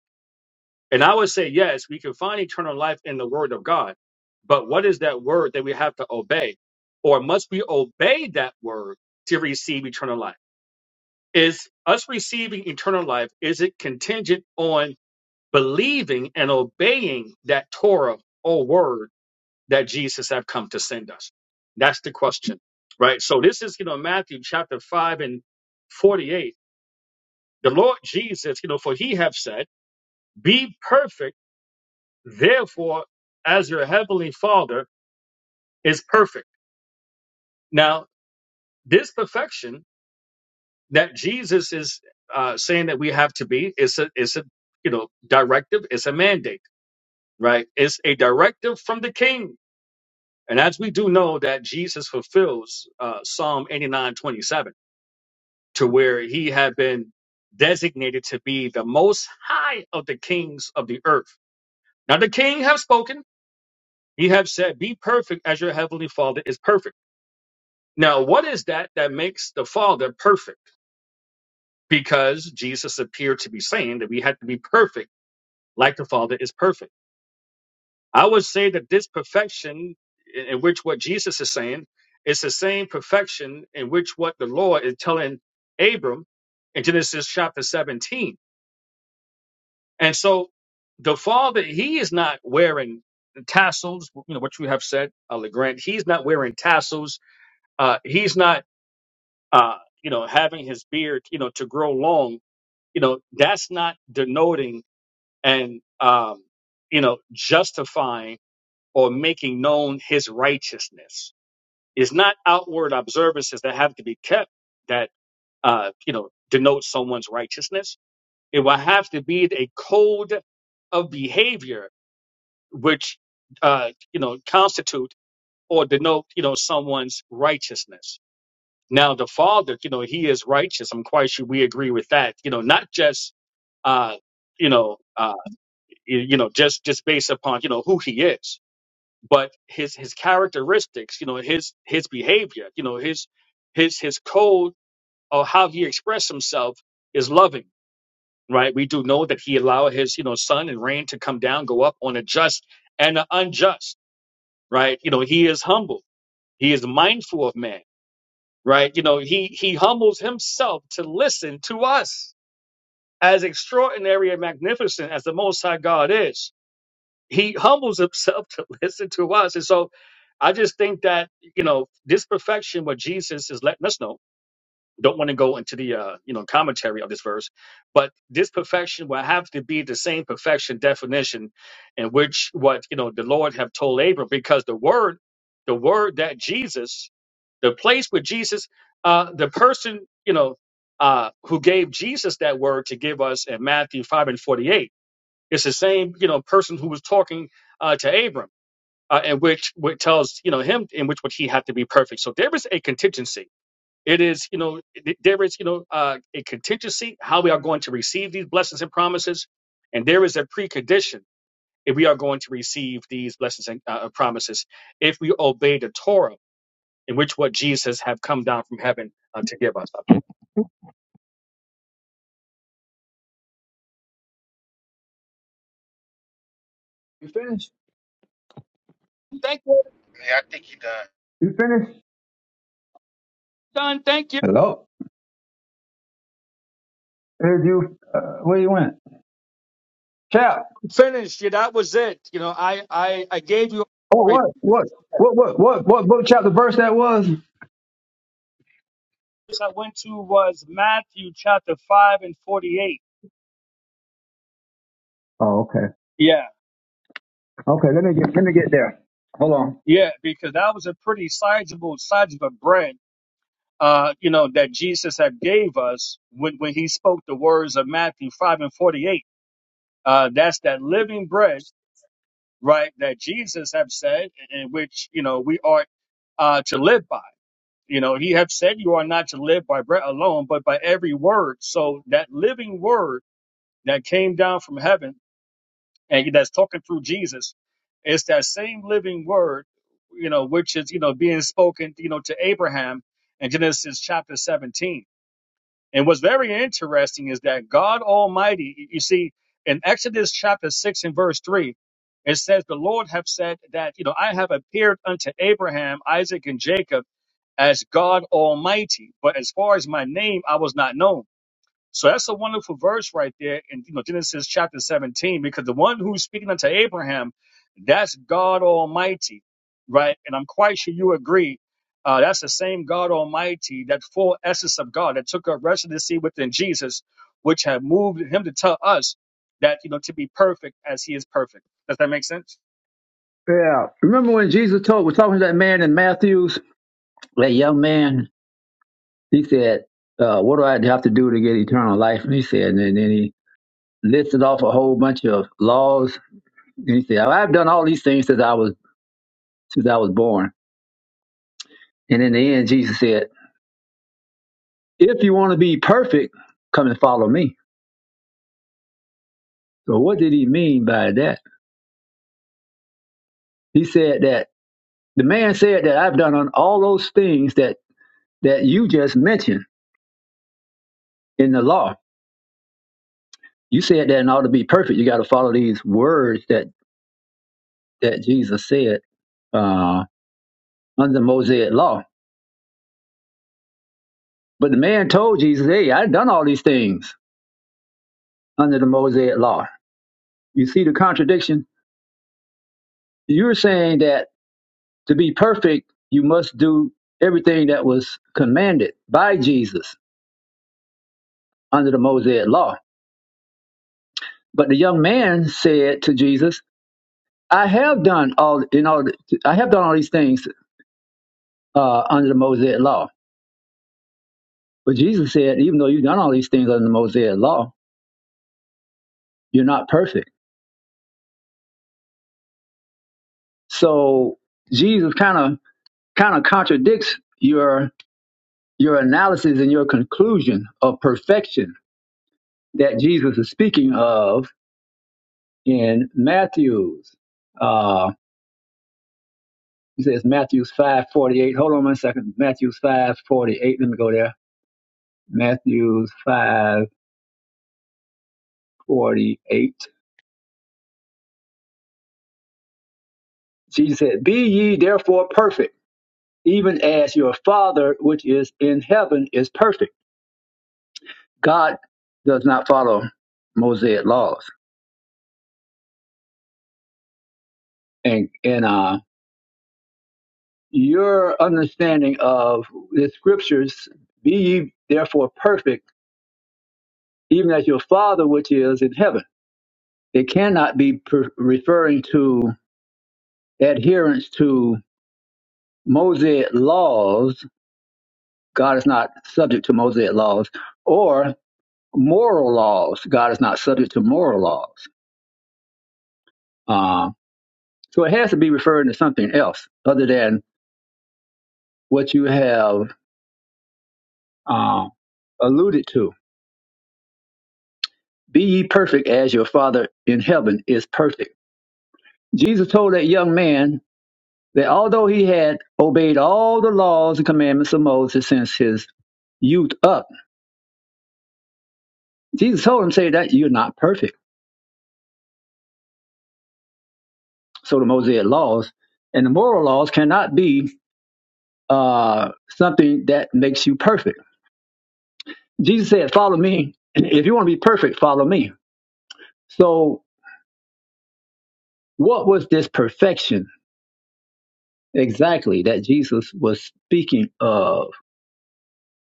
S4: And I would say, yes, we can find eternal life in the Word of God. But what is that Word that we have to obey? Or must we obey that Word to receive eternal life? Is us receiving eternal life, is it contingent on believing and obeying that Torah or Word? that Jesus have come to send us? That's the question, right? So this is, you know, Matthew chapter 5 and 48. The Lord Jesus, you know, for he have said, be perfect, therefore, as your heavenly father is perfect. Now, this perfection that Jesus is uh, saying that we have to be is a, is a, you know, directive, it's a mandate, right? It's a directive from the king. And as we do know that Jesus fulfills uh, Psalm eighty-nine twenty-seven. to where he had been designated to be the most high of the kings of the earth. Now the king have spoken. He have said, "Be perfect as your heavenly Father is perfect." Now, what is that that makes the Father perfect? Because Jesus appeared to be saying that we had to be perfect, like the Father is perfect. I would say that this perfection, in in which what Jesus is saying, is the same perfection in which what the Lord is telling Abram in Genesis chapter 17 And so the father, he is not wearing tassels, you know, what you have said, uh, LeGrand. He's not wearing tassels. Uh, he's not, uh, you know, having his beard, you know, to grow long. You know, that's not denoting and, um, you know, justifying or making known his righteousness. It's not outward observances that have to be kept that, uh, you know, denote someone's righteousness. It will have to be a code of behavior which uh, you know constitute or denote you know someone's righteousness. Now the Father, you know, He is righteous. I'm quite sure we agree with that. You know, not just uh, you know uh, you you know just just based upon you know who He is, but His His characteristics. You know, His His behavior. You know, His His His code or how He expressed Himself is loving. Right, we do know that he allowed his, you know, sun and rain to come down, go up on a just and an unjust right? You know, he is humble. He is mindful of man, right? You know, he he humbles himself to listen to us. As extraordinary and magnificent as the Most High God is, he humbles himself to listen to us. And so, I just think that you know this perfection, what Jesus is letting us know don't want to go into the uh, you know commentary of this verse, but this perfection will have to be the same perfection definition in which what you know the Lord have told Abram, because the word, the word that Jesus, the place where Jesus, uh, the person you know uh, who gave Jesus that word to give us in Matthew five and forty eight, it's the same you know person who was talking uh, to Abram, uh, and which which tells you know him in which what he had to be perfect. So there is a contingency it is, you know, th- there is, you know, uh, a contingency how we are going to receive these blessings and promises, and there is a precondition if we are going to receive these blessings and uh, promises if we obey the Torah, in which what Jesus have come down from heaven uh, to give us.
S2: you finished.
S4: Thank you,
S6: Yeah, I think you done.
S2: You finished.
S4: Don. Thank you.
S2: Hello. Did you uh, where you went? Chap.
S4: Finished. Yeah, that was it. You know, I I, I gave you.
S2: Oh
S4: Right.
S2: what what what what what what book chapter verse that was?
S4: This I went to was Matthew chapter five and forty-eight.
S2: Oh okay
S4: Yeah,
S2: okay. Let me get let me get there. Hold on.
S4: yeah, because that was a pretty sizable size of a bread uh, you know, that Jesus had gave us when, when he spoke the words of Matthew 5 and 48. Uh, that's that living bread, right, that Jesus have said, in which, you know, we are uh, to live by. You know, he have said you are not to live by bread alone, but by every word. So that living word that came down from heaven and that's talking through Jesus, it's that same living word, you know, which is, you know, being spoken, you know, to Abraham in Genesis chapter 17 And what's very interesting is that God Almighty, you see, in Exodus chapter 6 and verse 3, it says, The Lord have said that, you know, I have appeared unto Abraham, Isaac, and Jacob as God Almighty, but as far as my name, I was not known. So that's a wonderful verse right there in you know Genesis chapter 17, because the one who's speaking unto Abraham, that's God Almighty, right? And I'm quite sure you agree. Uh, that's the same God Almighty, that full essence of God that took up residency within Jesus, which had moved him to tell us that you know to be perfect as he is perfect. Does that make sense?
S2: Yeah. Remember when Jesus told was talking to that man in Matthew's that young man? He said, uh, "What do I have to do to get eternal life?" And he said, and then he listed off a whole bunch of laws. And he said, "I've done all these things since I was." since I was born. And in the end, Jesus said, If you want to be perfect, come and follow me. So, what did he mean by that? He said that the man said that I've done on all those things that, that you just mentioned in the law. You said that in order to be perfect, you got to follow these words that, that Jesus said uh, under the Mosaic law. But the man told Jesus, Hey, I've done all these things under the Mosaic law. You see the contradiction? You're saying that To be perfect, you must do everything that was commanded by Jesus under the Mosaic law. But the young man said to Jesus, "I have done all in all. I have done all these things uh, under the Mosaic law." But Jesus said, "Even though you've done all these things under the Mosaic law, you're not perfect." So Jesus kind of kind of contradicts your your analysis and your conclusion of perfection that Jesus is speaking of in Matthew's. uh, He says Matthew five forty eight. Hold on one second. Matthew five forty eight. Let me go there. Matthew five forty eight. Jesus said, "Be ye therefore perfect, even as your Father which is in heaven is perfect." God does not follow Mosaic laws, and and uh, your understanding of the scriptures, "Be ye therefore perfect, even as your Father which is in heaven." It cannot be per- referring to adherence to Mosaic laws, God is not subject to Mosaic laws, or moral laws, God is not subject to moral laws. Uh, so it has to be referring to something else other than what you have uh, alluded to. Be ye perfect as your Father in heaven is perfect. Jesus told that young man that although he had obeyed all the laws and commandments of Moses since his youth up, Jesus told him, say that you're not perfect so the Mosaic laws and the moral laws cannot be uh, something that makes you perfect. Jesus said, "Follow me. If you want to be perfect, follow me." So, what was this perfection exactly that Jesus was speaking of?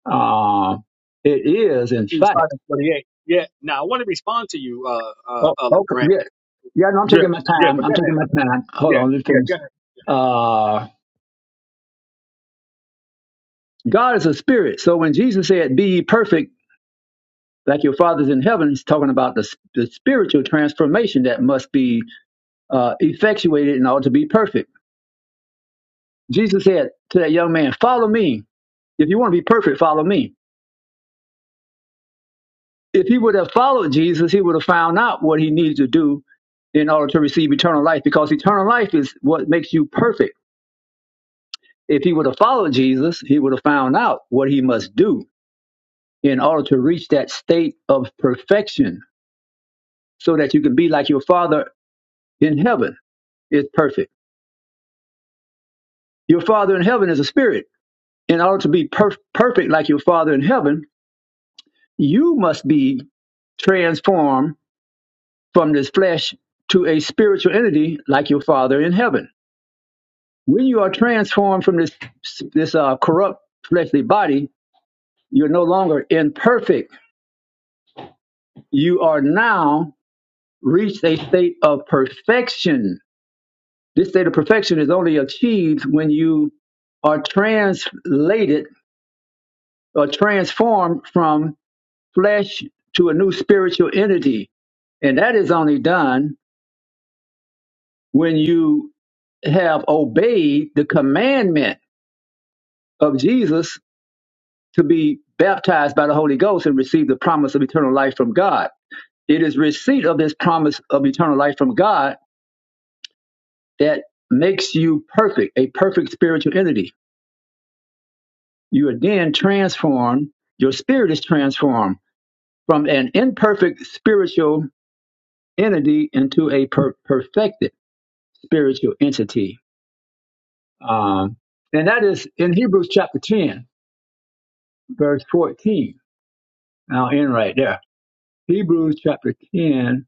S2: Um, it is, in
S4: Matthew 5
S2: fact.
S4: and 48. Yeah. Now I want to respond to you, uh uh,
S2: Oh,
S4: uh
S2: okay.
S4: LeGrand.
S2: Yeah, yeah. No, I'm
S4: Yeah,
S2: taking my
S4: yeah,
S2: time.
S4: but go
S2: I'm
S4: ahead.
S2: taking my time. Hold
S4: Yeah,
S2: on. Let me
S4: yeah,
S2: finish.
S4: go
S2: Uh, God is a spirit. So when Jesus said, "Be ye perfect," like your father's in heaven, he's talking about the, the spiritual transformation that must be uh, effectuated in order to be perfect. Jesus said to that young man, Follow me. If you want to be perfect, follow me. If he would have followed Jesus, he would have found out what he needs to do in order to receive eternal life because eternal life is what makes you perfect. If he would have followed Jesus, he would have found out what he must do in order to reach that state of perfection so that you can be like your father in heaven is perfect. Your Father in heaven is a spirit. In order to be per- perfect like your Father in heaven, you must be transformed from this flesh to a spiritual entity like your Father in heaven. When you are transformed from this this uh, corrupt fleshly body, you're no longer imperfect. You are now reached a state of perfection. This state of perfection is only achieved when you are translated or transformed from flesh to a new spiritual entity. And that is only done when you have obeyed the commandment of Jesus to be baptized by the Holy Ghost and receive the promise of eternal life from God. It is receipt of this promise of eternal life from God that makes you perfect, a perfect spiritual entity. You are then transformed, your spirit is transformed from an imperfect spiritual entity into a per- perfected spiritual entity Um, and that is in Hebrews chapter 10, verse 14. I'll end right there. Hebrews chapter 10,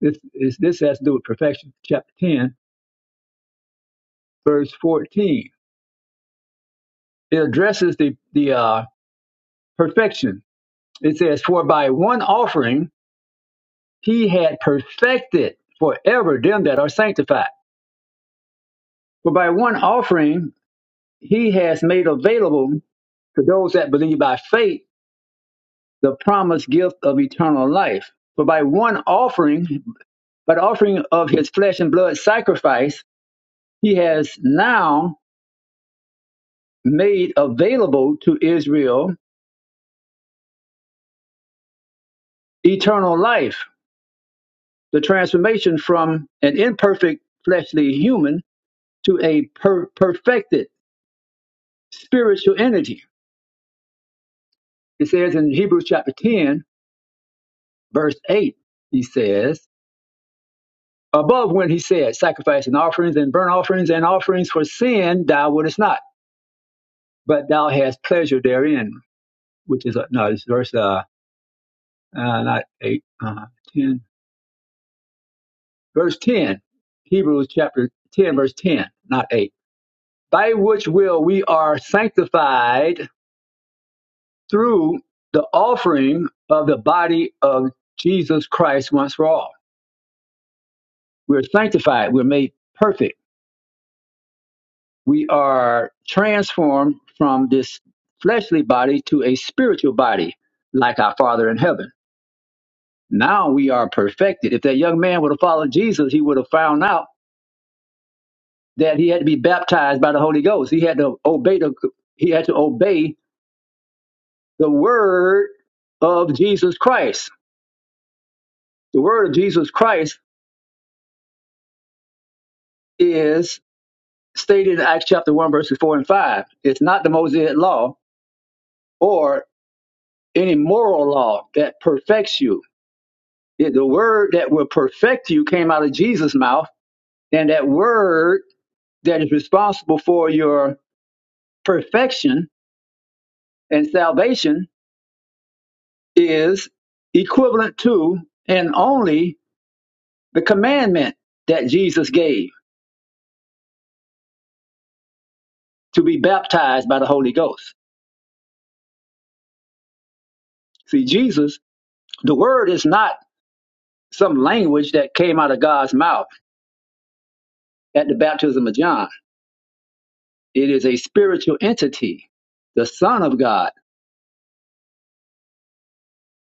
S2: this, is, this has to do with perfection. Chapter 10, verse 14. It addresses the, the uh, perfection. It says, For by one offering he had perfected forever them that are sanctified. For by one offering he has made available to those that believe by faith the promised gift of eternal life. For by one offering By the offering of his flesh and blood sacrifice, he has now made available to Israel eternal life, the transformation from an imperfect fleshly human to a per- perfected spiritual entity. It says in Hebrews chapter 10, verse 8, he says, Above when he said, Sacrifice and offerings and burnt offerings and offerings for sin, thou wouldest not, but thou hast pleasure therein, which is, uh, no, it's verse uh, uh, not 8, uh, 10, verse 10, Hebrews chapter 10, verse 10, not 8. By which will we are sanctified through the offering of the body of Jesus Christ once for all. We're sanctified, we're made perfect. We are transformed from this fleshly body to a spiritual body, like our Father in heaven. Now we are perfected. If that young man would have followed Jesus, he would have found out that he had to be baptized by the Holy Ghost. He had to obey the he had to obey the word of Jesus Christ. The word of Jesus Christ is stated in Acts chapter one, verses four and five. It's not the Mosaic law or any moral law that perfects you. It- the word that will perfect you came out of Jesus' mouth, and that word that is responsible for your perfection and salvation is equivalent to and only the commandment that Jesus gave to be baptized by the Holy Ghost. See, Jesus, the word is not some language that came out of God's mouth at the baptism of John. It is a spiritual entity, the Son of God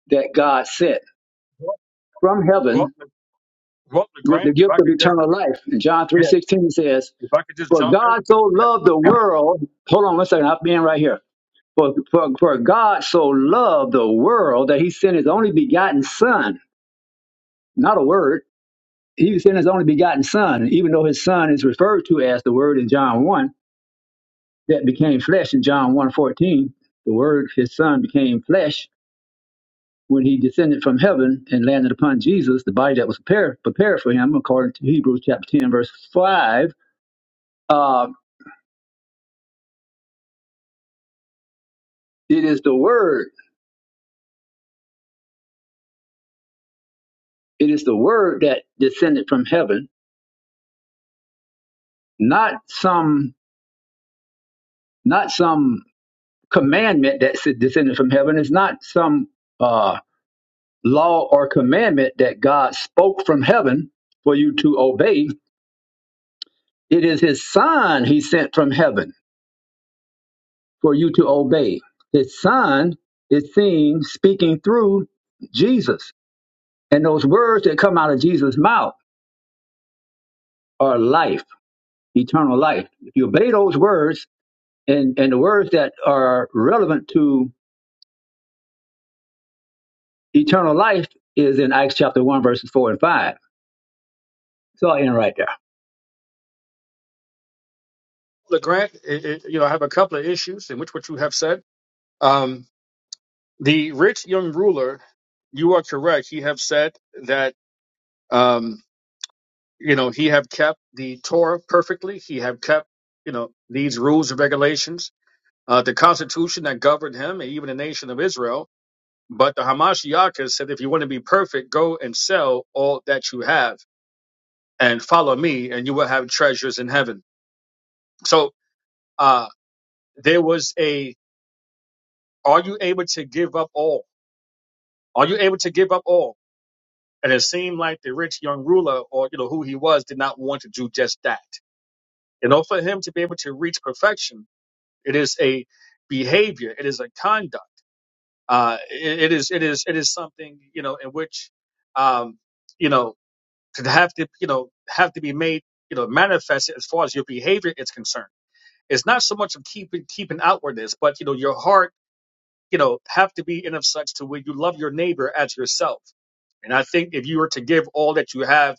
S2: that God sent
S4: ahead.
S2: from heaven
S4: Go, Well,
S2: with
S4: LeGrant,
S2: the
S4: if
S2: gift
S4: I
S2: of
S4: could just
S2: eternal life. And John
S4: yeah,
S2: 3.16 says,
S4: if I could just
S2: For
S4: jump in,
S2: God so
S4: yeah.
S2: loved the world. Hold on one second, I'm being right here. For, for, for God so loved the world that he sent his only begotten Son, not a word he sent his only begotten son, even though his son is referred to as the word in John 1 that became flesh in John one fourteen, The word, his son, became flesh when he descended from heaven and landed upon Jesus, the body that was prepared, prepared for him, according to Hebrews chapter 10, verse 5. Uh, it is the word, it is the word that descended from heaven, not some, not some commandment that s- descended from heaven. It's not some uh, law or commandment that God spoke from heaven for you to obey. It is his Son he sent from heaven for you to obey. His Son is seen speaking through Jesus. And those words that come out of Jesus' mouth are life, eternal life. If you obey those words, and, and the words that are relevant to eternal life is in Acts chapter 1, verses 4 and 5. So I'll end right there.
S4: LeGrant, it, it, you know, I have a couple of issues in which what you have said. Um, the rich young ruler, you are correct. He have said that um, you know he have kept the Torah perfectly. He have kept you know these rules and regulations, uh, the constitution that governed him and even the nation of Israel. But the Hamashiach has said, if you want to be perfect, go and sell all that you have and follow me, and you will have treasures in heaven. So uh, there was a are you able to give up all are you able to give up all and it seemed like the rich young ruler or you know who he was did not want to do just that you know for him to be able to reach perfection it is a behavior it is a conduct uh it, it is it is it is something you know in which um you know to have to you know have to be made you know manifested as far as your behavior is concerned it's not so much of keeping keeping outwardness but you know your heart you know, have to be in of such to where you love your neighbor as yourself. And I think if you were to give all that you have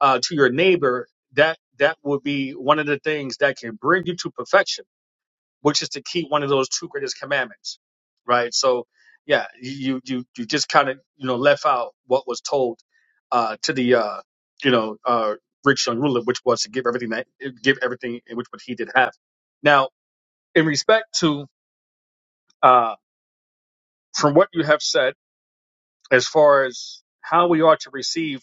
S4: uh, to your neighbor, that that would be one of the things that can bring you to perfection, which is to keep one of those two greatest commandments, right? So, yeah, you you you just kind of you know left out what was told uh, to the uh, you know uh, rich young ruler, which was to give everything that give everything in which what he did have. Now, in respect to uh, from what you have said as far as how we are to receive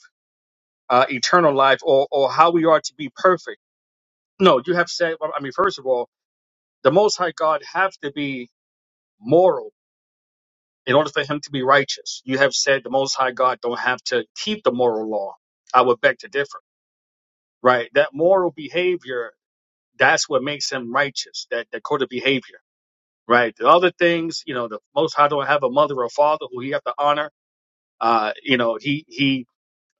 S4: uh, eternal life or, or how we are to be perfect. No, you have said, I mean, first of all, the Most High God have to be moral in order for him to be righteous. You have said the Most High God don't have to keep the moral law. I would beg to differ, right? That moral behavior, that's what makes him righteous, that, that code of behavior, right? The other things, you know, the Most High don't have a mother or father who he have to honor. Uh, you know, he, he,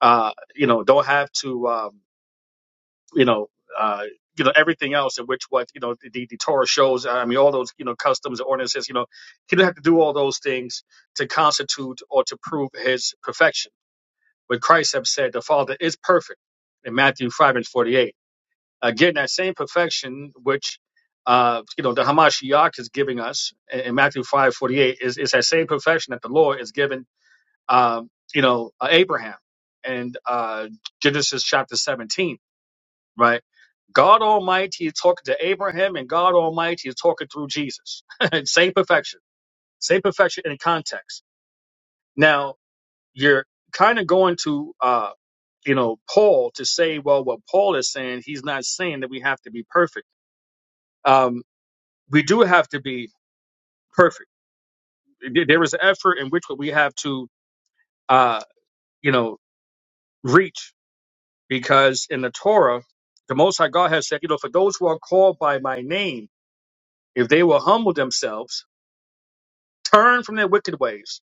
S4: uh, you know, don't have to, um, you know, uh, you know everything else, in which what you know the, the, Torah shows. I mean, all those you know customs and ordinances. You know, he didn't have to do all those things to constitute or to prove his perfection. But Christ have said the Father is perfect in Matthew five and forty eight. Again, that same perfection which uh, you know the Hamashiach is giving us in, in Matthew five forty eight is is that same perfection that the Lord is giving. Um, you know, uh, Abraham and uh, Genesis chapter seventeen right? God Almighty is talking to Abraham, and God Almighty is talking through Jesus. same perfection, same perfection in context. Now you're kind of going to, uh, you know, Paul to say, well, what Paul is saying, he's not saying that we have to be perfect. Um, we do have to be perfect. There there is an effort in which we have to, uh, you know, reach because in the Torah, the Most High God has said, you know, for those who are called by my name, if they will humble themselves turn from their wicked ways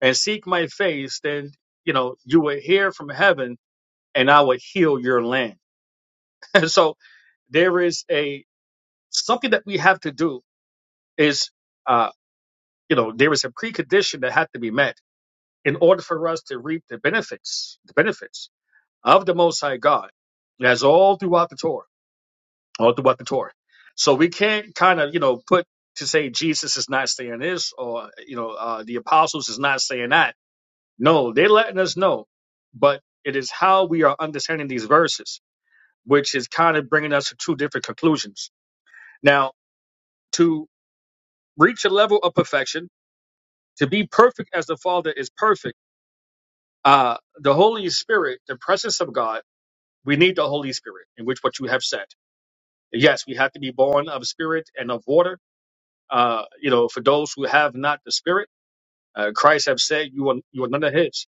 S4: and seek my face, then you know you will hear from heaven, and I will heal your land. And so there is a something that we have to do is uh, you know there is a precondition that had to be met in order for us to reap the benefits the benefits of the Most High God. That's all throughout the Torah, all throughout the Torah. So we can't kind of you know put to say Jesus is not saying this or you know uh, the apostles is not saying that No, they're letting us know. But it is how we are understanding these verses, which is kind of bringing us to two different conclusions. Now, to reach a level of perfection, to be perfect as the Father is perfect, uh, the Holy Spirit, the presence of God, we need the Holy Spirit, in which what you have said. Yes, we have to be born of spirit and of water. Uh, you know, for those who have not the Spirit, uh, Christ have said, "You are you are none of His."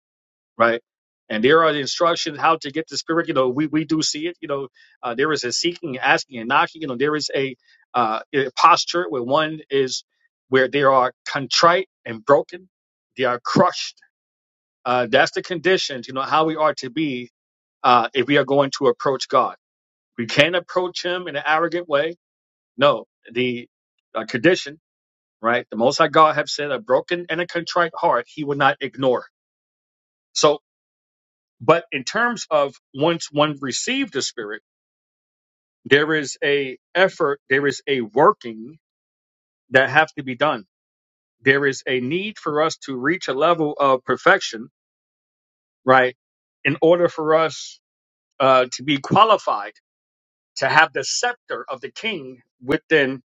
S4: right? And there are the instructions how to get the spirit. You know, we, we do see it. You know, uh, there is a seeking, asking, and knocking. You know, there is a, uh, a posture where one is where they are contrite and broken, they are crushed. Uh, that's the conditions. You know how we are to be uh, if we are going to approach God. We can't approach Him in an arrogant way. No, the uh, condition, right? The Most High God have said, a broken and a contrite heart He will not ignore. So But in terms of once one received the spirit, there is a effort, there is a working that have to be done. There is a need for us to reach a level of perfection, right? In order for us uh, to be qualified to have the scepter of the king within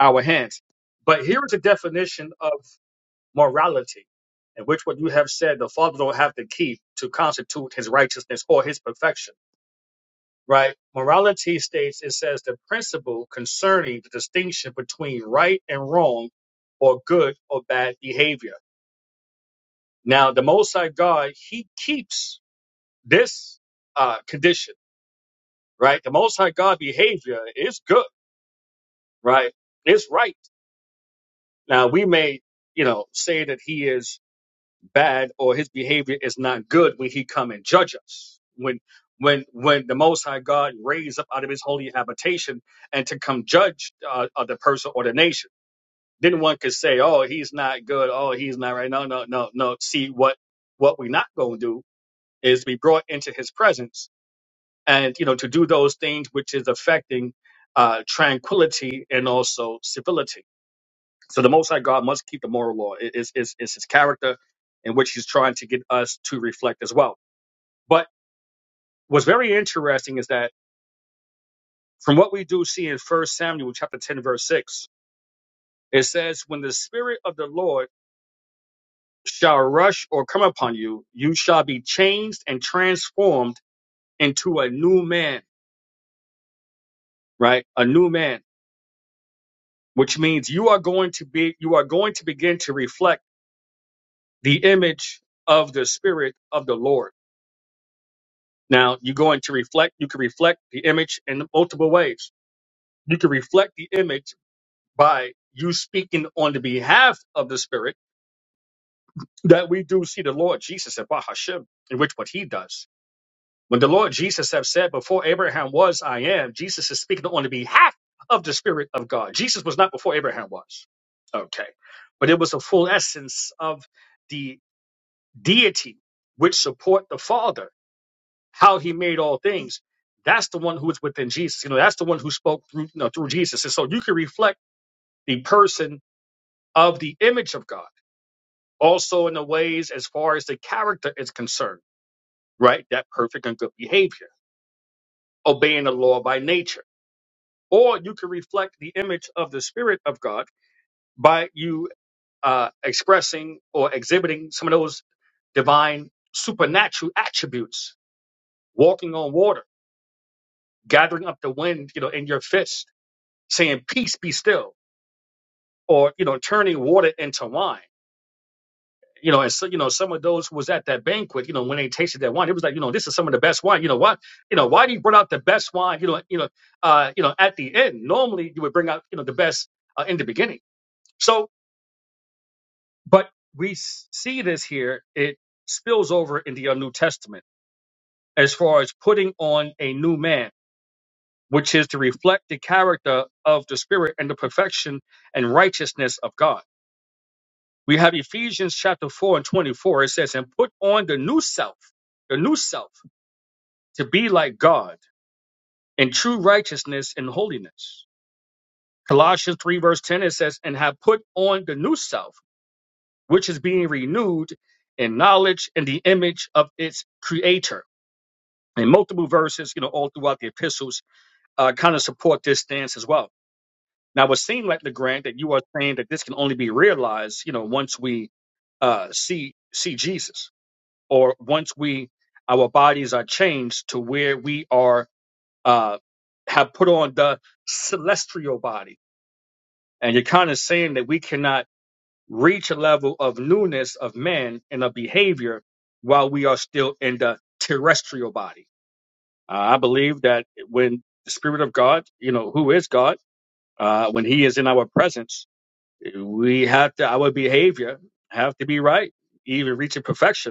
S4: our hands. But here is a definition of morality, in which what you have said, the father don't have the key to constitute his righteousness or his perfection right? Morality states it says the principle concerning the distinction between right and wrong or good or bad behavior. Now, the Most High God, He keeps this uh, condition, right? The Most High God behavior is good, right? It's right. Now, we may, you know, say that He is bad or his behavior is not good when he come and judge us. When when when the Most High God raised up out of his holy habitation and to come judge uh, of the person or the nation, then one could say, "Oh, he's not good. Oh, he's not right." No, no, no, no. See what what we're not going to do is be brought into his presence and you know to do those things which is affecting uh, tranquility and also civility so the Most High God must keep the moral law. It is is is his character, in which he's trying to get us to reflect as well. But what's very interesting is that from what we do see in First Samuel chapter ten verse six, it says, "When the Spirit of the Lord shall rush or come upon you, you shall be changed and transformed into a new man." Right, a new man, which means you are going to be you are going to begin to reflect the image of the Spirit of the Lord Now you're going to reflect, you can reflect the image in multiple ways. You can reflect the image by you speaking on the behalf of the spirit that we do see the Lord Jesus at Bahashem, in which what he does. When the Lord Jesus have said, before Abraham was, I am, Jesus is speaking on the behalf of the spirit of God. Jesus was not before Abraham was. Okay. But it was a full essence of the deity which support the father how he made all things. That's the one who is within Jesus. You know, that's the one who spoke through, you know, through Jesus. And so you can reflect the person of the image of God also in the ways as far as the character is concerned, right? That perfect and good behavior, obeying the law by nature. Or you can reflect the image of the Spirit of God by you uh, expressing or exhibiting some of those divine supernatural attributes, walking on water, gathering up the wind, you know, in your fist saying peace be still or you know turning water into wine you know and so you know some of those who was at that banquet you know when they tasted that wine it was like you know this is some of the best wine you know what you know why do you bring out the best wine you know you know uh you know at the end normally you would bring out you know the best uh, in the beginning so but we s- see this here it spills over in the uh, new testament as far as putting on a new man which is to reflect the character of the spirit and the perfection and righteousness of god We have Ephesians chapter 4 and 24. It says, And put on the new self, the new self, to be like God in true righteousness and holiness. Colossians 3, verse 10, it says, And have put on the new self, which is being renewed in knowledge and the image of its creator. And multiple verses, you know, all throughout the epistles uh, kind of support this stance as well. Now, it would seem like LeGrand that you are saying that this can only be realized, you know, once we uh, see see Jesus. or once we our bodies are changed to where we are uh, have put on the celestial body and you're kind of saying that we cannot reach a level of newness of man and of behavior while we are still in the terrestrial body uh, i believe that when the spirit of god you know who is god uh, when he is in our presence we have to our behavior have to be right even reaching perfection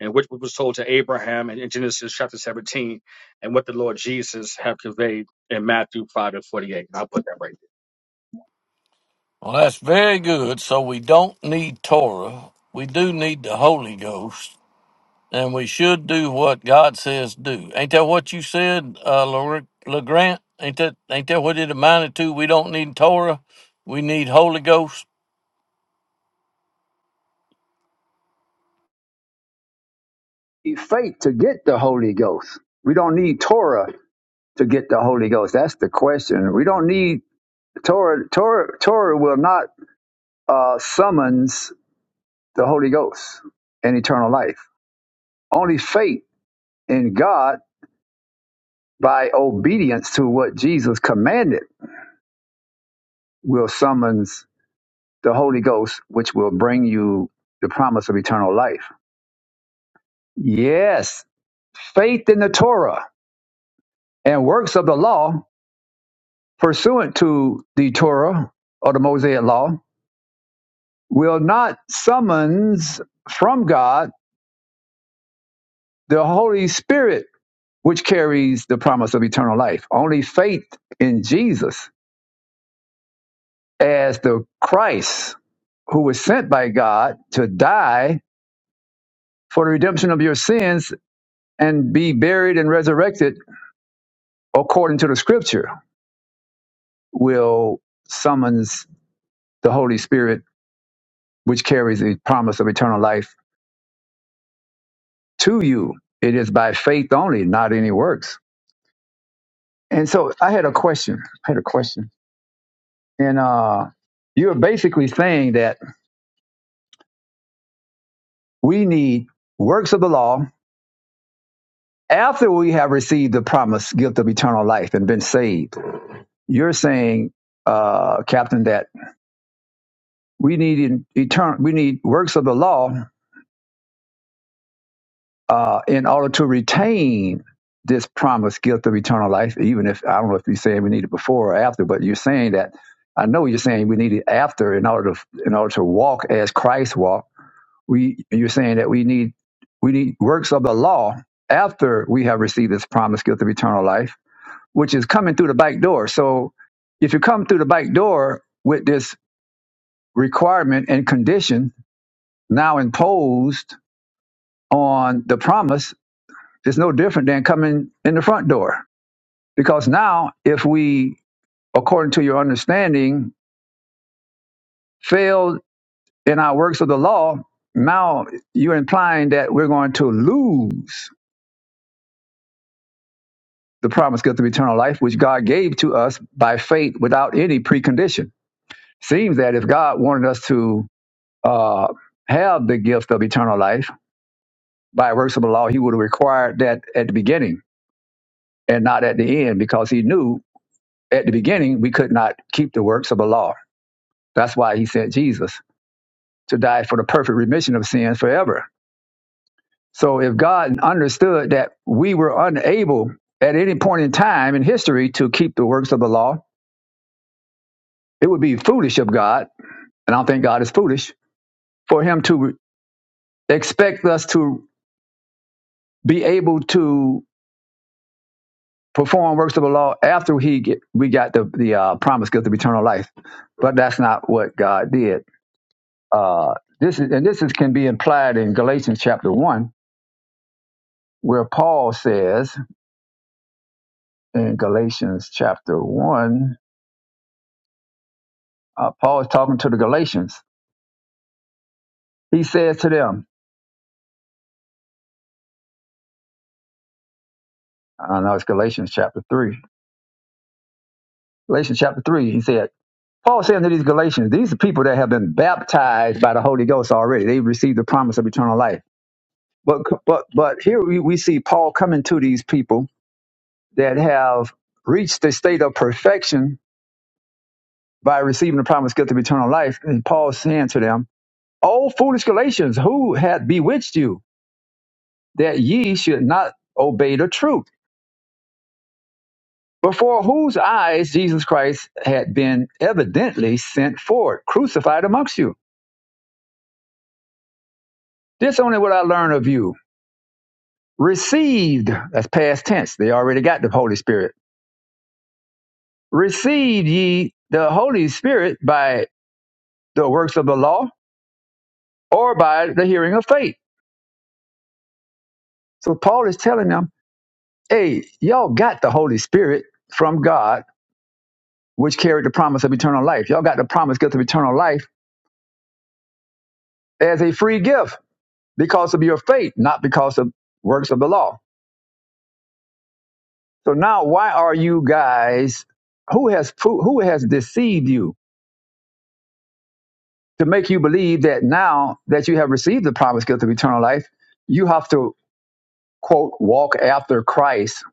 S4: and which was told to Abraham in Genesis chapter 17, and what the Lord Jesus have conveyed in Matthew 5 and 48. I'll put that right
S5: Well, that's very good. So we don't need Torah. We do need the Holy Ghost. and we should do what God says do. Ain't that what you said, uh, Lor- LeGrant? Ain't that ain't that what it amounted to? We don't need Torah, we need Holy Ghost.
S2: You Need Faith to get the Holy Ghost. We don't need Torah to get the Holy Ghost? That's the question. We don't need Torah. Torah, Torah will not uh, summons the Holy Ghost and eternal life. Only faith in God by obedience to what Jesus commanded will summons the Holy Ghost, which will bring you the promise of eternal life. Yes, faith in the Torah and works of the law pursuant to the Torah or the Mosaic law will not summons from God the Holy Spirit, which carries the promise of eternal life. Only faith in Jesus as the Christ who was sent by God to die for the redemption of your sins and be buried and resurrected according to the scripture will summons the Holy Spirit, which carries the promise of eternal life to you. It is by faith only, not any works. And so I had a question. I had a question. And uh, you're basically saying that We need works of the law after we have received the promised gift of eternal life and been saved. You're saying, uh, Captain, that we need eternal. we need works of the law uh, in order to retain this promised gift of eternal life. Even if I don't know if you're saying we need it before or after, but you're saying that. I know you're saying we need it after in order to in order to walk as Christ walked we you're saying that we need we need works of the law after we have received this promised gift of eternal life, which is coming through the back door. So if you come through the back door with this requirement and condition now imposed on the promise, it's no different than coming in the front door. Because now if we, according to your understanding, fail in our works of the law, now you're implying that we're going to lose the promised gift of eternal life, which God gave to us by faith without any precondition. Seems that if God wanted us to uh, have the gift of eternal life by works of the law, He would have required that at the beginning and not at the end, because He knew at the beginning we could not keep the works of the law. That's why He sent Jesus to die for the perfect remission of sins forever. So if God understood that we were unable at any point in time in history to keep the works of the law, it would be foolish of God And I don't think God is foolish for him to expect us to be able to perform works of the law after he get, we got the, the uh, promised gift of eternal life. But that's not what God did. Uh, this is, and this is, can be implied in Galatians chapter 1, where Paul says in Galatians chapter 1, uh, Paul is talking to the Galatians. He says to them, I know it's Galatians chapter 3. Galatians chapter 3, he said, Paul saying to these Galatians, these are people that have been baptized by the Holy Ghost already. They received the promise of eternal life. But but but here we, we see Paul coming to these people that have reached the state of perfection by receiving the promised gift of eternal life. And Paul saying to them, O foolish Galatians, who had bewitched you that ye should not obey the truth? Before whose eyes Jesus Christ had been evidently sent forth, crucified amongst you. This only what I learn of you received that's past tense they already got the holy spirit received ye the holy spirit by the works of the law or by the hearing of faith so paul is telling them hey y'all got the holy spirit from god which carried the promise of eternal life y'all got the promise gift of eternal life as a free gift because of your faith not because of works of the law so now why are you guys who has who has deceived you to make you believe that now that you have received the promised gift of eternal life, you have to, quote, walk after Christ,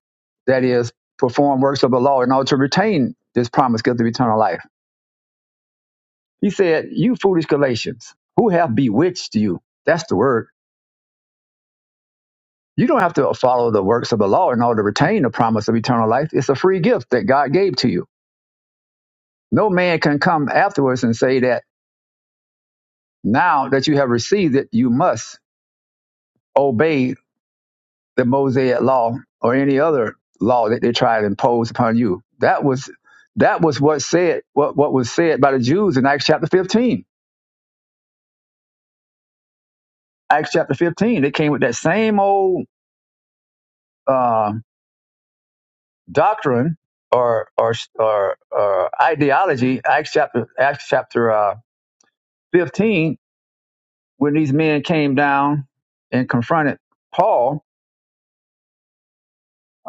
S2: that is, perform works of the law in order to retain this promised gift of eternal life. He said, You foolish Galatians, who have bewitched you? That's the word. You don't have to follow the works of the law in order to retain the promise of eternal life. It's a free gift that God gave to you. No man can come afterwards and say that now that you have received it, you must obey the Mosaic law or any other law that they try to impose upon you. That was that was what said what, what was said by the Jews in Acts chapter fifteen. Acts chapter fifteen. They came with that same old uh, doctrine or or or, or ideology. Acts chapter Acts chapter uh, fifteen. When these men came down and confronted Paul,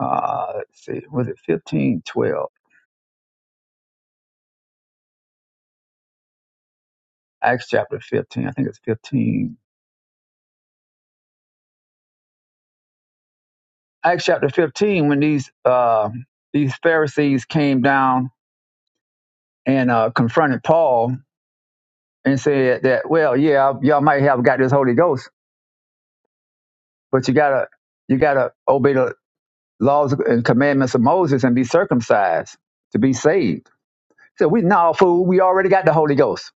S2: uh, let's see, was it fifteen twelve? Acts chapter fifteen. I think it's fifteen. Acts chapter 15, when these uh, these Pharisees came down and uh, confronted Paul and said that, well, yeah, y'all might have got this Holy Ghost, but you gotta you gotta obey the laws and commandments of Moses and be circumcised to be saved. So we no fool, we already got the Holy Ghost.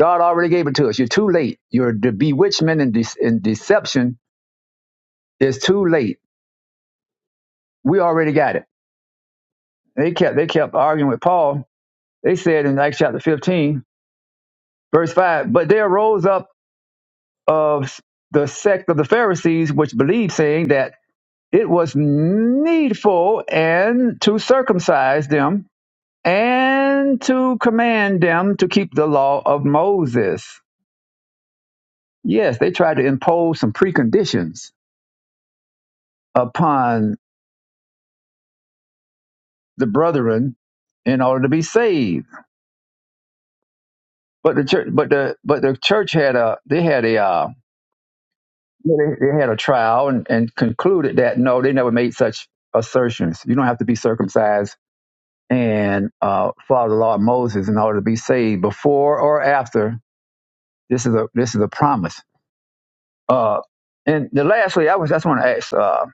S2: God already gave it to us. You're too late. Your de- bewitchment and, de- and deception is too late. We already got it. They kept they kept arguing with Paul. They said in Acts chapter 15, Verse 5 But there rose up of the sect of the Pharisees which believed, saying that it was needful and to circumcise them and to command them to keep the law of Moses. Yes, they tried to impose some preconditions upon the brethren in order to be saved. But the church, but the but the church had a they had a uh, they had a trial and, and concluded that no, they never made such assertions. You don't have to be circumcised and uh, follow the law of Moses in order to be saved. Before or after, this is a this is a promise. Uh, and the lastly, I was just want to ask. Uh,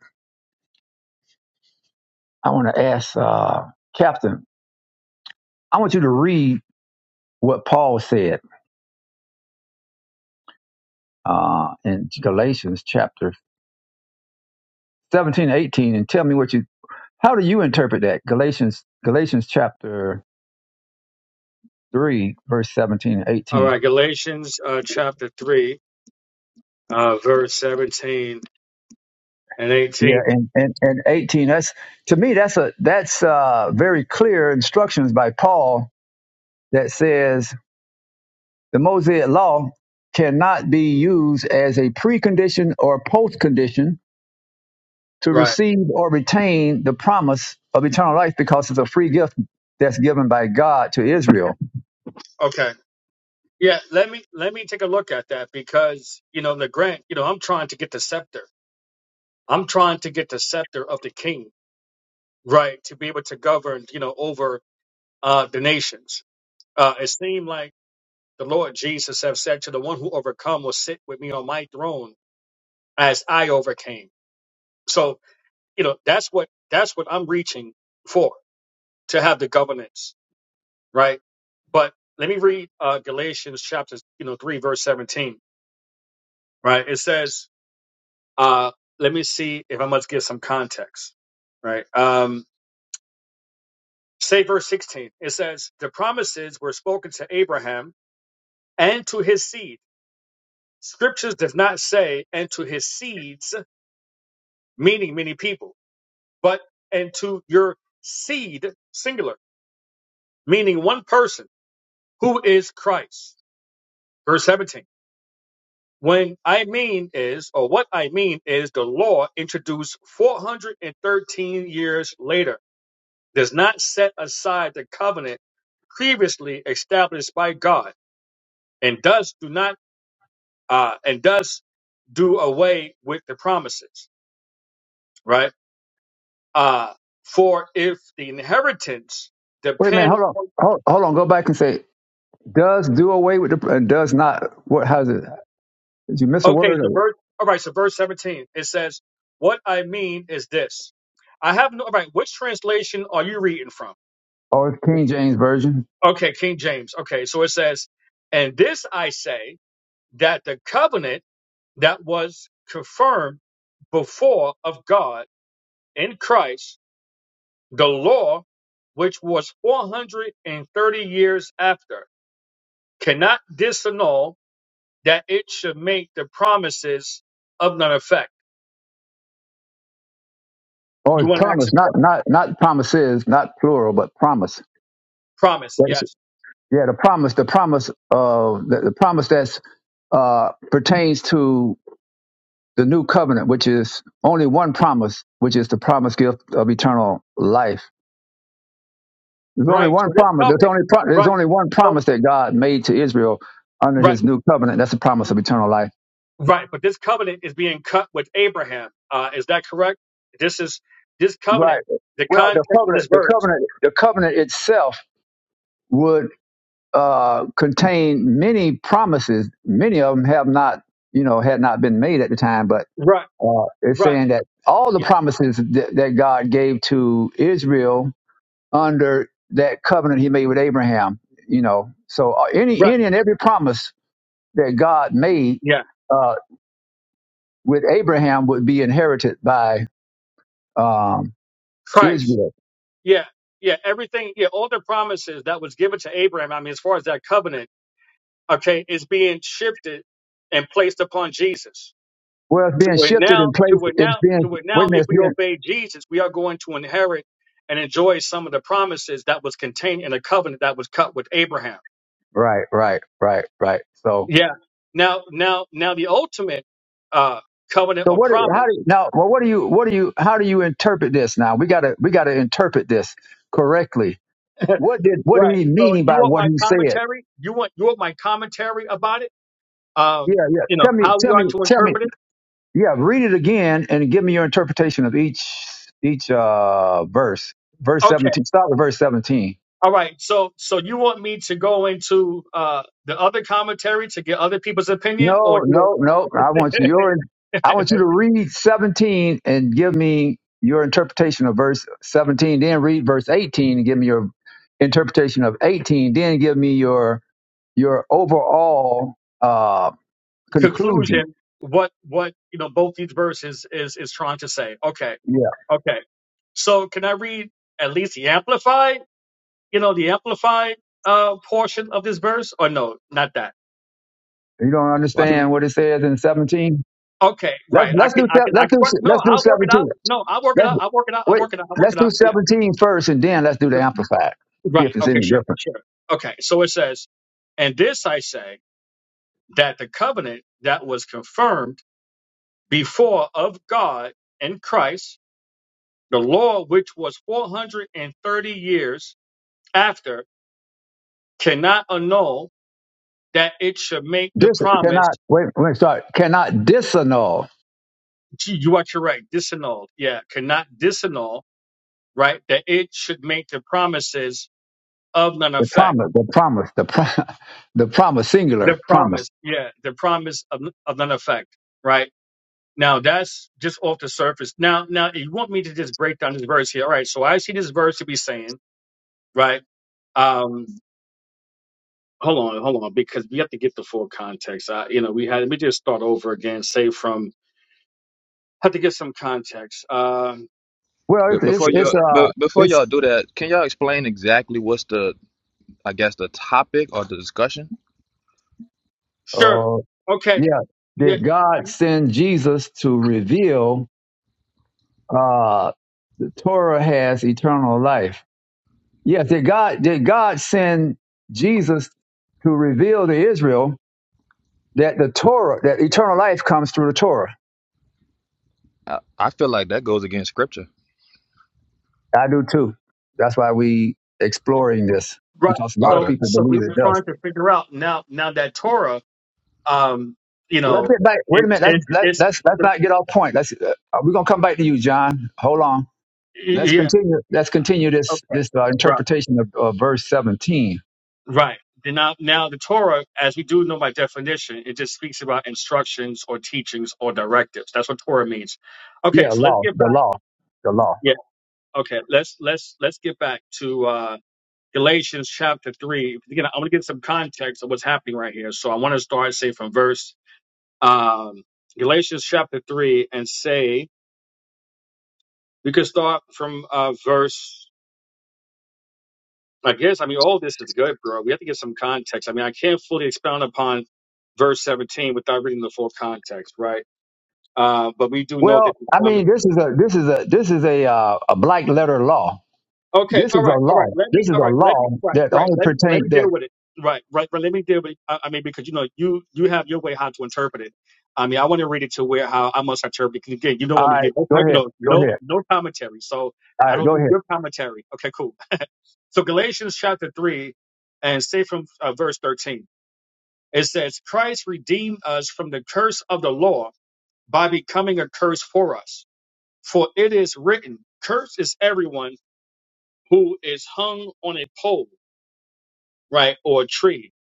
S2: I want to ask uh, Captain. I want you to read what Paul said uh, in Galatians chapter 17 18 and and tell me what you. How do you interpret that? Galatians Galatians chapter three, verse 17 and
S4: there. All
S2: 18.
S4: right, Galatians uh, chapter 3, uh, verse 17 and
S2: Yeah,
S4: 18.
S2: and, and, and 18, that's to me, that's a that's uh, very clear instructions by Paul that says the Mosaic law cannot be used as a precondition or postcondition to
S4: Right.
S2: receive or retain the promise of eternal life because it's a free gift that's given by God to Israel.
S4: Okay. Yeah, let me let me take a look at that because you know, Legrand, you know, I'm trying to get the scepter. I'm trying to get the scepter of the king, right, to be able to govern, you know, over uh, the nations. Uh, it seemed like The Lord Jesus have said to the one who overcome will sit with me on my throne as I overcame. So, you know, that's what that's what I'm reaching for, to have the governance, right? But let me read uh Galatians chapter, you know, three, verse seventeen, right? It says, uh, let me see if I must give some context, right? Um say verse 16 it says the promises were spoken to abraham and to his seed scriptures does not say and to his seeds meaning many people but into your seed, singular, meaning one person who is Christ. Verse 17. When I mean is, or what I mean is, the law introduced 413 years later does not set aside the covenant previously established by God, and does do not, uh, and does do away with the promises, right? Uh, for if the inheritance
S2: Wait a minute,
S4: depend
S2: hold on, hold, hold on, go back and say does do away with the and does not. What has it? Did you miss a
S4: Okay,
S2: word
S4: so
S2: or,
S4: verse all right, so verse 17 it says, What I mean is this. I have no all right, which translation are you reading from?
S2: or King James version?
S4: Okay, King James. Okay, so it says, And this I say that the covenant that was confirmed before of God in Christ, the law, which was four hundred and thirty years after, cannot disannul that it should make the promises of none effect.
S2: Oh,
S4: You
S2: it's
S4: want to ask
S2: promise,
S4: a
S2: not
S4: qu-
S2: not not promises, not plural, but promise.
S4: promise,
S2: That's-
S4: yes.
S2: yeah, the promise, the promise of the, the promise that's uh, pertains to the new covenant, which is only one promise, which is the promise gift of eternal life. There's only
S4: Right. So
S2: one
S4: this
S2: promise. There's
S4: covenant,
S2: only pro- there's
S4: right.
S2: only one
S4: So
S2: promise that God made to Israel under
S4: right,
S2: His new covenant. That's the promise of eternal life.
S4: right. But this covenant is being cut with Abraham. Uh, is that correct? This is this
S2: Right.
S4: covenant. The
S2: Well, the
S4: context of
S2: covenant,
S4: this
S2: the
S4: verse.
S2: covenant, the covenant itself would uh, contain many promises. Many of them have not, you know, had not been made at the time, but
S4: Right.
S2: uh, it's
S4: Right.
S2: saying that all the
S4: Yeah.
S2: promises that, that God gave to Israel under that covenant He made with Abraham, you know, so uh, any
S4: Right.
S2: any and every promise that God made
S4: Yeah.
S2: uh, with Abraham would be inherited by um,
S4: Christ.
S2: Israel.
S4: Yeah. Yeah. Everything. Yeah. All the promises that was given to Abraham. I mean, as far as that covenant, okay, is being shifted and placed upon Jesus.
S2: Well, it's
S4: to
S2: being
S4: where
S2: shifted in
S4: now, to
S2: place.
S4: where
S2: It's
S4: now, to
S2: being
S4: where
S2: wait
S4: now,
S2: a minute.
S4: if
S2: It's
S4: we
S2: being,
S4: obey Jesus, we are going to inherit and enjoy some of the promises that was contained in the covenant that was cut with Abraham.
S2: right, right, right, right. So
S4: Yeah. Now, now, now, the ultimate uh, covenant
S2: So
S4: or
S2: what? How
S4: promise.
S2: do now? Well, what do you? What do you? How do you interpret this? Now we gotta we gotta interpret this correctly. What did what did
S4: Right.
S2: he
S4: So
S2: mean
S4: you
S2: by
S4: want
S2: what
S4: my
S2: he said?
S4: commentary? You want you want my commentary about it?
S2: Yeah,
S4: Um,
S2: yeah.
S4: you know
S2: Tell me,
S4: how you
S2: tell me,
S4: ought to
S2: tell me.
S4: interpret it.
S2: Yeah, read it again and give me your interpretation of each each uh verse. Verse
S4: Okay.
S2: seventeen. Start with verse seventeen.
S4: All right. So so you want me to go into uh, the other commentary to get other people's opinion,
S2: No,
S4: or you know?
S2: no, no. I want your I want you to read 17 and give me your interpretation of verse 17, then read verse 18 and give me your interpretation of 18, then give me your your overall uh conclusion.
S4: conclusion what what you know both these verses is is trying to say okay
S2: Yeah.
S4: okay so can i read at least the amplified you know the amplified uh portion of this verse or no not that
S2: You don't
S7: Why do,
S2: understand what it says in 17?
S4: okay
S2: Let's
S4: right i
S2: let's do
S4: can i
S2: se-
S4: can i
S2: let's do
S4: can work
S2: let's
S4: no
S2: do
S4: i'll work it out
S2: 17.
S4: no i'll work it
S2: Let's
S4: out i'll work it out i'll
S2: wait,
S4: work it out i'll work
S2: let's
S4: it
S2: do
S4: out yeah
S2: 17 first, and then let's do the amplified. See
S4: right
S2: if it's
S4: okay
S2: any
S4: sure
S2: different.
S4: sure okay so it says and this i say that the covenant that was confirmed before of god in christ The law, which was 430 years after, cannot annul that it should make the
S2: Dis
S4: promise.
S2: cannot wait, wait, sorry, cannot disannul.
S4: Gee, You are correct. Disannul. Yeah. Cannot disannul, right? That it should make the promises of none
S2: The
S4: effect.
S2: promise, the promise, the pro- the promise, singular
S4: The
S2: promise.
S4: promise. Yeah. The promise of, of none effect, right? Now that's just off the surface. Now, now you want me to just break down this verse here. All right. So I see this verse to be saying, right? Um. hold on, hold on, because we have to get the full context. I, you know, we had let me just start over again, say from have to get some context. Um,
S2: Well,
S7: but
S2: it's it's,
S7: before
S2: it's
S7: you
S2: uh
S7: but before
S2: it's
S7: y'all do that, can y'all explain exactly what's the I guess the topic or the discussion?
S4: sure,
S2: uh
S4: okay,
S2: yeah.
S4: yeah,
S2: Did God send Jesus to reveal uh the Torah has eternal life? Yes. Did God did God send Jesus to reveal to Israel that the Torah that eternal life comes through the Torah?
S7: I, I feel like that goes against scripture.
S2: I do too. That's why we exploring this
S4: right.
S2: because a lot of
S7: Okay.
S4: So,
S2: people
S4: so we
S2: believe it
S4: were
S2: does.
S4: trying to figure out now, now that Torah, um, you
S2: Well, let's
S4: know,
S2: get back. Wait
S4: it,
S2: a minute. That's
S4: it,
S2: let,
S4: it's,
S2: let us let's not get off point. Let's uh, we're gonna come back to you, John. Hold on. Let's
S4: yeah,
S2: continue. Let's continue this
S4: okay,
S2: this uh,
S4: right,
S2: interpretation of, of verse seventeen.
S4: right. Then Now, now the Torah, as we do know by definition, it just speaks about instructions or teachings or directives. That's what Torah means. Okay,
S2: Yeah,
S4: so let's
S2: law,
S4: get
S2: the
S4: back.
S2: law, the law.
S4: Okay, let's let's let's get back to uh, Galatians chapter three. Again, I'm gonna get some context of what's happening right here. So I want to start say from verse um, Galatians chapter three and say we could start from uh, verse. I guess I mean all this is good, bro. We have to get some context. I mean I can't fully expound upon verse 17 without reading the full context, right? Uh, but we do know that
S2: Well,
S4: we
S2: I
S4: found
S2: mean, this is a this is a this is a uh, a black letter law.
S4: Okay,
S2: This is
S4: all
S2: a
S4: right, all
S2: law.
S4: right. Let
S2: This
S4: me,
S2: is
S4: all
S2: a
S4: right, let me,
S2: law
S4: right,
S2: that
S4: right.
S2: only
S4: Let me, let me
S2: pertain
S4: deal
S2: that.
S4: with it. Right, right, right. Let me deal with. I, I mean, because you know, you you have your way how to interpret it. I mean, I want to read it to where how I must interpret it. 'cause again, you don't
S2: All
S4: want me to
S2: right,
S4: get no,
S2: go
S4: type- you
S2: ahead.
S4: know,
S2: Go
S4: no,
S2: ahead.
S4: no commentary. So
S2: All
S4: I
S2: right,
S4: don't
S2: go
S4: need
S2: ahead.
S4: your commentary. Okay, cool. So Galatians chapter three, and say from uh, verse thirteen, it says, "Christ redeemed us from the curse of the law by becoming a curse for us, for it is written, Cursed is everyone who is hung on a pole." right, or a tree.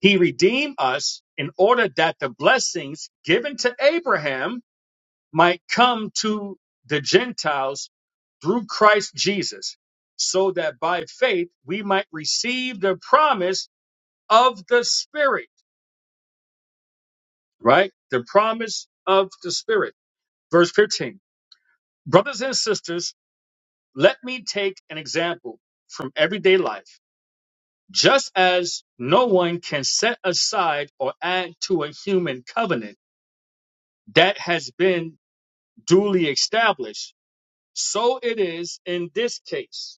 S4: He redeemed us in order that the blessings given to Abraham might come to the Gentiles through Christ Jesus, so that by faith we might receive the promise of the Spirit, right? The promise of the Spirit. Verse 15. Brothers and sisters, let me take an example from everyday life. Just as no one can set aside or add to a human covenant that has been duly established. So it is in this case.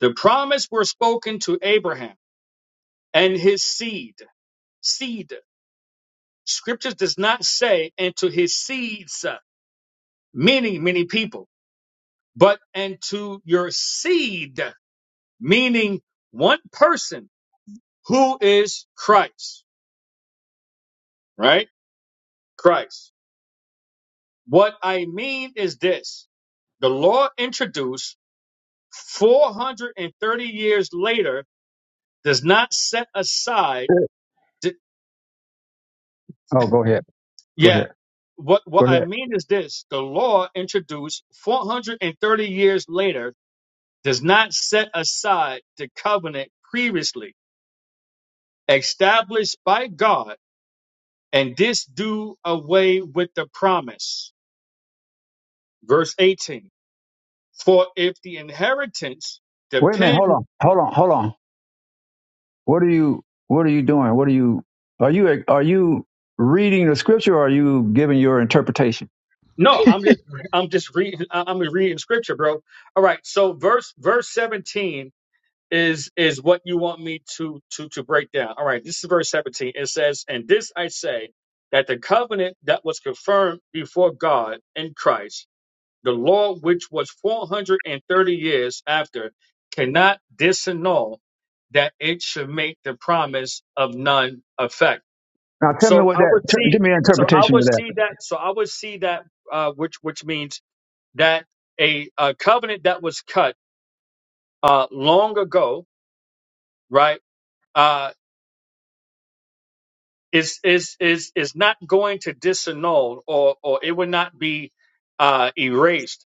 S4: The promise were spoken to Abraham and his seed. Seed. Scriptures does not say and to his seeds, uh, many, many people, but and to your seed, meaning one person who is Christ, right? Christ. What I mean is this. The law introduced 430 years later does not set aside.
S2: Uh,
S4: Th-
S2: Oh, go ahead. Go
S4: yeah,
S2: ahead.
S4: what what
S2: Go
S4: I
S2: ahead.
S4: mean is this: the law introduced 430 years later does not set aside the covenant previously established by God, and this do away with the promise. Verse 18: For if the inheritance
S2: Wait a minute. Hold
S4: depends
S2: on. Hold on. Hold on. What are you What are you doing? What are you Are you Are you reading the scripture? or Are you giving your interpretation?
S4: no, I'm just I'm just reading I'm reading scripture, bro. All right, so verse verse 17 is is what you want me to to to break down. All right, this is verse 17. It says, "And this I say that the covenant that was confirmed before God in Christ, the law which was 430 years after, cannot disannul that it should make the promise of none effect."
S2: Now tell me
S4: So
S2: what
S4: I
S2: that.
S4: would
S2: ter-
S4: see
S2: give me an
S4: so I
S2: interpretation of
S4: would
S2: that.
S4: see that so I would see that uh which which means that a, a covenant that was cut uh long ago, right? uh, is is is is not going to disannul or or it would not be uh erased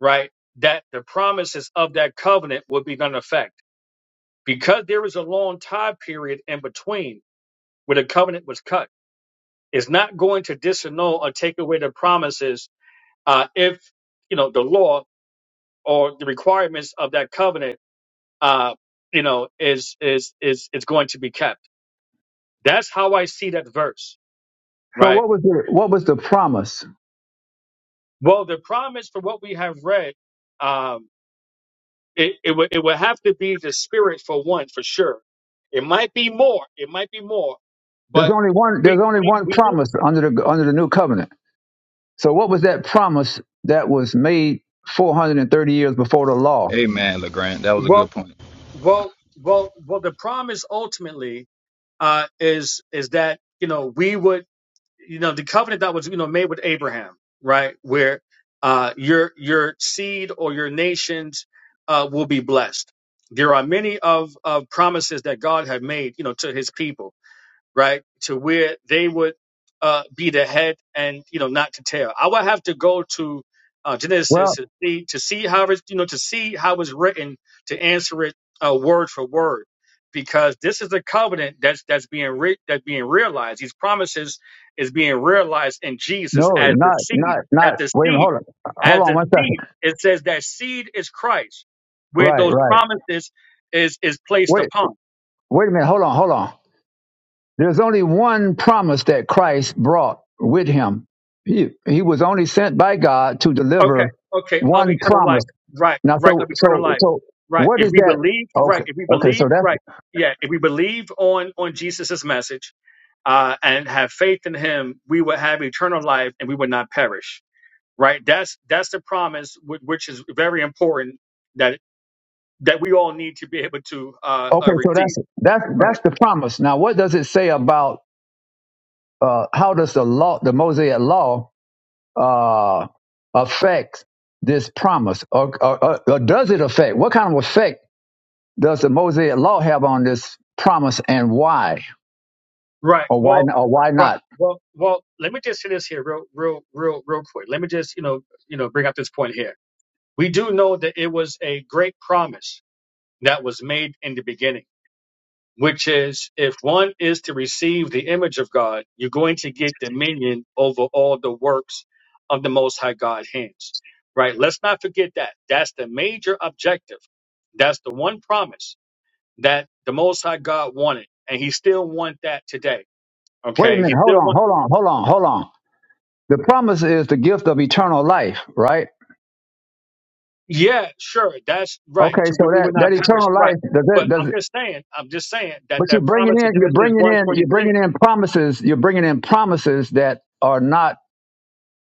S4: right that the promises of that covenant would be none effect because there is a long time period in between where the covenant was cut it's not going to disannul or take away the promises uh if you know the law or the requirements of that covenant uh you know is is is is going to be kept that's how i see that verse
S2: So
S4: right
S2: what was the What was the promise?
S4: Well, the promise for what we have read, um, it, it, would, it would have to be the spirit for one, for sure. It might be more. It might be more.
S2: There's
S4: But
S2: only one. There's
S4: we,
S2: only
S4: we,
S2: one
S4: we do.
S2: promise under the under the new covenant. So what was that promise that was made 430 years before the law?
S7: Amen, LeGrand. That was a good
S4: Well,
S7: point.
S4: well, well, well, the promise ultimately, uh, is, is that, you know, we would, you know, the covenant that was, you know, made with Abraham, right? Where, uh, your, your seed or your nations, uh, will be blessed. There are many of, of promises that God had made, you know, to his people right? To where they would uh, be the head and you know not the tail. I would have to go to uh, Genesis
S2: Well,
S4: to see to see how it's you know to see how it's written to answer it uh, word for word, because this is a covenant that's that's being re- that's being realized. These promises is being realized in Jesus
S2: no,
S4: as the
S2: not
S4: seed,
S2: not
S4: as
S2: not.
S4: the
S2: Wait a minute.
S4: seed,
S2: Hold on. Hold
S4: as
S2: on
S4: the
S2: one second.
S4: seed. It says that seed is Christ, where
S2: Right,
S4: those
S2: right.
S4: promises is is placed
S2: Wait.
S4: upon.
S2: Wait a minute. Hold on. Hold on. There's only one promise that Christ brought with him. He, he was only sent by God to
S4: Okay,
S2: deliver
S4: okay, of
S2: one
S4: eternal
S2: promise.
S4: life. Right,
S2: Now,
S4: right,
S2: so,
S4: of eternal
S2: so,
S4: life.
S2: so,
S4: Right.
S2: what
S4: If
S2: is
S4: we
S2: that?
S4: believe, right,
S2: Okay,
S4: if we
S2: okay, so
S4: believe,
S2: that's
S4: right, yeah, if we believe on on Jesus's message uh and have faith in him, we would have eternal life and we would not perish. Right? That's that's the promise whi- which is very important that that we all need to be able to uh,
S2: okay,
S4: uh
S2: so
S4: receive.
S2: that's that's that's
S4: Right.
S2: the promise. Now, what does it say about uh, how does the law, the Mosaic law, uh, affect this promise, or, or, or or does it affect? What kind of effect does the Mosaic law have on this promise, and why,
S4: Right.
S2: or why,
S4: Well,
S2: or why
S4: right.
S2: not?
S4: Well, well, let me just say this here real real real real quick. Let me just, you know, you know, bring up this point here We do know that it was a great promise that was made in the beginning, which is if one is to receive the image of God, you're going to get dominion over all the works of the Most High God's hands. Right? Let's not forget that. That's the major objective. That's the one promise that the Most High God wanted, and He still wants that today.
S2: Wait a
S4: Okay, He
S2: minute. Hold
S4: still wants
S2: on. Hold on. Hold on. Hold on. The promise is the gift of eternal life, right?
S4: Yeah, sure. That's right.
S2: Okay.
S4: To
S2: So
S4: where we
S2: that
S4: were
S2: that
S4: not perished,
S2: eternal
S4: Right.
S2: life does that
S4: But
S2: does.
S4: I'm
S2: It,
S4: just saying, I'm just saying that
S2: but you're
S4: that
S2: bringing
S4: promise in
S2: in you're
S4: Genesis
S2: bringing in you're
S4: 126.
S2: bringing in promises you're bringing in promises that are not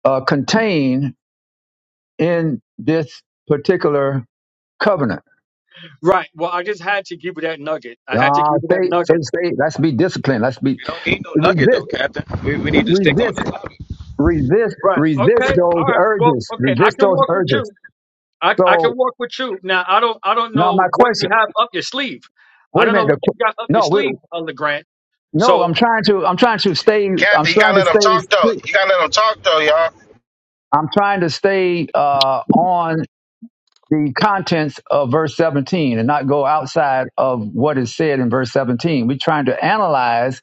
S2: uh, contained in this particular covenant.
S4: Right. Well, I just had to give you that nugget. I had to
S2: Ah,
S4: give you that
S2: say, say,
S4: nugget.
S2: say, let's be disciplined. Let's be
S7: We don't need no nugget though,
S2: resist,
S7: Captain. We we need to stick on
S2: resist,
S7: the topic.
S2: resist,
S4: Right. Okay.
S2: resist
S4: All
S2: those
S4: right. Well,
S2: urges.
S4: okay. I
S2: Resist
S4: can
S2: those
S4: walk with
S2: urges.
S4: you. I, I
S2: So
S4: can walk with you. Now, I don't I don't
S2: now my
S4: know what
S2: question.
S4: you have up your sleeve. I
S2: Wait a
S4: don't know
S2: minute. The,
S4: what you
S2: qu-
S4: got up your
S2: no, we
S4: sleeve, Elder Grant.
S2: No, I'm
S4: So,
S2: trying to. I'm trying to stay. I'm
S6: Captain, you
S2: trying
S6: gotta
S2: to
S6: let them talk
S2: stay.
S6: though.
S2: strict.
S6: You gotta let them talk though, y'all.
S2: I'm trying to stay uh, on the contents of verse 17 and not go outside of what is said in verse 17. We're trying to analyze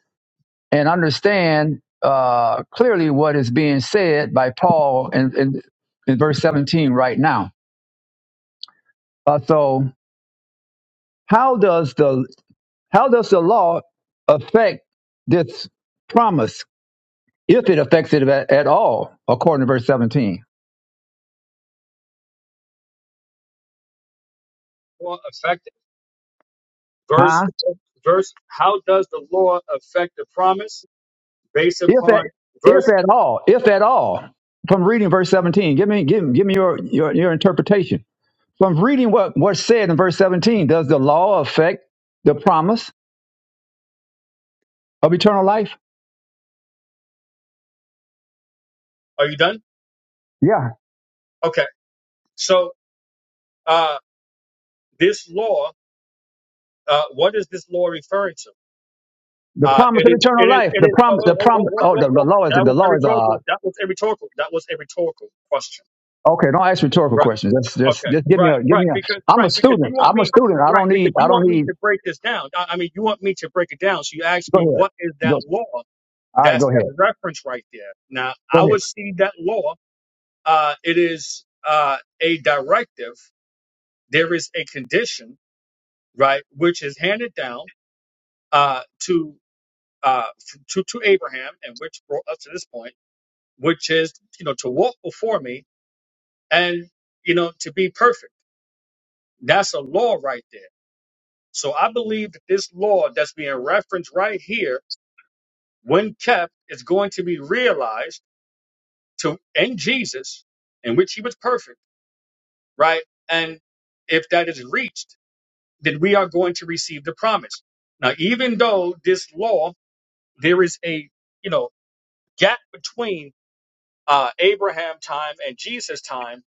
S2: and understand uh, clearly what is being said by Paul in, in, in verse 17 right now. Uh, so, how does the how does the law affect this promise, if it affects it at, at all, according to verse 17?
S4: law affected
S2: Huh?
S4: verse verse. How does the law affect the promise based
S2: if at
S4: upon
S2: if
S4: verse?
S2: at all, if at all, from reading verse seventeen, give me give, give me your, your your interpretation. From reading what what's said in verse seventeen, does the law affect the promise of eternal life?
S4: Are you done?
S2: Yeah,
S4: Okay, So uh, this law, uh, what is this law referring to?
S2: the
S4: Uh,
S2: promise
S4: it
S2: of
S4: is,
S2: eternal
S4: it is,
S2: life.
S4: it
S2: The
S4: is. Oh,
S2: promise. The
S4: oh,
S2: promise.
S4: oh, oh,
S2: Oh,
S4: oh,
S2: the,
S4: oh,
S2: the
S4: oh.
S2: law is
S4: That
S2: the
S4: was a
S2: law is uh.
S4: rhetorical. That was a rhetorical. That was a rhetorical question.
S2: Okay, don't ask rhetorical
S4: Right.
S2: questions. Just just
S4: Okay.
S2: just give me
S4: Right.
S2: a give
S4: Right.
S2: me a.
S4: Because
S2: I'm
S4: right
S2: a
S4: because
S2: student.
S4: you want
S2: I'm a
S4: me
S2: student. I
S4: right
S2: don't need
S4: because you
S2: I don't
S4: want me
S2: need.
S4: to break this down. I, I mean, you want me to break it down. So you asked me
S2: Go ahead.
S4: what is that
S2: Go.
S4: law?
S2: All right,
S4: That's
S2: go
S4: that
S2: ahead.
S4: reference right there. Now
S2: Go
S4: I would see that law. Uh, it is uh, a directive. There is a condition, right, which is handed down uh, to uh, to to Abraham, and which brought us to this point, which is you know to walk before me and you know to be perfect. That's a law right there. So I believe that this law that's being referenced right here, when kept, is going to be realized to in Jesus, in which He was perfect, right? And if that is reached, then we are going to receive the promise. Now, even though this law, there is a you know gap between uh, Abraham time and Jesus time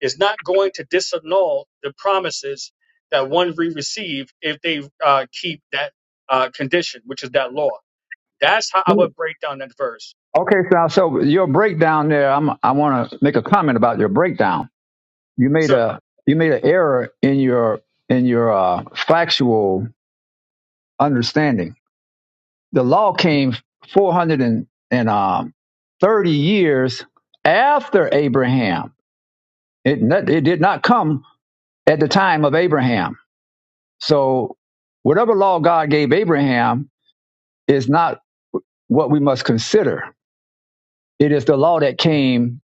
S4: is not going to disannul the promises that one we receive if they uh, keep that uh, condition, which is that law. That's how I
S2: ahead.
S4: would break down that verse.
S2: Okay, so so your breakdown there. I'm I want to make a comment about your breakdown you made
S4: Sure.
S2: a you made an error in your in your uh, factual understanding. The law came four hundred and and um, thirty years after Abraham. It it did not come at the time of Abraham. So whatever law God gave Abraham is not what we must consider. It is the law that came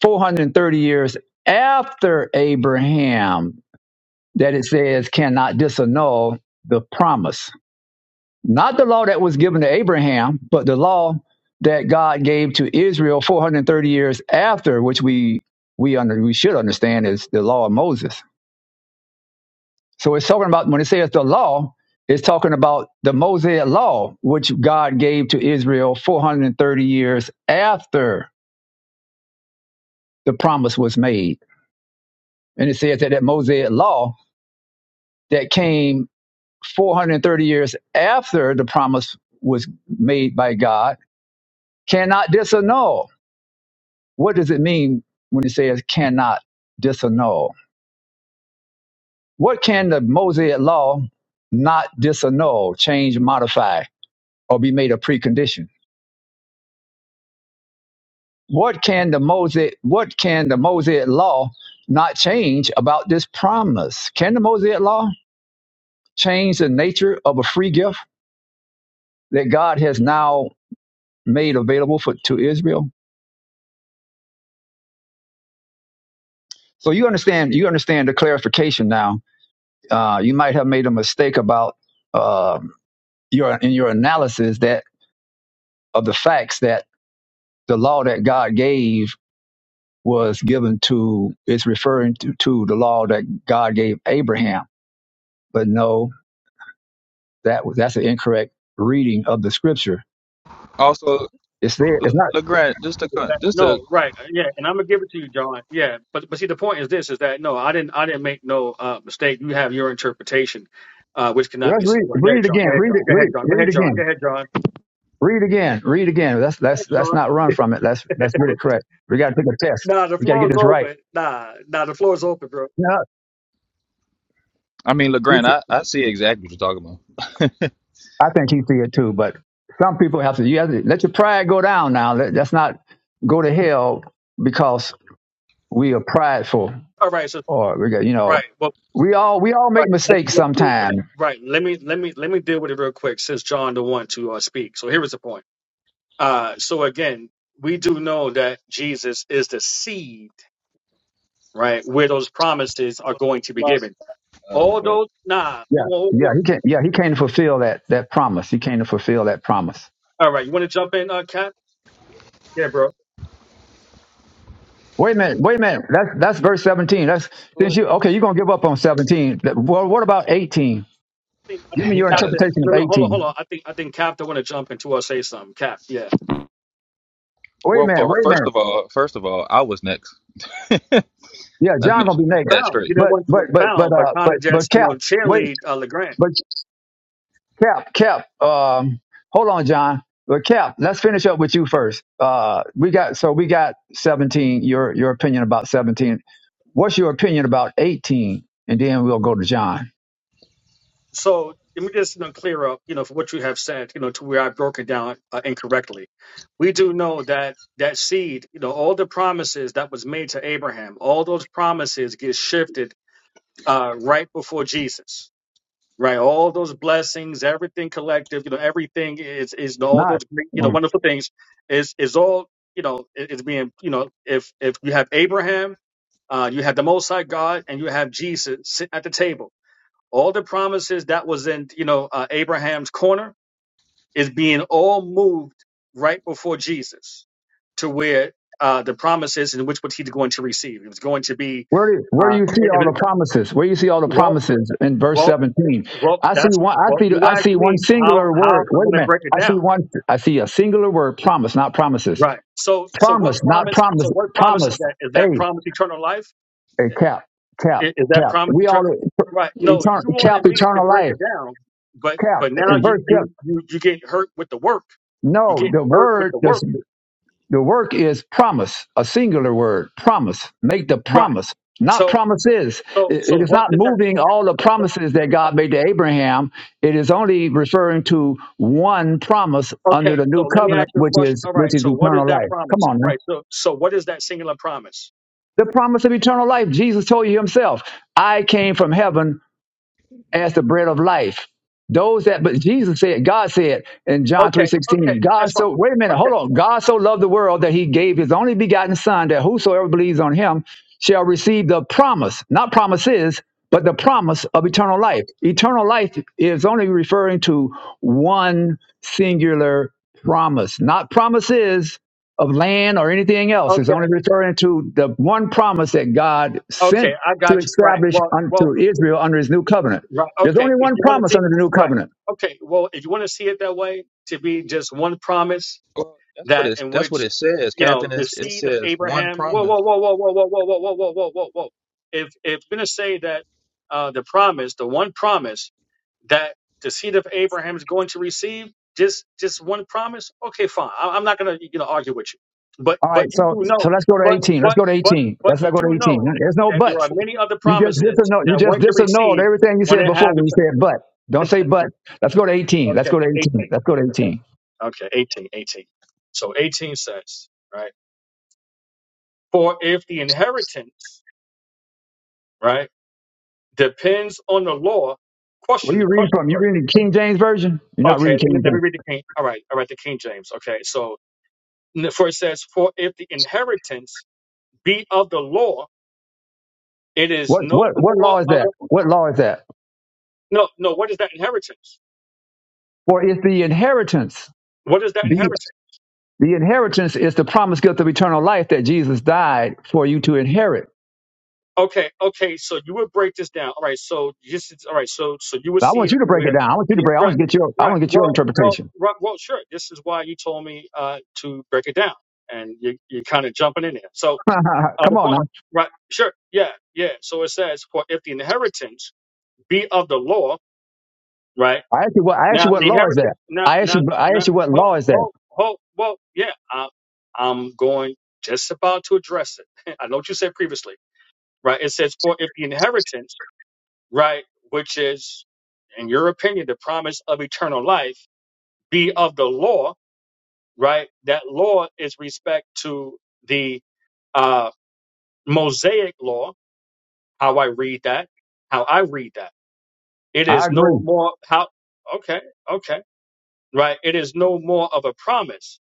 S2: 430 years after Abraham that it says cannot disannul the promise Not the law that was given to Abraham, but the law that God gave to Israel 430 years after, which we we under we should understand is the law of Moses. So it's talking about when it says the law, it's talking about the Mosaic law, which God gave to Israel 430 years after the promise was made. And it says that that Mosaic law that came 430 years after the promise was made by God cannot disannul. What does it mean when it says cannot disannul? What can the Mosaic law not disannul, change, modify, or be made a precondition? What can the Mosaic what can the Mosaic law not change about this promise? Can the Mosaic law change the nature of a free gift that God has now made available for to Israel? So you understand you understand the clarification now. Uh, you might have made a mistake about uh, your in your analysis that. of the facts that the law that God gave was given to it's referring to, to the law that God gave Abraham. But no, that was that's an incorrect reading of the scripture.
S7: Also,
S2: It's there. It's
S7: Le,
S2: not.
S7: LeGrand, just to
S4: Is
S7: con-
S4: that-
S7: just to
S4: No, right. Uh, Yeah, and I'm gonna give it to you, John. Yeah, but but see, the point is this: is that no, I didn't, I didn't make no uh, mistake. You have your interpretation, uh, which
S2: well,
S4: cannot
S2: Let's
S4: be
S2: read.
S4: supported. Go
S2: Read
S4: ahead,
S2: it
S4: John.
S2: again.
S4: Go ahead,
S2: Read it.
S4: John. Go
S2: Read.
S4: ahead, John. Go
S2: Read
S4: ahead, John.
S2: again.
S4: Go ahead, John.
S2: Read again. Read again. That's
S4: Go ahead,
S2: that's that's
S4: John.
S2: not run from it. That's that's read it correct. We got to take a test.
S4: Nah, the
S2: We got to
S4: floor
S2: get
S4: is
S2: this right.
S4: open. Nah, nah, the floor is open, bro.
S2: No,
S7: I mean LeGrand,
S2: it's,
S7: I, I see exactly what you're talking about.
S2: I think he see it too. But some people have to. You have to let your pride go down. Now Let- that's not go to hell because We are prideful,
S4: All right, so
S2: or we got you know
S4: Right. Well,
S2: we all we all
S4: Right.
S2: make
S4: Let,
S2: mistakes
S4: let me deal with it.
S2: sometime.
S4: Right. Let me let me let me deal with it real quick since John the one to uh, speak. So here is the point. Uh so again, we do know that Jesus is the seed, right, where those promises are
S8: to a
S4: going to be given.
S8: philosopher, Uh,
S4: All
S8: LeGrand.
S4: those nah.
S2: Yeah,
S4: Whoa, whoa, whoa.
S2: yeah. He can't. Yeah, he came to fulfill that that promise. He came to fulfill that promise.
S4: All right, you want to jump in, uh Cap? Yeah, bro.
S2: Wait a minute. Wait a minute. That's that's verse seventeen. That's since
S8: but
S2: you okay. You're gonna give up on seventeen. That- Well, what about eighteen?
S4: I think, I
S2: Give me
S4: think
S7: He
S2: your
S7: got a
S4: Captain
S2: interpretation
S4: No
S2: of
S4: no hold on,
S2: eighteen.
S4: hold on. I think I think Captain wanna jump into or say something. Cap, yeah.
S2: Wait a
S7: well
S2: minute.
S7: for
S2: Wait a
S7: first
S2: minute.
S7: of all first of all, I was next. Let's
S2: Yeah, John
S7: make
S2: gonna
S7: sure
S2: be
S7: we get
S2: next.
S7: that
S4: Found. You
S7: straight.
S4: do not
S2: But
S4: want to
S2: but but but
S4: expound, but
S2: uh
S4: kinda
S2: but but
S4: just, you
S2: Cap.
S4: know,
S2: Wait.
S4: cheerlead uh LeGrand.
S2: but. Cap, Cap, um, hold on, John. But Cap, let's finish up with you first. Uh, we got so we got seventeen. Your your opinion about seventeen. What's your opinion about eighteen? And then we'll go to John.
S4: So let me just you know, clear up, you know, for what you have said, you know, to where I broke it down uh, incorrectly. We do know that that seed, you know, all the promises that was made to Abraham, all those promises get shifted uh, right before Jesus, right? All those blessings, everything collective, you know, everything is is all
S2: Not
S4: those great, you know,
S2: mm.
S4: wonderful things is is all you know i- is being you know if if you have Abraham, uh, you have the Most High God, and you have Jesus sitting at the table all the promises that was in, you know, uh, Abraham's corner is being all moved right before Jesus to where uh, the promises in which what he's going to receive. It was going to be,
S2: where do where do
S4: uh,
S2: you see
S4: it, it
S2: all
S4: was,
S2: the promises? Where do you see all the
S4: well,
S2: promises in verse
S4: well,
S2: seventeen?
S4: well,
S2: I see
S4: that's
S2: one. I
S4: well.
S2: see
S4: You
S2: I
S4: asked
S2: see one
S4: me how
S2: singular
S4: how
S2: word.
S4: I'm
S2: Wait a
S4: going to
S2: minute.
S4: break it
S2: I see
S4: down.
S2: one. I see a singular word. Promise, not promises.
S4: Right. So so what
S2: Promise, not
S4: promise?
S2: promise.
S4: So what promise is
S2: Promise.
S4: that? Is that
S2: Hey,
S4: promise eternal life?
S2: Hey, Cap, Cap,
S4: I- Is, that
S2: Cap.
S4: promise
S2: We all
S4: eternal? Right. No,
S2: eternal
S4: you
S2: Cap,
S4: wanted me to
S2: eternal
S4: break
S2: life.
S4: it down, but
S2: Cap
S4: but now
S2: in
S4: you
S2: verse Cap.
S4: you you you get hurt with the work. You're
S2: No,
S4: getting
S2: the
S4: hurt with
S2: word,
S4: the
S2: the,
S4: work.
S2: the work is promise, a singular word, promise. Make the
S4: Right.
S2: promise, not
S4: So,
S2: promises.
S4: so,
S2: It, it
S4: so
S2: is
S4: what
S2: not
S4: did that,
S2: moving
S4: okay.
S2: all the
S4: So,
S2: promises that God
S4: uh,
S2: made to Abraham. It is only referring to one promise under
S4: okay.
S2: the
S4: So
S2: new
S4: let me ask
S2: covenant,
S4: you a
S2: which
S4: question.
S2: is
S4: All right.
S2: which is
S4: So what is
S2: eternal
S4: that
S2: life. Come
S4: promise?
S2: on, man.
S4: Right. So, so what is that singular promise?
S2: The promise of eternal life. Jesus told you himself, "I came from heaven as the bread of life. Those that, but Jesus said, God said in John three
S4: Okay.
S2: sixteen,
S4: Okay.
S2: God
S4: That's fine.
S2: so, wait a minute, hold
S4: Okay.
S2: on. God so loved the world that he gave his only begotten son that whosoever believes on him shall receive the promise, not promises, but the promise of eternal life. Eternal life is only referring to one singular promise, not promises of land or anything else. It's
S4: Okay.
S2: only referring to the one promise that God
S4: Okay.
S2: sent
S4: I
S2: to
S4: got you. Right.
S2: establish
S4: Well, well,
S2: unto Israel under his new covenant.
S4: right.
S2: There's
S4: Okay.
S2: only
S4: If
S2: one
S4: you want
S2: promise
S4: to see,
S2: under the new
S4: right.
S2: covenant.
S4: Okay. Well, if you want to see it that way, to be just one promise,
S7: Well, that's what
S4: that
S7: it's
S4: in
S7: that's what
S4: which
S7: it says,
S4: you know
S7: Captain.
S4: the
S7: It's, it
S4: seed of
S7: says one
S4: Abraham. Whoa,
S7: promise.
S4: whoa, whoa, whoa, whoa, whoa, whoa, whoa, whoa, whoa, whoa, whoa, whoa. If if we're gonna say that uh, the promise, the one promise that the seed of Abraham is going to receive, just just one promise. Okay, fine. I, I'm not gonna you know argue with you, but
S2: All
S4: but
S2: right,
S4: you
S2: so
S4: do know,
S2: so let's go to
S4: but
S2: 18. Let's
S4: but
S2: go to
S4: but
S2: 18.
S4: but
S2: Let's
S4: you
S2: not go to
S4: do
S2: 18.
S4: know
S2: There's no
S4: that there are
S2: buts.
S4: many other
S2: You just
S4: promises
S2: disannul. You
S4: that
S2: just
S4: one can
S2: disannulled
S4: receive
S2: everything you
S4: when
S2: said
S4: they
S2: before
S4: have
S2: when
S4: each.
S2: you said but. Don't say but. Let's go to 18. Let's
S4: Okay,
S2: go to 18.
S4: 18.
S2: Let's go to 18.
S4: Okay, 18, 18. So 18 says, right? For if the inheritance, right, depends on the law,
S2: Where
S4: question,
S2: you reading
S4: question
S2: from? You
S4: first.
S2: reading the King James version? You're not
S4: Okay,
S2: reading
S4: let
S2: King
S4: me, let me
S2: James.
S4: read the King. All right, all right, the King James. Okay, so n- for it says, for if the inheritance be of the law, it is
S2: What what
S4: no
S2: what
S4: more
S2: law is
S4: of a,
S2: that? What law is that?
S4: no, no, what is that inheritance?
S2: For it's the inheritance.
S4: What is that
S2: The
S4: inheritance?
S2: the inheritance is the promised gift of eternal life that Jesus died for you to inherit.
S4: Okay, okay. So you would break this down. All right. So just all right. So so you would
S2: But I
S4: see
S2: want
S4: it
S2: you to break it
S4: where,
S2: down. I want you to
S4: yeah,
S2: break. I want
S4: right,
S2: to get your. I
S4: right.
S2: want to get your
S4: Well, well,
S2: interpretation.
S4: right, well. Sure. This is why you told me uh, to break it down, and you you're kind of jumping in there. So uh,
S2: Come
S4: the
S2: on
S4: point,
S2: now.
S4: right? Sure. Yeah, yeah. So it says, for if the inheritance be of the law, right?
S2: I asked you what I asked
S4: Now
S2: you what
S4: the
S2: law is
S4: inheritance,
S2: that?
S4: now
S2: I asked
S4: now
S2: you I
S4: now.
S2: asked you what
S4: Hold,
S2: law is that?
S4: hold, hold. Well, yeah. I, I'm going just about to address it. I know what you said previously, right? It says, for if the inheritance right? Which is, in your opinion, the promise of eternal life, be of the law, right? That law is respect to the uh, Mosaic law. How I read that, how I read that. It
S2: I
S4: is no
S2: agree.
S4: more how. Okay, okay, right. It is no more of a promise,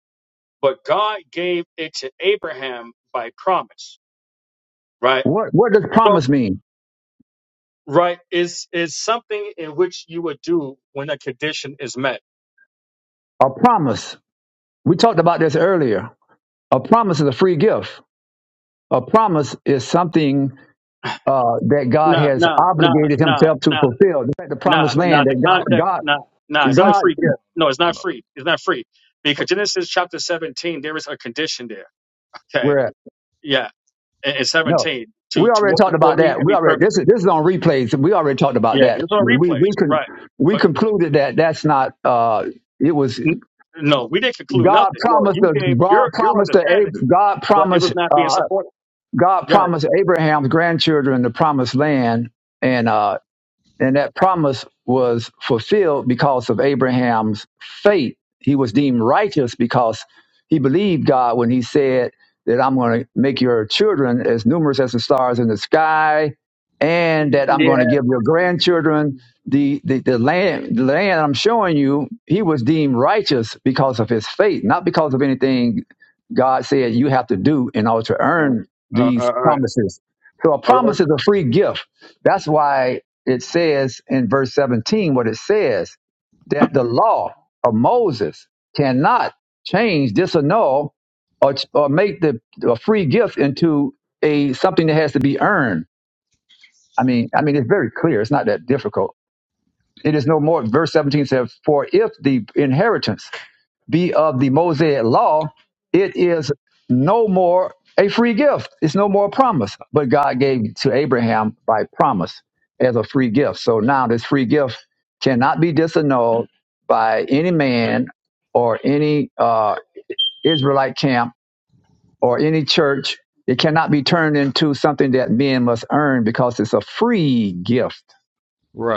S4: but God gave it to Abraham by promise, right?
S2: What what does
S4: So,
S2: promise mean?
S4: right is is something in which you would do when a condition is met.
S2: A promise. We talked about this earlier. A promise is a free gift. A promise is something uh, that God
S4: Nah,
S2: has
S4: nah, nah,
S2: obligated
S4: nah,
S2: Himself to
S4: nah.
S2: fulfill. Just like the
S4: Nah,
S2: promised
S7: Wait,
S4: nah,
S2: land
S4: the
S2: that God
S7: oh,
S4: context,
S2: God
S4: nah, nah, it's
S7: hold
S4: not a
S7: on.
S2: God
S4: free gift. No, it's
S7: No,
S4: not
S7: no,
S4: free. It's not free.
S7: no.
S4: Because Genesis chapter 17, there is a condition there. Okay.
S2: we're at.
S4: Yeah. In, in
S2: No.
S4: 17,
S2: We
S4: to, to
S2: already
S4: walk
S2: talked
S4: before
S2: about
S4: me
S2: that.
S4: and
S2: We
S4: be
S2: already
S4: perfect.
S2: this is this is on replays. We already talked about
S4: Yeah.
S2: that.
S4: It's on
S2: We
S4: replays.
S2: we con,
S4: Right.
S2: we
S4: But
S2: concluded that that's not uh it was.
S4: n- no, we didn't conclude
S2: God
S4: nothing. No,
S2: promised
S4: you
S2: to,
S4: gave
S2: God
S4: your, your
S2: promised to
S4: understanding,
S2: Ab- God
S4: but it was
S2: promised
S4: not being
S2: uh,
S4: supported.
S2: God
S4: Yeah.
S2: promised Abraham's grandchildren the promised land, and uh, and that promise was fulfilled because of Abraham's faith. He was deemed righteous because he believed God when he said that I'm going to make your children as numerous as the stars in the sky, and that I'm going
S4: Yeah.
S2: to give your grandchildren the, the, the land the land I'm showing you. He was deemed righteous because of his faith, not because of anything God said you have to do in order to earn
S4: Oh, uh, uh,
S2: these
S4: all right.
S2: promises. So a
S4: All right.
S2: promise is a free gift. That's why it says in verse 17 what it says that the law of Moses cannot change, disannul, or, or make the a free gift into a something that has to be earned. I mean, I mean, it's very clear. It's not that difficult. It is no more. Verse 17 says, "For if the inheritance." be of the Mosaic law, it is no more a free gift. It's no more a promise, but God gave to Abraham by promise as a free gift. So now this free gift cannot be disannulled by any man or any uh, Israelite camp or any church. It cannot be turned into something that men must earn because it's a free gift.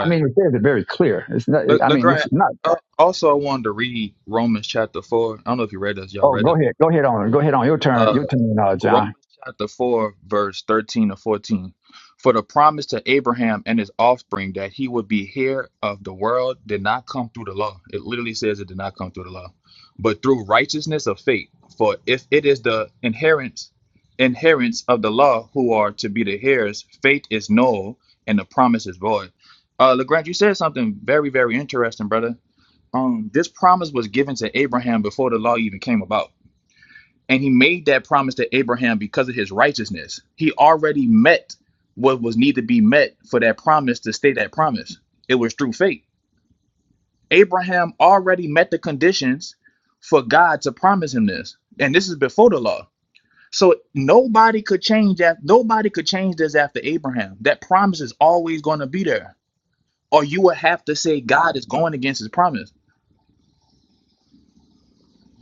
S2: I mean, it says it very clear. It's not,
S7: Le
S2: I mean, it's
S7: LeGrant,
S2: not.
S7: uh, also, I wanted to read Romans chapter 4. I don't know if you read this. Y'all
S2: Oh,
S7: read
S2: go
S7: this.
S2: ahead. Go ahead on. Go ahead on. Your turn.
S7: Uh,
S2: Your turn, uh, John.
S7: Romans chapter 4, verse 13 to 14. For the promise to Abraham and his offspring that he would be heir of the world did not come through the law. It literally says it did not come through the law, but through righteousness of faith. For if it is the inheritance, inheritance of the law who are to be the heirs, faith is null and the promise is void. Uh, LeGrand, you said something very, very interesting, brother. Um, this promise was given to Abraham before the law even came about and he made that promise to Abraham because of his righteousness. He already met what was need to be met for that promise to stay that promise. It was through faith. Abraham already met the conditions for God to promise him this. And this is before the law. So nobody could change that. Nobody could change this after Abraham. That promise is always going to be there. Or you would have to say God is going against his promise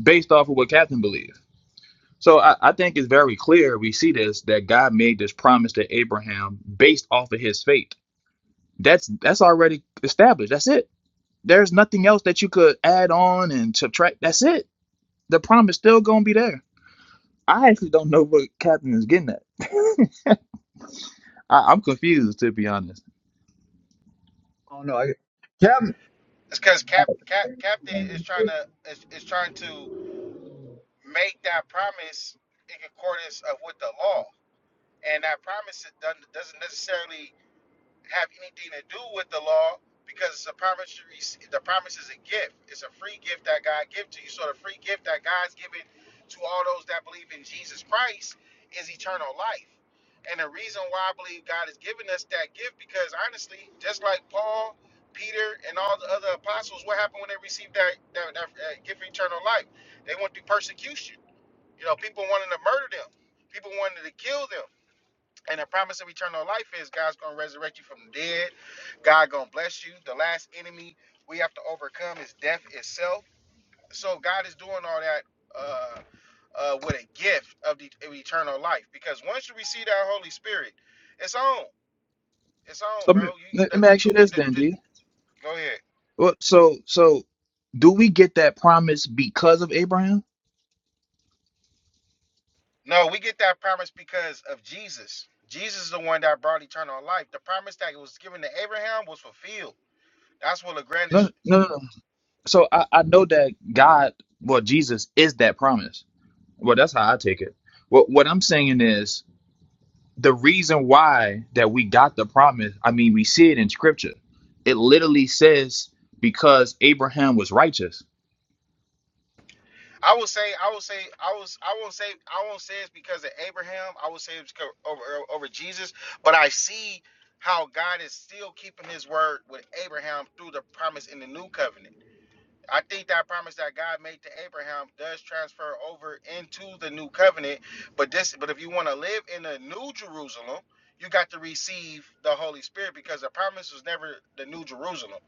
S7: based off of what Catherine believes. So I, I think it's very clear we see this that God made this promise to Abraham based off of his faith. That's that's already established. That's it. There's nothing else that you could add on and subtract. That's it. The promise still gonna be there. I actually don't know what Captain is getting at. I, I'm confused to be honest.
S6: It's cause Cap, Cap Captain is trying to is, is trying to make that promise in accordance of with the law. and that promise it done, doesn't necessarily have anything to do with the law because the promise you receive, the promise is a gift. It's a free gift that God gives to you. So the free gift that God's given to all those that believe in Jesus Christ is eternal life. And the reason why I believe God has given us that gift because honestly, just like Paul, Peter, and all the other apostles, what happened when they received that that, that uh, gift of eternal life? They went through persecution. You know, people wanted to murder them. People wanted to kill them and the promise of eternal life is God's gonna resurrect you from the dead. God gonna bless you. The last enemy we have to overcome is death itself. So God is doing all that uh, uh, with a gift of the of eternal life. Because once you receive that Holy Spirit, it's on. It's on,
S7: So let
S6: bro.
S7: me,
S6: You
S7: let
S6: the,
S7: me
S6: the
S7: ask you
S6: truth. is-
S7: this
S6: The,
S7: then,
S6: the,
S7: D.
S6: go ahead.
S7: Well, so so do we get that promise because of Abraham?
S6: No, we get that promise because of Jesus. Jesus is the one that brought eternal life. The promise that was given to Abraham was fulfilled. That's what
S7: No,
S6: LaGrange.
S7: no, no. no. So I, I know that God, well, Jesus is that promise. Well, that's how I take it. What what I'm saying is the reason why that we got the promise. I mean, we see it in scripture. It literally says because Abraham was righteous.
S6: I will say, I will say, I was, I won't say, I won't say it's because of Abraham. I will say it's co- over over Jesus. But I see how God is still keeping His word with Abraham through the promise in the new covenant. I think that promise that God made to Abraham does transfer over into the new covenant. But this, but if you want to live in the new Jerusalem, you got to receive the Holy Spirit because the promise was never the new Jerusalem.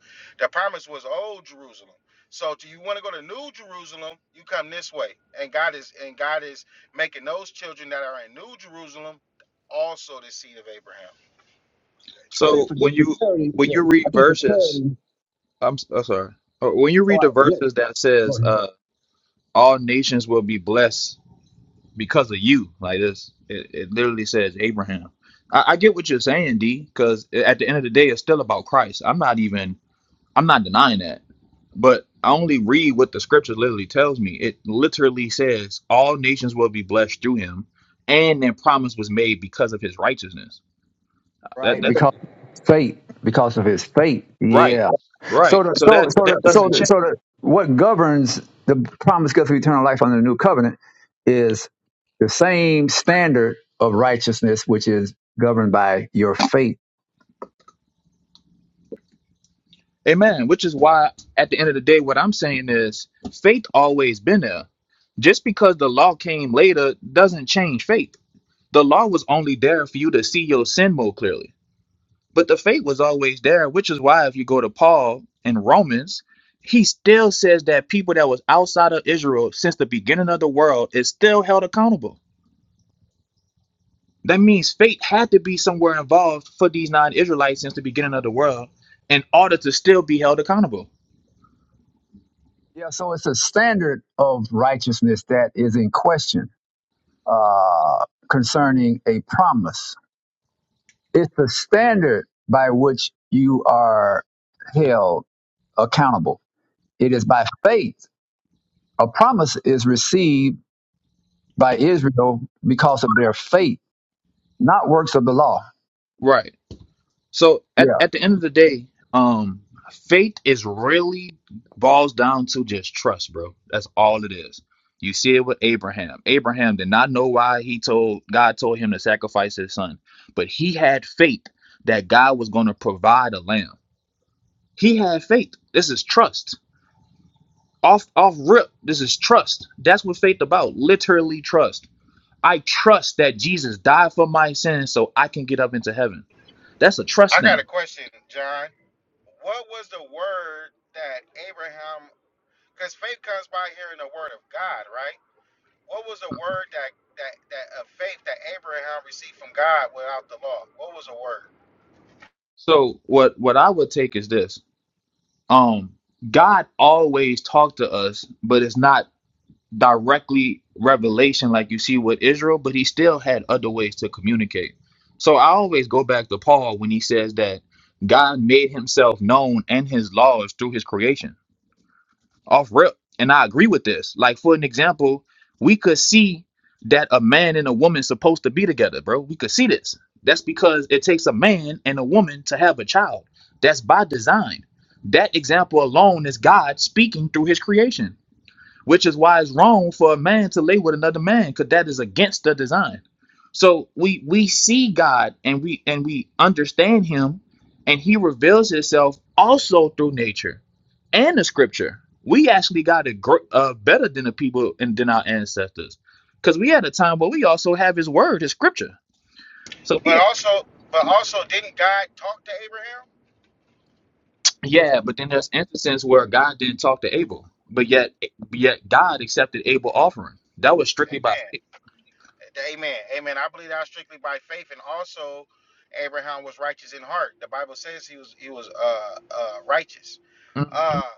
S6: The promise was old Jerusalem. So do you want to go to New Jerusalem? You come this way. And God is and God is making those children that are in New Jerusalem also the seed of Abraham.
S2: I think
S7: So
S2: for
S7: when
S2: just for
S7: you
S2: clarity,
S7: when
S2: yeah,
S7: you read
S2: I think for
S7: verses,
S2: clarity,
S7: I'm, s- I'm sorry. Uh, When you
S2: all
S7: read the
S2: right, yeah,
S7: verses that
S2: go
S7: says
S2: ahead.
S7: uh, all nations will be blessed because of you, like this, it, it literally says Abraham. I, I get what you're saying, D, because at the end of the day, it's still about Christ. I'm not even I'm not denying that. But I only read what the scripture literally tells me. It literally says all nations will be blessed through him, and their promise was made because of his righteousness. That
S2: Right,
S7: that doesn't-
S2: because fate, because of his fate,
S7: right.
S2: yeah. So
S7: Right.
S2: the
S7: So
S2: so
S7: that
S2: so
S7: that
S2: the, so
S7: doesn't
S2: the, so
S7: change.
S2: the, what governs the promise gift of eternal life under the new covenant is the same standard of righteousness, which is governed by your faith.
S7: Amen. Which is why at the end of the day what I'm saying is faith always been there. Just because the law came later doesn't change faith. The law was only there for you to see your sin more clearly. But the faith was always there, which is why if you go to Paul in Romans, he still says that people that was outside of Israel since the beginning of the world is still held accountable. That means faith had to be somewhere involved for these non-Israelites since the beginning of the world in order to still be held accountable.
S2: Yeah, so it's a standard of righteousness that is in question uh, concerning a promise. It's the standard by which you are held accountable. It is by faith. A promise is received by Israel because of their faith, not works of the law.
S7: Right. So at,
S2: Yeah,
S7: at the end of the day, um, faith is really boils down to just trust, bro. That's all it is. You see it with Abraham. Abraham did not know why he told God told him to sacrifice his son, but he had faith that God was going to provide a lamb. He had faith. This is trust. Off off rip. This is trust. That's what faith about. Literally trust. I trust that Jesus died for my sins so I can get up into heaven. That's a trust
S6: I got
S7: thing.
S6: a question, John. What was the word that Abraham Because faith comes by hearing the word of God, right? What was a word that that that a faith that Abraham received from God without the law? What was a word?
S7: So what what I would take is this. Um God always talked to us, but it's not directly revelation like you see with Israel, but he still had other ways to communicate. So I always go back to Paul when he says that God made himself known and his laws through his creation off rep. And I agree with this. Like for an example, we could see that a man and a woman supposed to be together, bro. We could see this. That's because it takes a man and a woman to have a child. That's by design. That example alone is God speaking through his creation which is why it's wrong for a man to lay with another man because that is against the design so we we see god and we and we understand him and he reveals himself also through nature and the scripture we actually got it gr- uh, better than the people and than our ancestors because we had a time where we also have his word his scripture so we
S6: But
S7: actually
S6: also,
S7: have no
S6: but
S7: excuse
S6: also, didn't God talk to Abraham?
S7: yeah but then there's instances where god didn't talk to abel but yet yet god accepted abel offering that was strictly by
S6: Amen. Amen. Amen. I believe that strictly by faith, and also, Abraham was righteous in heart. The Bible says he was he was uh uh righteous.
S7: faith
S6: Uh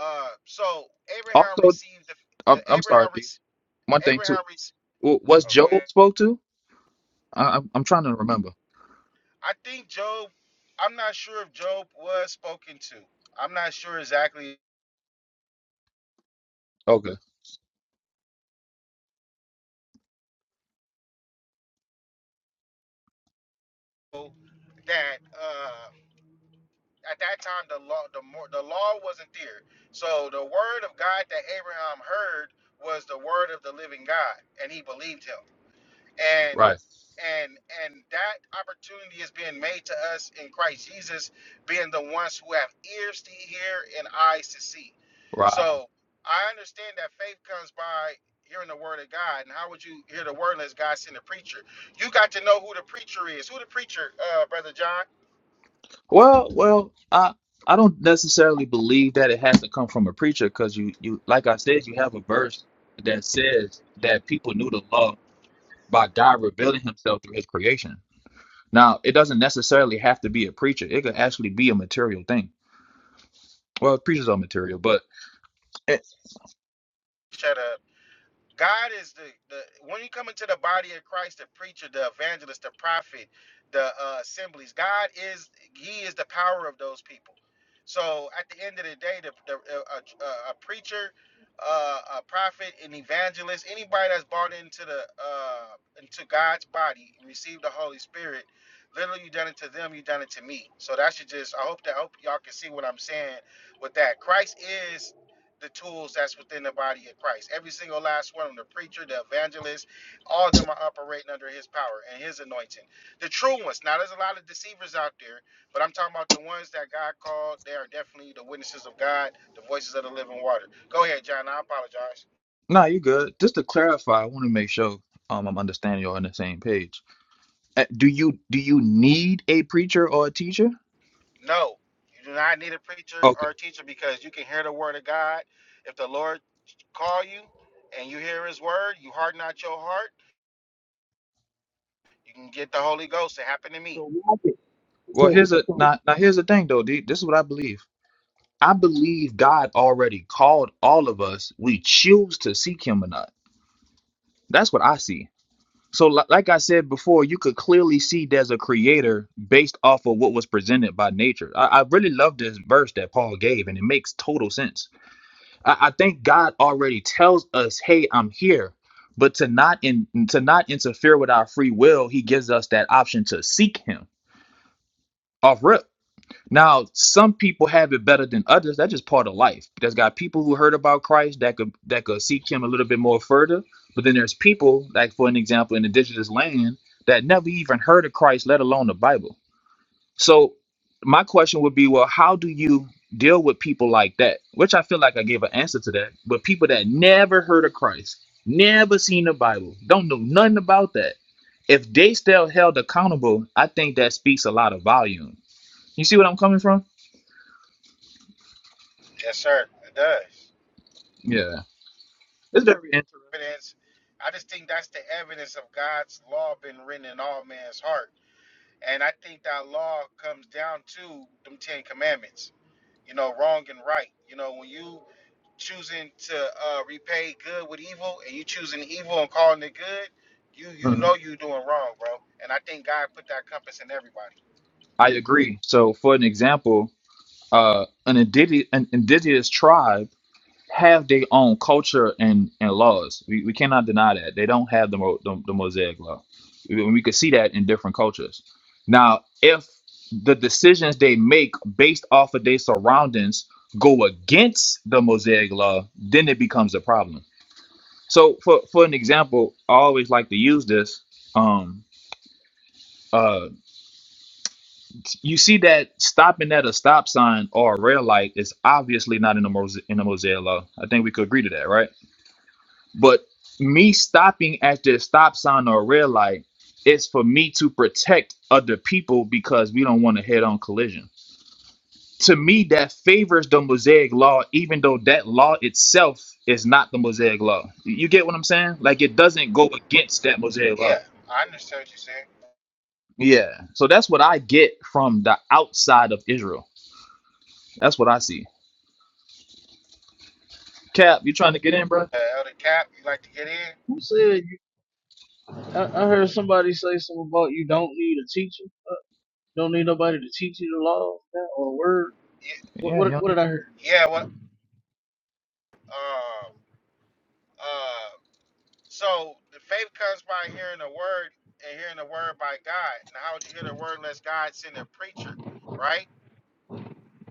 S6: uh. So Abraham
S7: Also,
S6: received the
S7: I'm,
S6: the
S7: I'm sorry,
S6: Abraham
S7: D.
S6: received
S7: One thing
S6: Abraham
S7: too.
S6: received.
S7: W- Was
S6: Oh, go
S7: Job
S6: ahead.
S7: spoke to? I, I'm I'm trying to remember.
S6: I think Job. I'm not sure if Job was spoken to. I'm not sure exactly
S7: Okay,
S6: that uh, at that time the law the more the law wasn't there. So the word of God that Abraham heard was the word of the living God, and he believed him. and
S7: right,
S6: and and that opportunity is being made to us in Christ Jesus, being the ones who have ears to hear and eyes to see.
S7: right.
S6: So I understand that faith comes by hearing the word of God. And how would you hear the word unless God sent a preacher? You got to know who the preacher is. Who the preacher, uh, brother John?
S7: Well, well, I I don't necessarily believe that it has to come from a preacher because you you like I said you have a verse that says that people knew the law by God revealing Himself through His creation. Now, it doesn't necessarily have to be a preacher. It could actually be a material thing. Well, preachers are material, but eh,
S6: Shut up. God is the, the when you come into the body of Christ, the preacher, the evangelist, the prophet, the uh, assemblies, God is He is the power of those people. So at the end of the day, the, the uh, a, a, a preacher, uh, a prophet, an evangelist, anybody that's bought into the uh, into God's body, and received the Holy Spirit. Literally, you done it to them, you done it to me. So that should just I hope that I hope y'all can see what I'm saying with that. Christ is the tools that's within the body of Christ. Every single last one of them, the preacher, the evangelist, all of them are operating under his power and his anointing. The true ones. Now there's a lot of deceivers out there, but I'm talking about the ones that God called. They are definitely the witnesses of God, the voices of the living water. Go ahead, John. I apologize.
S7: no, you're good. Just to clarify, I want to make sure um, I'm understanding you're on the same page Uh, Do you do you need a preacher or a teacher?
S6: No, you do not need a preacher
S7: Okay.
S6: or a teacher because you can hear the word of God. If the Lord call you and you hear his word, you harden not your heart, you can get the Holy Ghost. It happened to me.
S7: Well, here's a now, now here's the thing though. D, This is what I believe. I believe God already called all of us. We choose to seek Him or not. That's what I see. So, li- like I said before, you could clearly see there's a creator based off of what was presented by nature. I, I really love this verse that Paul gave, and it makes total sense. I, I think God already tells us, "Hey, I'm here," but to not in to not interfere with our free will, He gives us that option to seek Him off rip. Now, some people have it better than others. That's just part of life. There's got people who heard about Christ that could that could seek Him a little bit more further, but then there's people, like for an example, in indigenous land that never even heard of Christ, let alone the Bible. So my question would be, well, how do you deal with people like that? Which I feel like I gave an answer to that, but people that never heard of Christ, never seen the Bible, don't know nothing about that. If they still held accountable, I think that speaks a lot of volume. You see what I'm coming from?
S6: Yes, sir. It does.
S7: Yeah. It's very interesting.
S6: evidence. I just think that's the evidence of God's law been written in all man's heart. And I think that law comes down to them Ten Commandments, you know, wrong and right. You know, when you choosing to uh, repay good with evil and you choosing evil and calling it good, you you know
S7: Mhm.
S6: you doing wrong, bro. And I think God put that compass in everybody.
S7: I agree. So for an example, uh, an indigenous, an indigenous tribe have their own culture and, and laws. We, we cannot deny that. They don't have the, Mo, the, the Mosaic law. We, we could see that in different cultures. Now, if the decisions they make based off of their surroundings go against the Mosaic law, then it becomes a problem. So, for, for an example, I always like to use this. Um, uh, you see that stopping at a stop sign or a red light is obviously not in the Mosaic, in the Mosaic law. I think we could agree to that, right? But me stopping at the stop sign or red light is for me to protect other people because we don't want a head on collision. To me, that favors the Mosaic law, even though that law itself is not the Mosaic law. You get what I'm saying? Like it doesn't go against that Mosaic law.
S6: Yeah, I understand what you said.
S7: Yeah. So that's what I get from the outside of Israel. That's what I see. Cap, you trying to get in, bro?
S6: Uh, Elder Cap, you like to get in?
S8: who said you, I, I heard somebody say something about you don't need a teacher, don't need nobody to teach you the law man, or the word.
S6: Ye-
S8: What,
S7: Yeah, you
S8: what
S7: don't
S8: what
S7: need.
S8: did I
S7: it.
S8: hear?
S6: Yeah, what? Um, Uh. So the faith comes by hearing the word and hearing the word by God. Now, how would you hear the word unless God send a preacher, right?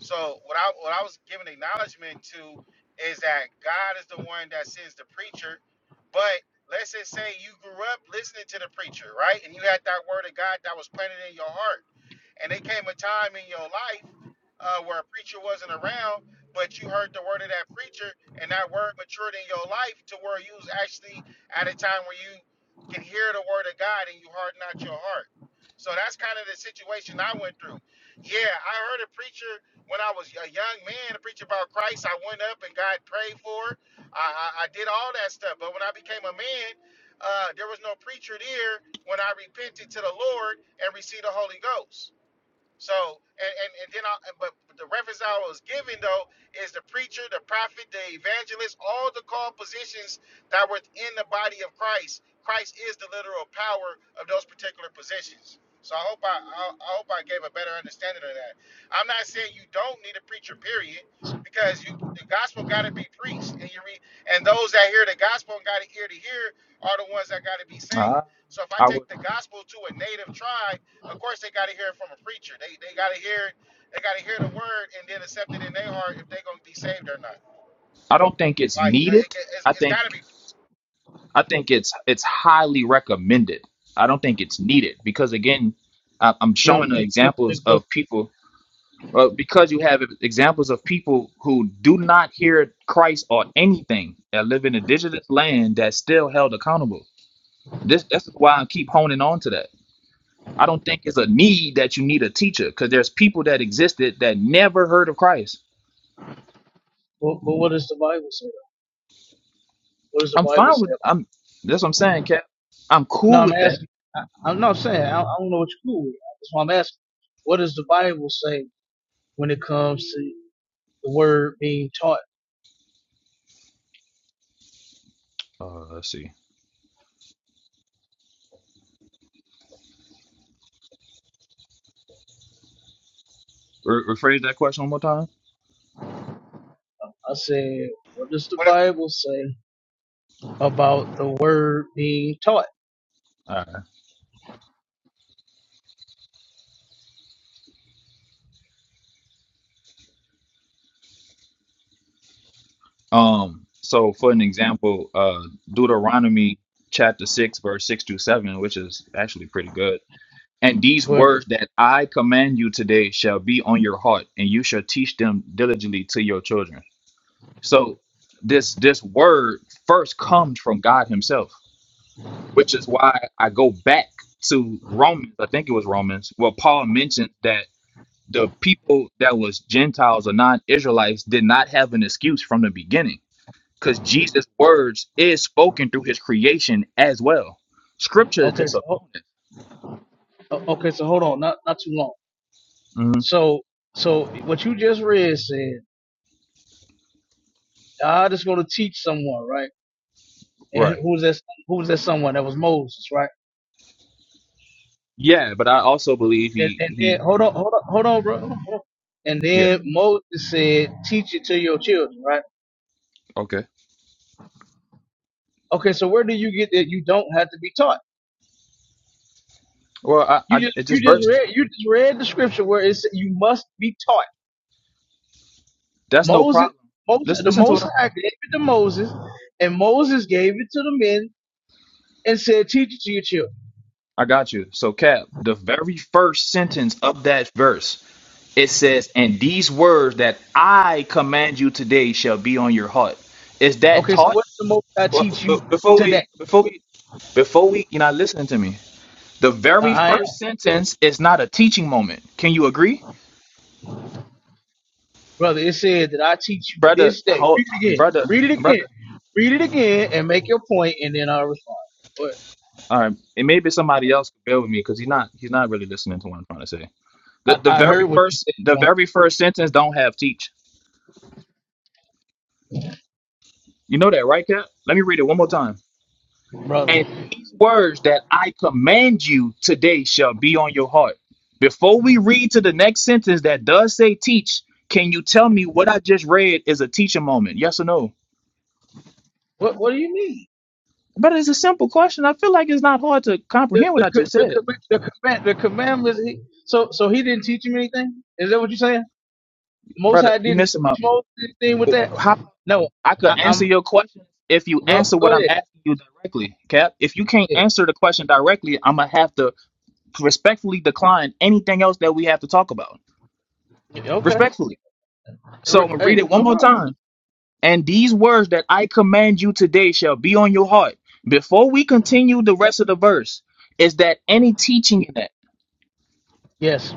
S6: So what I what I was giving acknowledgement to is that God is the one that sends the preacher. But let's just say you grew up listening to the preacher, right? And you had that word of God that was planted in your heart. And there came a time in your life uh, where a preacher wasn't around, but you heard the word of that preacher, and that word matured in your life to where you was actually at a time where you can hear the word of God and you harden out your heart. So that's kind of the situation I went through. Yeah, I heard a preacher when I was a young man to preach about Christ, I went up and God prayed for it. I, I, I did all that stuff. But when I became a man, uh, there was no preacher there when I repented to the Lord and received the Holy Ghost. So, and, and, and then, I, but the reference I was giving though is the preacher, the prophet, the evangelist, all the called positions that were in the body of Christ. Christ is the literal power of those particular positions. So I hope I, I, I hope I gave a better understanding of that. I'm not saying you don't need a preacher, period, because you the gospel got to be preached, and you read, and those that hear the gospel and got an ear to hear are the ones that got to be
S7: Uh,
S6: saved. So if I
S7: I
S6: take
S7: would.
S6: the gospel to a native tribe of course, they got to hear it from a preacher. They they got to hear it. They got to hear the word and then accept it in their heart if they're gonna be saved or not.
S7: I don't think it's
S6: Like the- it,
S7: needed.
S6: it's,
S7: I
S6: it's got
S7: think.
S6: to be.
S7: I think it's it's highly recommended. I don't think it's needed because again, I- I'm
S8: You don't
S7: showing the
S8: think you don't
S7: examples
S8: think what's
S7: of
S8: the
S7: people. Well, because you have examples of people who do not hear Christ or anything that live in a digital land that's still held accountable. This that's why I keep honing on to that. I don't think it's a need that you need a teacher because there's people that existed that never heard of Christ.
S8: what, but what does the Bible say? What does the
S7: I'm
S8: Bible
S7: fine with
S8: say?
S7: I'm that's what I'm saying, Cap. I'm
S8: No,
S7: cool
S8: I'm
S7: with that.
S8: asking. I, I'm not saying I, I don't know what you're cool with. That's why I'm asking. What does the Bible say when it comes to the word being taught?
S7: Uh, let's see. Re- rephrase that question one more time.
S8: I said, what does the
S6: What it,
S8: Bible say about the word being taught?
S7: Um, so for an example, uh, Deuteronomy chapter six, verse six to seven, which is actually pretty good. And these
S8: Go ahead.
S7: words
S8: read.
S7: that I command you today shall be on your heart, and you shall teach them diligently to your children. So this this word first comes from God Himself, which is why I go back to Romans. I think it was Romans, where Paul mentioned that the people that was Gentiles or non-Israelites did not have an excuse from the beginning because Jesus' words is spoken through his creation as well. Scripture is
S8: Okay,
S7: just a
S8: so
S7: bonus.
S8: O- Okay, so hold on, not not too long.
S7: hmm
S8: So so what you just read said God is going to teach someone, right? And
S7: Right.
S8: who was that? Who was that someone? That was Moses, right?
S7: Yeah, but I also believe
S8: And
S7: he
S8: and then
S7: he
S8: hold on, hold on, hold on, bro. Hold on, hold on. And
S7: yeah,
S8: then Moses said, "Teach it to your children," right?
S7: okay.
S8: Okay, so where do you get that you don't have to be taught?
S7: Well I,
S8: You
S7: I
S8: just
S7: it
S8: you
S7: just
S8: just
S7: burst.
S8: read you just read the scripture where it said you must be taught.
S7: That's no
S8: Moses,
S7: problem.
S8: Moses,
S7: Listen
S8: the
S7: listen to it.
S8: Most High gave it to Moses, and Moses gave it to the men and said, "Teach it to your children."
S7: I got you. So Cap, the very first sentence of that verse, it says, And these words that I command you today shall be on your heart. Is that
S8: Okay, so
S7: taught?
S8: what's the most I
S7: Well,
S8: teach
S7: be-
S8: you
S7: Before we
S8: today?
S7: before we before we you're not listening to me. The
S8: Uh,
S7: very
S8: I am,
S7: first sentence is not a teaching moment. Can you agree,
S8: brother. It said that I teach you
S7: brother?
S8: this day.
S7: Hold,
S8: Read it again.
S7: brother,
S8: Read it again.
S7: brother.
S8: Read it again and make your point, and then I'll respond. But
S7: All right, and maybe somebody else can bear with me because he's not he's not really listening to what I'm trying to say. The
S8: I,
S7: the
S8: I heard
S7: very
S8: what you
S7: first the
S8: said,
S7: very first sentence don't have teach. You know that, right, Cap? Let me read it one more time.
S8: um, brother.
S7: And these words that I command you today shall be on your heart. Before we read to the next sentence that does say teach, can you tell me what I just read is a teaching moment? Yes or no?
S8: What What do you mean?
S7: But it's a simple question. I feel like it's not hard to
S8: The
S7: comprehend
S8: the
S7: what I
S8: co-
S7: just
S8: the,
S7: said.
S8: com- the command the commandments. He, so so he didn't teach him anything. Is that what you're saying? Most
S7: Brother,
S8: High
S7: you
S8: didn't
S7: missing my
S8: teach Moses anything with that.
S7: how about
S8: No,
S7: I could
S8: I,
S7: answer
S8: I'm
S7: your question if you
S8: go
S7: answer what
S8: go
S7: I'm
S8: ahead.
S7: asking you directly, Cap. If you can't
S8: Yeah.
S7: answer the question directly, I'm gonna have to respectfully decline anything else that we have to talk about.
S8: Okay.
S7: Respectfully. So
S8: Re-
S7: I'm gonna read
S8: Hey,
S7: it one
S8: no
S7: more
S8: problem.
S7: time. And these words that I command you today shall be on your heart. Before we continue the rest of the verse, is that any teaching in that?
S8: Yes.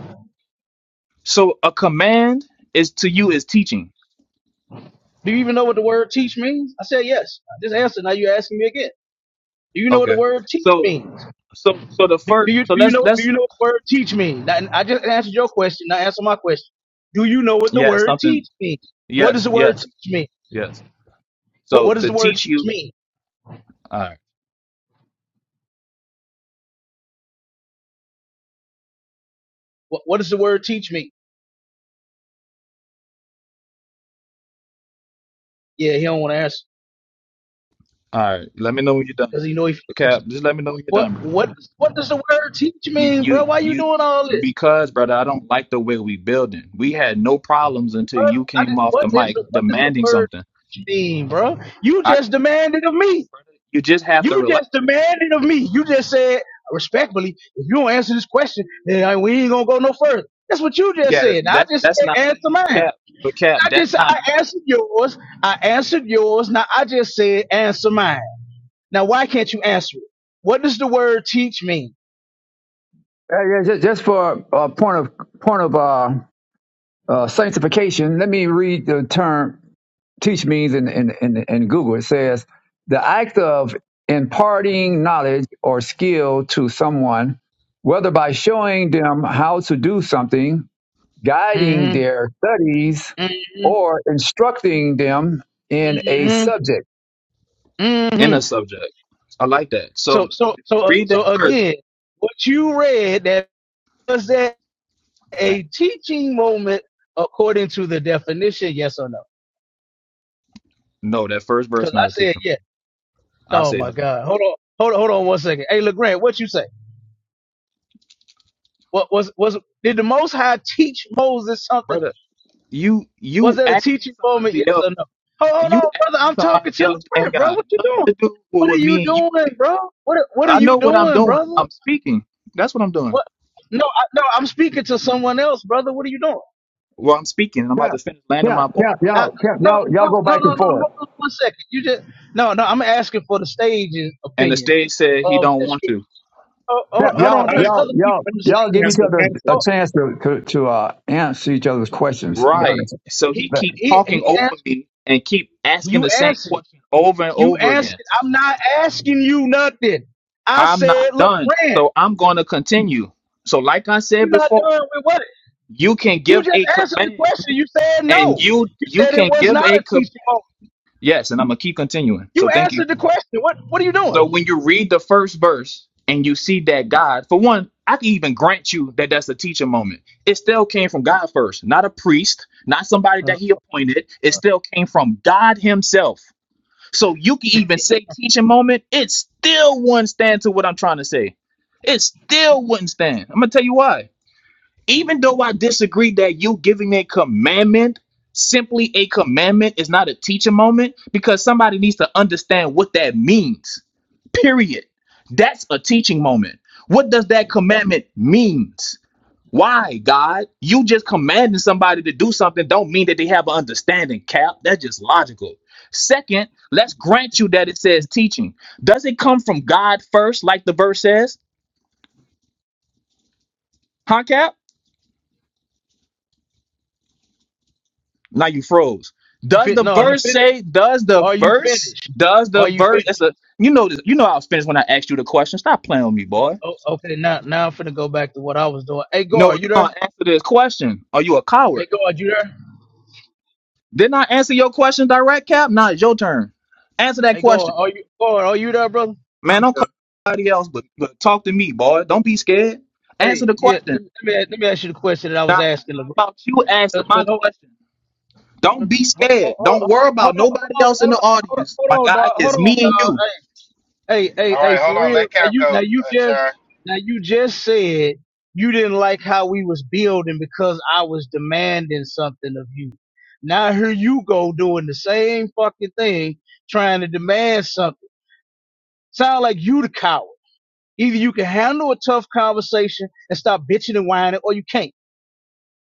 S7: So a command is to you is teaching
S8: Do you even know what the word teach means? I said yes. I just answered. Now you're asking me again. Do you know what the
S7: Okay.
S8: word teach
S7: So
S8: means?
S7: so so the
S8: Do, do
S7: first
S8: you
S7: so
S8: do you
S7: let's
S8: know do you
S7: let's
S8: know what the word teach means? Now, I just answered your question. Now answer my question. Do you know what the
S7: yeah,
S8: word
S7: something.
S8: teach means? What does
S7: Yes,
S8: the word
S7: yes,
S8: teach mean?
S7: yes.
S8: What
S7: So
S8: what does
S7: to
S8: the word
S7: teach
S8: teach
S7: you
S8: mean?
S7: all right,
S8: What what does the word teach mean? Yeah, he don't want to answer
S7: all right. Let me know when you're done.
S8: because he know he.
S7: Cap, just let me know when you're
S8: What
S7: done, bro.
S8: what what does the word teach
S7: You
S8: mean, bro?
S7: you
S8: Why you
S7: you
S8: doing all this,
S7: because brother, I don't like the way we building. We had no problems until
S8: bro?
S7: you
S8: I
S7: came
S8: just,
S7: off
S8: what
S7: the
S8: is
S7: mic
S8: the what does the
S7: demanding
S8: word
S7: something.
S8: teach mean, bro? You
S7: I
S8: just
S7: could I could
S8: demanded of
S7: tell you,
S8: me.
S7: brother, you just have to
S8: You
S7: relax.
S8: just demanded of me. You just said respectfully, if you don't answer this question, then I- we ain't gonna go no further. That's what you just
S7: Yeah,
S8: said. Now I
S7: that's
S8: just
S7: that's
S8: said
S7: not
S8: answer
S7: me,
S8: mine.
S7: Cap. But Cap,
S8: I
S7: that's
S8: just
S7: not
S8: I
S7: me.
S8: answered yours.
S7: There we
S8: I
S7: go.
S8: answered yours. Now I just said answer mine. Now why can't you answer it? What does the word teach mean?
S2: Uh, yeah just, just for a point of point of uh, uh, sanctification, let me read the term teach means in, in, in, in Google. It says the act of imparting knowledge or skill to someone, whether by showing them how to do something, guiding
S8: hmm
S2: their studies,
S8: hmm
S2: or instructing them in a
S8: hmm
S2: subject.
S7: In a
S8: hmm
S7: subject. I like that.
S8: So
S7: So
S8: so
S7: if
S8: so
S7: you
S8: uh,
S7: read
S8: so
S7: that verse
S8: again, what you read that was that
S7: Man,
S8: a teaching moment according to the definition? Yes or no?
S7: no, that first verse
S8: Because I
S7: not a
S8: said
S7: teaching.
S8: yes.
S7: moment. I
S8: Oh
S7: say
S8: my
S7: nothing,
S8: God. Hold on. Hold on. Hold on one second. Hey, LeGrand, what you say? What was, was, did the Most High teach Moses something?
S7: brother. You
S8: Was
S7: you
S8: that a
S7: asking
S8: teaching moment? Yes
S7: somebody
S8: or
S7: else,
S8: no? Hold, hold
S7: you
S8: on, brother.
S7: asking
S8: I'm talking
S7: somebody
S8: to
S7: else ain't
S8: LeGrand, bro.
S7: got
S8: What you
S7: nothing
S8: doing?
S7: to do with
S8: What are
S7: what
S8: you
S7: me and you
S8: doing,
S7: believe
S8: bro?
S7: in.
S8: What, what are
S7: I
S8: you
S7: know what I'm
S8: doing,
S7: doing.
S8: brother?
S7: I'm speaking. That's what I'm doing.
S8: What? No, I, no, I'm speaking to someone else, brother. What are you doing?
S7: Well, I'm speaking. and I'm about
S2: Cap,
S7: to finish landing
S2: cap,
S7: my point.
S2: cap,
S8: I,
S2: y'all, cap,
S8: no,
S2: y'all, y'all
S8: no,
S2: go
S8: no,
S2: back
S8: no,
S2: and
S8: no. Hold
S2: forth.
S8: on one second. You just, no, no, I'm asking for the stage's
S7: And the
S8: opinion
S7: stage said he
S8: of
S7: don't
S8: that
S7: want
S8: scripture.
S7: to.
S8: Oh, hold,
S2: Cap,
S9: I,
S8: hold
S2: y'all,
S8: on.
S9: I, didn't,
S8: There's
S2: y'all,
S8: other people
S2: y'all,
S9: I
S8: on the
S9: didn't get
S2: y'all
S8: stage.
S9: a
S2: give
S9: chance
S2: each
S9: to
S2: other
S9: answer.
S2: a
S8: Oh,
S2: chance to to, to uh, answer each other's questions.
S7: Right. So he
S8: he,
S7: keep
S8: he,
S7: talking
S8: he
S7: over me and keep asking
S8: You
S7: the same
S8: answered it.
S7: question over and
S8: You
S7: over
S8: asked
S7: again.
S8: it. I'm not asking you nothing. I
S7: I'm not
S8: said, look,
S7: done.
S8: Rand,
S7: So I'm going to continue. So like I said
S8: you're not
S7: before.
S8: done with what?
S7: you can
S8: You
S7: give
S8: just
S7: a
S8: answered the
S7: command
S8: question. You said
S7: and
S8: no.
S7: you
S8: You
S7: you
S8: said it
S7: can
S8: was
S7: give
S8: not
S7: a
S8: a
S7: co-
S8: teaching moment.
S7: yes and i'm gonna keep continuing
S8: You
S7: so thank you
S8: answered the question. What What are you
S7: so
S8: doing?
S7: when you read the first verse and you see that god for one i can even grant you that that's a teaching moment it still came from god first not a priest not somebody
S8: Uh,
S7: that he appointed it still came from god himself so you can even say teaching moment it still wouldn't stand to what i'm trying to say it still wouldn't stand i'm gonna tell you why even though I disagree that you giving a commandment, simply a commandment is not a teaching moment because somebody needs to understand what that means. Period. That's a teaching moment. What does that commandment means? Why, God? You just commanding somebody to do something don't mean that they have an understanding, Cap. That's just logical. Second, let's grant you that it says teaching. Does it come from God first, like the verse says? Huh, Cap? Now you froze.
S8: you
S7: Does
S8: fit?
S7: the
S8: No, you
S7: verse
S8: fit.
S7: say? Does the
S8: Are you
S7: verse?
S8: finished?
S7: Does the
S8: Are you
S7: verse? That's
S8: finished?
S7: a you know this. You know I was finished when I asked you the question. Stop playing with me,
S8: Uh,
S7: boy.
S8: oh, okay, now now I'm finna go back to what I was doing. Hey,
S7: No,
S8: guard, you
S7: you're
S8: there?
S7: gonna answer this question. Are you a
S8: Hey,
S7: coward?
S8: guard, you there?
S7: Didn't I answer your question, direct cap? Now it's your turn. Answer that
S8: Hey, guard,
S7: question,
S8: are you guard? Are you there, brother?
S7: man.
S9: I'm
S7: Don't call
S9: the,
S7: anybody else, but, but talk to me, boy. Don't be scared. Answer
S8: Hey,
S7: the
S8: yeah.
S7: question.
S8: Let me let me ask you the question that I
S7: Nah,
S8: was
S7: how
S8: asking, LeGrand.
S7: about you answer
S8: Cause,
S7: my
S8: cause
S7: question? Don't be
S8: Hold
S7: scared. Don't
S8: on,
S7: worry
S8: hold
S7: about
S8: on, hold
S7: nobody
S8: on,
S7: else in
S8: hold
S7: the
S8: on, hold on,
S7: audience.
S8: hold
S7: My
S8: on,
S7: guy
S8: dog. Hold
S7: is
S8: on,
S7: me and
S8: dog.
S7: you.
S8: Hey, hey, hey,
S6: all
S8: hey,
S6: right, hold
S8: for
S6: on.
S8: real.
S6: Let
S8: Now
S6: Cap
S8: you, now
S6: go,
S8: you
S6: uh,
S8: just,
S6: John.
S8: now you just said you didn't like how we was building because I was demanding something of you. Now here you go doing the same fucking thing, trying to demand something. Sound like you the coward. Either you can handle a tough conversation and stop bitching and whining, or you can't.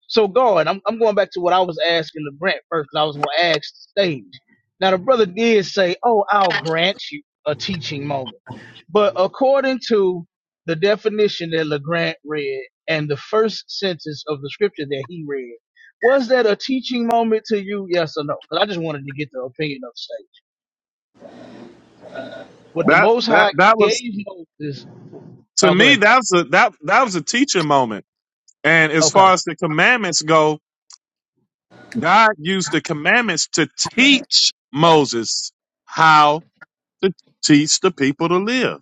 S8: So God, I'm I'm going back to what I was asking the grant first, 'cause I was going to ask the stage. Now the brother did say, "Oh, I'll grant you a teaching moment," but according to the definition that Legrand read and the first sentence of the scripture that he read, was that a teaching moment to you? Yes or no? Because I just wanted to get the opinion of say what the
S9: that
S8: Most
S9: that
S8: High
S9: that
S8: gave
S9: was
S8: Moses.
S9: to
S8: Oh, go
S9: me.
S8: ahead.
S9: That was a that that was a teaching moment. And as
S8: Okay,
S9: far as the commandments go, God used the commandments to teach Moses how to teach the people to live.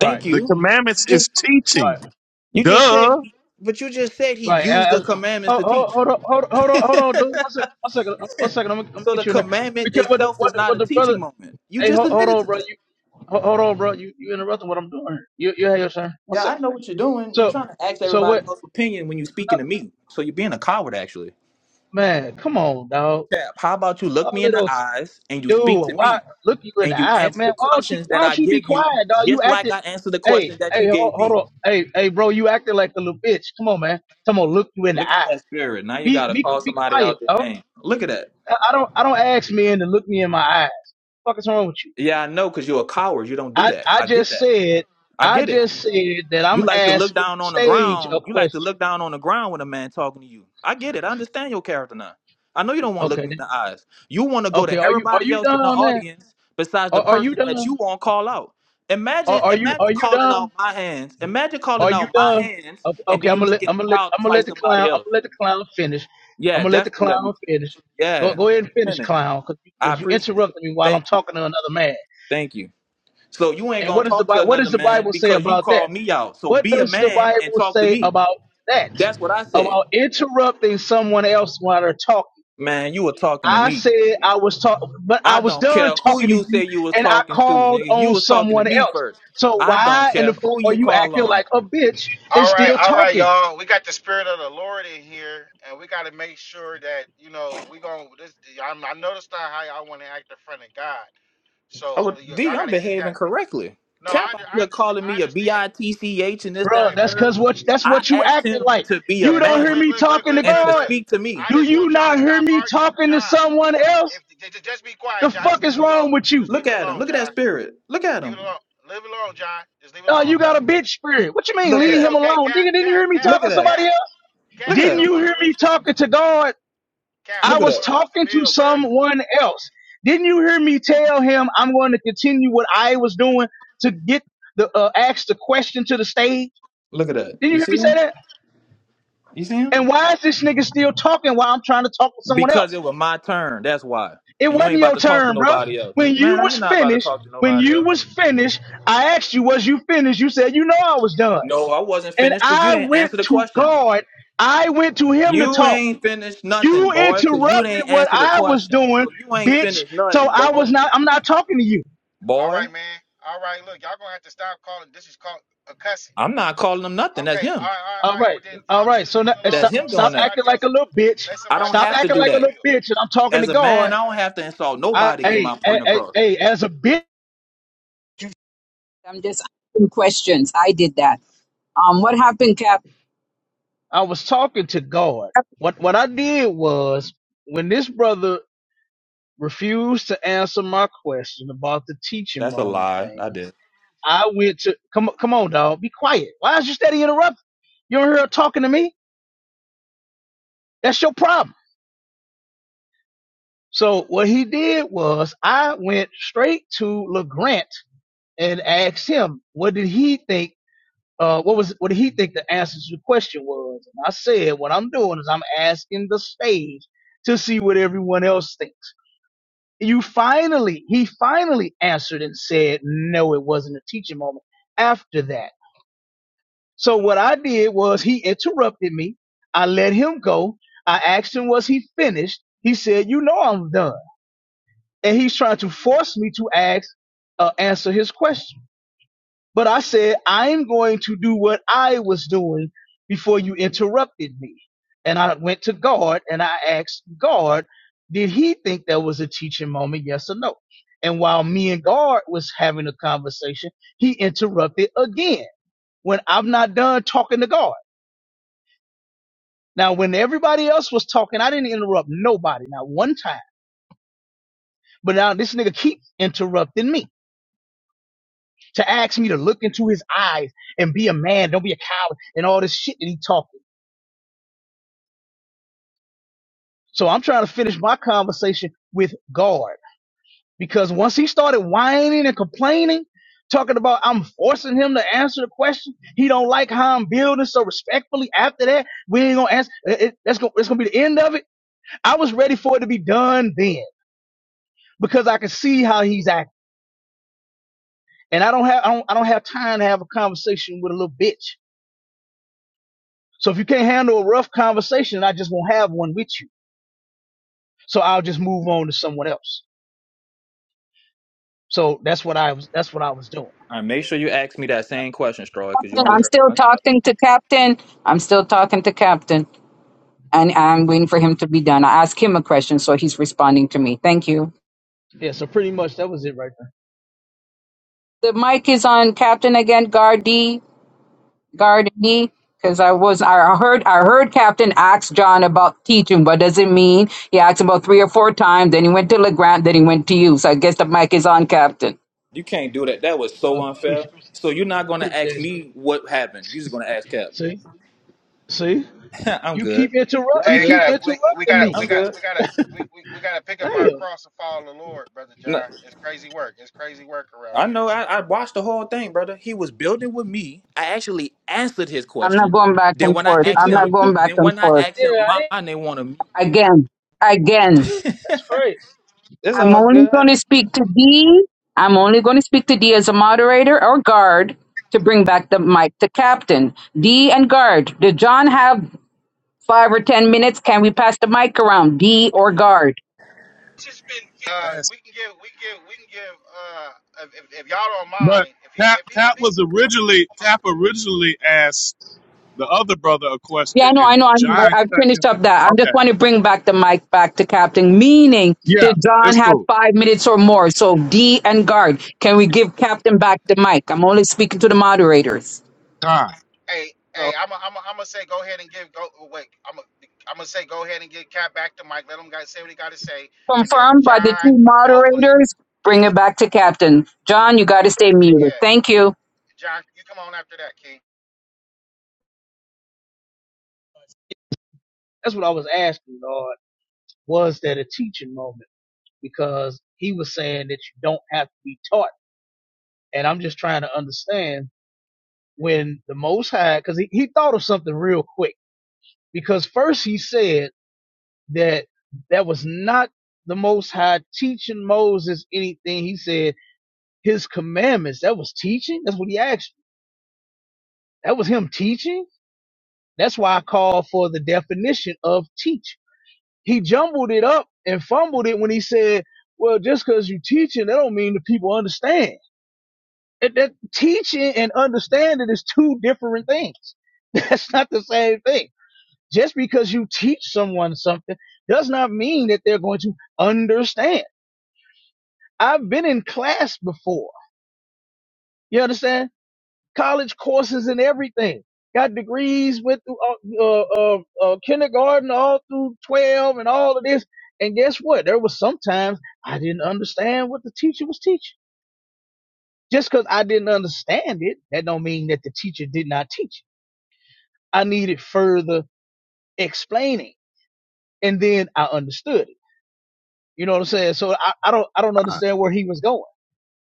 S8: right,
S7: Thank
S9: The
S7: you.
S9: commandments is
S8: right.
S9: teaching.
S7: You just said,
S9: Duh.
S7: but you just said he
S8: Right.
S7: used the
S8: Uh,
S7: commandments
S8: uh,
S7: to
S8: hold, hold,
S7: teach.
S8: hold on, hold, on- hold on, hold on, dude. One second, one second, uh, one second. I'm gonna, I'm gonna
S7: so
S8: get
S7: the
S8: you in there.
S7: commandment
S8: Because what the,
S7: itself
S8: what,
S7: is
S8: the-
S7: not
S8: what
S7: a
S8: the brother?
S7: teaching moment. You
S8: Hey,
S7: just
S8: hold, hold
S7: admitted
S8: on,
S7: to
S8: bro.
S7: that.
S8: You hold, hold on, bro. You you interrupting what I'm doing? here. You you have your turn. One
S7: Yeah, I
S8: second.
S7: know what you're doing. You're
S8: So
S7: trying to ask
S8: so
S7: everybody
S8: what?
S7: else's opinion when you're speaking to me. So you're being a coward, actually.
S8: Man, come on, dog.
S7: Tap, how about you look
S8: All
S7: me
S8: of
S7: in the
S8: those,
S7: eyes and you
S8: dude.
S7: speak to
S8: Why
S7: me
S8: look you in the
S7: and you
S8: eye,
S7: answer the
S8: man? Why don't you
S7: questions
S8: why
S7: that
S8: don't
S7: I
S8: you be
S7: give you
S8: quiet, dog? You
S7: just like
S8: acted.
S7: I answer the questions
S8: Hey
S7: that
S8: hey,
S7: you
S8: hold,
S7: gave
S8: hold
S7: me.
S8: on. Hey hey, bro. You acted like a little bitch. Come on, man. Come on, look you in the
S7: Look at
S8: eye.
S7: that spirit. Now you
S8: Be
S7: got to
S8: be
S7: call
S8: be
S7: somebody
S8: quiet,
S7: out their
S8: dog.
S7: name. Look at that.
S8: I I don't I don't ask men to look me in my eye. fuck is wrong with you?
S7: Yeah, I know because you're a coward. You don't do
S8: I
S7: that.
S8: I
S7: I get
S8: just
S7: that.
S8: said
S7: I
S8: I
S7: get it.
S8: just said that I'm
S7: You like to look
S8: asking
S7: down on the
S8: stage a
S7: ground. You like to
S8: question.
S7: look down on the ground when a man talking to you. I get it. I understand your character now. I know you don't want to look
S8: Okay,
S7: me in
S8: then-
S7: the eyes. You want to go
S8: okay.
S7: to
S8: Are you are
S7: everybody
S8: you
S7: else in the
S8: done, man?
S7: audience besides the
S8: Are, are you
S7: person that
S8: done?
S7: you want to call out.
S8: Are,
S7: Imagine,
S8: are you
S7: imagine
S8: are you
S7: calling
S8: done?
S7: out my hands. Imagine
S8: Are
S7: calling
S8: you
S7: out my
S8: done?
S7: hands,
S8: Okay,
S7: and
S8: okay,
S7: then
S8: I'm
S7: you
S8: gonna
S7: look
S8: let
S7: in
S8: I'm
S7: the
S8: gonna let
S7: crowd to
S8: I'm gonna
S7: fight
S8: let the clown
S7: somebody
S8: I'm
S7: else.
S8: gonna let the clown finish. I'm
S7: Yeah,
S8: gonna let the
S7: definitely let
S8: clown
S7: me finish.
S8: finish. Go,
S7: Yeah,
S8: go ahead
S7: let
S8: and
S7: me
S8: finish,
S7: finish.
S8: clown, because you,
S7: I
S8: 'cause you
S7: appreciate it.
S8: interrupted me while I'm
S7: Thank you.
S8: talking to another man.
S7: Thank you. So you ain't
S8: And
S7: gonna
S8: what does the
S7: talk to
S8: Bible what
S7: another
S8: does the
S7: man
S8: Bible say
S7: because you
S8: about that?
S7: called me out. So
S8: What
S7: be a
S8: does the
S7: man and
S8: Bible
S7: talk to
S8: say
S7: me.
S8: about that?
S7: That's what I said.
S8: About interrupting someone else while they're talking.
S7: Man, you were talking to
S8: I
S7: me.
S8: said I was talking, but
S7: I
S8: I was
S7: don't
S8: done
S7: care who
S8: talking to
S7: you say
S8: you
S7: you was
S8: and I
S7: talking to,
S8: called
S7: nigga. You
S8: on
S7: was talking to
S8: someone
S7: me
S8: else.
S7: first.
S8: So
S7: I don't
S8: why in the
S7: care
S8: fuck
S7: who
S8: are
S7: you
S8: you
S7: call
S8: acting
S7: on.
S8: like a bitch and
S6: All right,
S8: still
S6: all right,
S8: talking?
S6: y'all. We got the spirit of the Lord in here, and we got to make sure that you know we gonna. This, I'm, I know that's not how y'all want to act in front of God. So
S7: Oh,
S6: y-
S7: D,
S6: y'all got
S7: I'm
S6: to keep that.
S7: behaving correctly.
S6: No,
S7: Cap
S6: I, under,
S7: out
S6: I
S7: here
S6: understand.
S7: calling
S6: I
S7: me a
S6: understand.
S7: B-I-T-C-H and this, that,
S8: bro?
S7: and
S6: Hey,
S7: the
S6: bro.
S8: that's
S7: third.
S8: cause what that's
S7: I
S8: what you
S7: asked
S8: acting
S7: him
S8: like.
S7: to be a
S8: You
S6: Hey,
S8: don't
S6: look,
S8: hear
S7: man
S6: look,
S8: me
S6: look, look,
S8: talking to
S6: look,
S7: and
S6: look,
S7: to
S8: God.
S6: look.
S7: speak to me.
S6: I
S8: Do
S6: just
S8: you
S6: want y'all to
S8: not hear
S6: stop
S8: me
S6: arguing,
S8: talking to
S6: John.
S8: someone else?
S6: If just, just be quiet,
S8: The
S6: John. Just
S8: fuck
S6: leave
S8: is
S6: it
S8: wrong
S6: alone.
S8: with you?
S6: Just
S7: Look
S6: leave it
S7: at him.
S6: alone,
S7: Look at that
S6: John.
S7: spirit. Look at
S6: Leave it
S7: him.
S6: alone. Leave it alone, John. Just leave it
S8: Uh,
S6: alone,
S8: you got a
S6: brother.
S8: bitch spirit. What you mean?
S7: Look
S6: Hey,
S7: at
S6: it's
S8: Leave
S7: that.
S8: him
S6: okay,
S8: alone.
S6: Cap,
S8: Nigga, didn't you
S6: Cap,
S8: hear me
S6: Cap,
S8: talking
S7: Look at
S8: to
S7: that.
S8: somebody
S6: Cap,
S8: else?
S7: Look
S6: Cap.
S7: at
S6: We
S8: Didn't
S7: that.
S6: don't
S8: you
S6: want
S8: hear
S6: to
S8: me
S6: lose the
S8: talking to God?
S6: Cap. We
S8: I
S7: Look at
S6: don't
S8: was
S6: want
S7: that.
S6: to lose the
S8: talking to
S6: bill, bruh.
S8: someone else. Didn't you hear me tell him I'm going to continue what I was doing to get the uh, ask the question to the stage?
S7: Look at that.
S8: Didn't you
S7: You
S8: hear me
S7: see
S8: say
S7: him?
S8: that?
S7: You see him?
S8: And why is this nigga still talking while I'm trying to talk to someone
S7: Because
S8: else?
S7: it was my turn. That's why.
S8: It
S7: And you
S8: wasn't
S7: ain't about
S8: your
S7: to talk to
S8: turn, bro.
S7: nobody else.
S8: When
S7: nigga. Man,
S8: you was
S7: you're not about to
S8: finished,
S7: talk to
S8: when
S7: nobody
S8: you
S7: else.
S8: was finished, I asked you, was you finished? You said, you know, I was done.
S7: No, I wasn't
S8: And
S7: finished because you
S8: I
S7: didn't
S8: went
S7: answer the
S8: to
S7: question.
S8: God. I went to him to
S7: You
S8: talk.
S7: ain't finished nothing,
S8: You
S7: boy, because you
S8: interrupted
S7: didn't
S8: what
S7: answer the
S8: I was
S7: question.
S8: doing,
S7: So you ain't
S8: bitch.
S7: finished
S8: So
S7: nothing,
S8: I
S7: boy.
S8: was not. I'm not talking to you.
S6: All right,
S7: Boy,
S6: man. All right, look, y'all gonna have to stop calling. This is called a cussing.
S7: I'm not calling him nothing. That's
S6: Okay. All
S7: him.
S6: right, all right,
S8: All
S6: all right.
S8: right,
S6: Well, then
S8: all
S6: y'all two
S8: right.
S6: just
S8: So
S6: leave
S8: now,
S6: it
S8: eh,
S7: That's
S6: alone,
S8: stop,
S6: bro.
S7: him
S6: Let
S8: stop
S7: doing that.
S8: acting
S6: somebody
S8: like a
S6: else.
S8: little bitch.
S6: Let
S7: I
S6: somebody.
S7: don't
S8: Stop
S6: Let
S7: have to
S8: acting
S7: do
S6: somebody
S8: like a
S6: else
S7: that.
S8: little
S6: build.
S8: bitch. And I'm talking to
S7: As a man,
S8: God.
S7: I don't have to insult
S8: I,
S7: nobody to get
S8: hey,
S7: my point
S8: hey,
S7: across.
S8: hey, as a bitch,
S1: I'm just asking questions. I did that. Um what happened, Cap?
S8: I was talking to God. What, what I did was when this brother refused to answer my question about the teaching
S7: That's a
S8: moment
S7: lie. I
S8: thing,
S7: did.
S8: I went to come, come on, dog, be quiet. Why is you steady interrupting? You don't hear her talking to me. That's your problem. So what he did was I went straight to LeGrant and asked him, what did he think? Uh, what was what did he think the answer to the question was? And I said, what I'm doing is I'm asking the stage to see what everyone else thinks. You finally, he finally answered and said, no, it wasn't a teaching moment. After that, so what I did was he interrupted me. I let him go. I asked him, was he finished? He said, you know, I'm done. and he's trying to force me to ask uh, answer his question. But I said I'm going to do what I was doing before you interrupted me, and I went to God and I asked God, did he think that was a teaching moment? Yes or no? And while me and God was having a conversation, he interrupted again when I'm not done talking to God. Now, when everybody else was talking, I didn't interrupt nobody, not one time. But now this nigga keeps interrupting me. to ask me to look into his eyes and be a man, don't be a coward, and all this shit that he talking. So I'm trying to finish my conversation with God because once he started whining and complaining, talking about I'm forcing him to answer the question, he don't like how I'm building. So respectfully, after that, we ain't gonna answer. It, it- that's gonna it's gonna be the end of it. I was ready for it to be done then because I could see how he's acting, and I don't have I don't I don't have time to have a conversation with a little bitch. So if you can't handle a rough conversation, I just won't have one with you. So I'll just move on to someone else. So that's what I was. That's what I was doing.
S7: All right, make sure you ask me that same question, Stroy, because you
S1: Captain,
S7: only
S1: I'm
S7: heard
S1: still
S7: one.
S1: talking to Captain. I'm still talking to Captain. And I'm waiting for him to be done. I asked him a question, so he's responding to me. Thank you.
S8: Yeah. So pretty much that was it right
S1: The mic is on Captain again, Guard gardening because I was I heard I heard Captain ask John about teaching. What does it mean? He asked about three or four times. Then he went to Legrand. Then he went to you. So I guess the mic is on, Captain.
S7: You can't do that. That was
S8: there.
S7: so
S8: Uh,
S7: unfair.
S8: appreciate,
S7: So you're not gonna ask
S8: appreciate it.
S7: me what happened. You're just gonna ask Cap.
S8: See, see,
S7: I'm
S8: you
S7: good.
S8: keep interrupt.
S7: Y'all
S8: You
S6: Hey, we
S7: good?
S8: keep
S6: gotta, we, we
S8: interrupting
S6: gotta,
S8: me.
S6: we
S7: I'm
S6: got,
S7: good.
S6: we gotta, we, we, we gotta pick up our
S8: Damn.
S6: cross and follow the Lord, brother
S7: No,
S6: John. It's crazy work. It's crazy work around
S7: I
S6: here.
S7: know. I, I watched the whole thing, brother. He was building with me. I actually answered his
S1: I'm not
S7: question.
S1: going back
S7: Then
S1: and
S7: when I
S1: forth.
S8: It
S7: asked
S1: I'm
S8: took. It
S1: not
S7: him,
S1: going
S8: took.
S1: back
S7: then
S1: and
S7: when I
S1: forth
S7: asked him
S8: Yeah. I, ain't-
S7: mine, they want to mute me.
S1: again. Again,
S8: that's crazy.
S7: It's
S1: I'm
S7: all
S1: only going
S7: good.
S1: to speak to D. I'm only going to speak to D as a moderator or guard to bring back the mic to Captain D and guard. Did John have five or ten minutes? Can we pass the mic around D or guard?
S6: It's just been. Uh,
S9: Yes.
S6: we can give, we can give, we can give. Uh, if, if, if y'all don't
S9: But
S6: mind, if you,
S9: Cap
S6: if he,
S9: Cap
S6: if he,
S9: was originally Cap originally asked the other brother a
S1: Yeah, I
S9: question,
S1: know, I
S9: and
S1: know. I know.
S9: John
S1: I, I
S9: cut
S1: finished
S9: him.
S1: up that. I
S9: Okay.
S1: just want to bring back the mic back to Captain, meaning
S9: Yeah,
S1: that John
S9: it's
S1: had
S9: cool.
S1: five minutes or more. So D and guard, can we give Captain back the mic? I'm only speaking to the moderators.
S9: Time.
S6: hey, hey,
S1: So
S6: I'm, i I'm, i am i gonna say, go ahead and give. Go oh, wait, I'm, i am i gonna say, go ahead and get Cap back to Mike. Let him guys say what he got to say, and then
S1: confirmed by the
S6: John,
S1: two
S6: hopefully,
S1: moderators. Bring it back to Captain. John, you got to stay muted.
S6: yeah,
S1: Thank you.
S6: John, you come on after that, King.
S8: That's what I was asking, Lord. Was that a teaching moment? Because he was saying that you don't have to be taught, and I'm just trying to understand when the Most High, because he, he thought of something real quick. Because first he said that that was not the most high teaching Moses anything. He said his commandments. That was teaching. That's what he asked. That was him teaching. That's why I called for the definition of teach. He jumbled it up and fumbled it when he said, well, just cause you teaching, that don't mean the people understand. That, that teaching and understanding is two different things. That's not the same thing. Just because you teach someone something does not mean that they're going to understand I've been in class before. You understand? College courses and everything. Got degrees with uh, uh, uh, uh, kindergarten all through 12 and all of this. And guess what? There was sometimes I didn't understand what the teacher was teaching. Just because I didn't understand it, that don't mean that the teacher did not teach. it. I needed further explaining, and then I understood it. You know what I'm saying? So I, I don't I don't understand where he was going.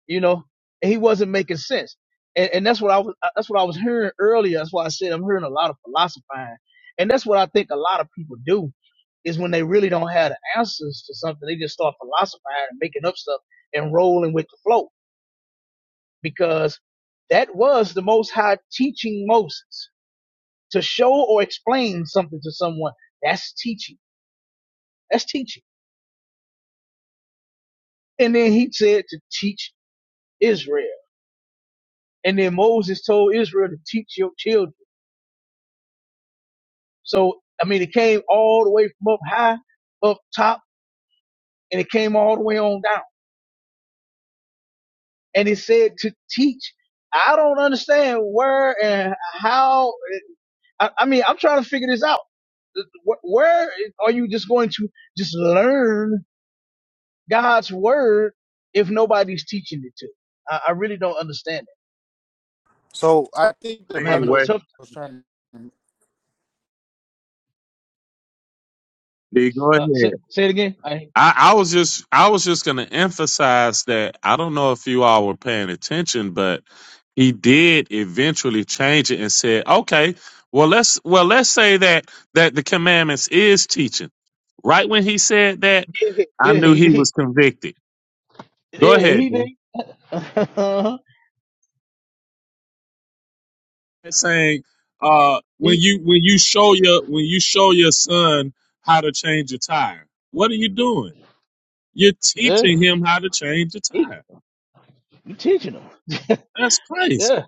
S8: you know, and he wasn't making sense. And, and that's what I was, that's what I was hearing earlier. That's why I said I'm hearing a lot of philosophizing. And that's what I think a lot of people do is when they really don't have the answers to something, they just start philosophizing and making up stuff and rolling with the flow because that was the most high teaching Moses to show or explain something to someone. That's teaching. That's teaching. And then he said to teach Israel. And then Moses told Israel to teach your children So, I mean, it came all the way from up high, up top, and it came all the way on down. And it said to teach. I don't understand where and how. I, I mean, I'm trying to figure this out. Wh- Where are you just going to just learn God's word if nobody's teaching it to? you? I, I really don't understand it.
S6: So I think the
S8: I'm
S9: mean,
S8: having a
S6: brother
S9: wait,
S6: the
S8: tough.
S6: was trying. to-
S9: D, go ahead.
S8: Uh, say, say it again. I,
S9: I, I was just I was just gonna emphasize that I don't know if you all were paying attention, but he did eventually change it and said, Okay, well let's well let's say that that the commandments is teaching. Right when he said that, I
S8: yeah,
S9: knew
S8: he
S9: he
S8: did.
S9: was convicted. Go
S8: Yeah,
S9: ahead,
S8: he
S9: D.
S8: did.
S9: Saying uh when
S8: he,
S9: you when you show your when you show your son how to change a tire, what are you doing? You're
S8: yeah,
S9: teaching him how to change a
S8: he,
S9: tire.
S8: you teaching them.
S9: That's crazy.
S8: Yeah.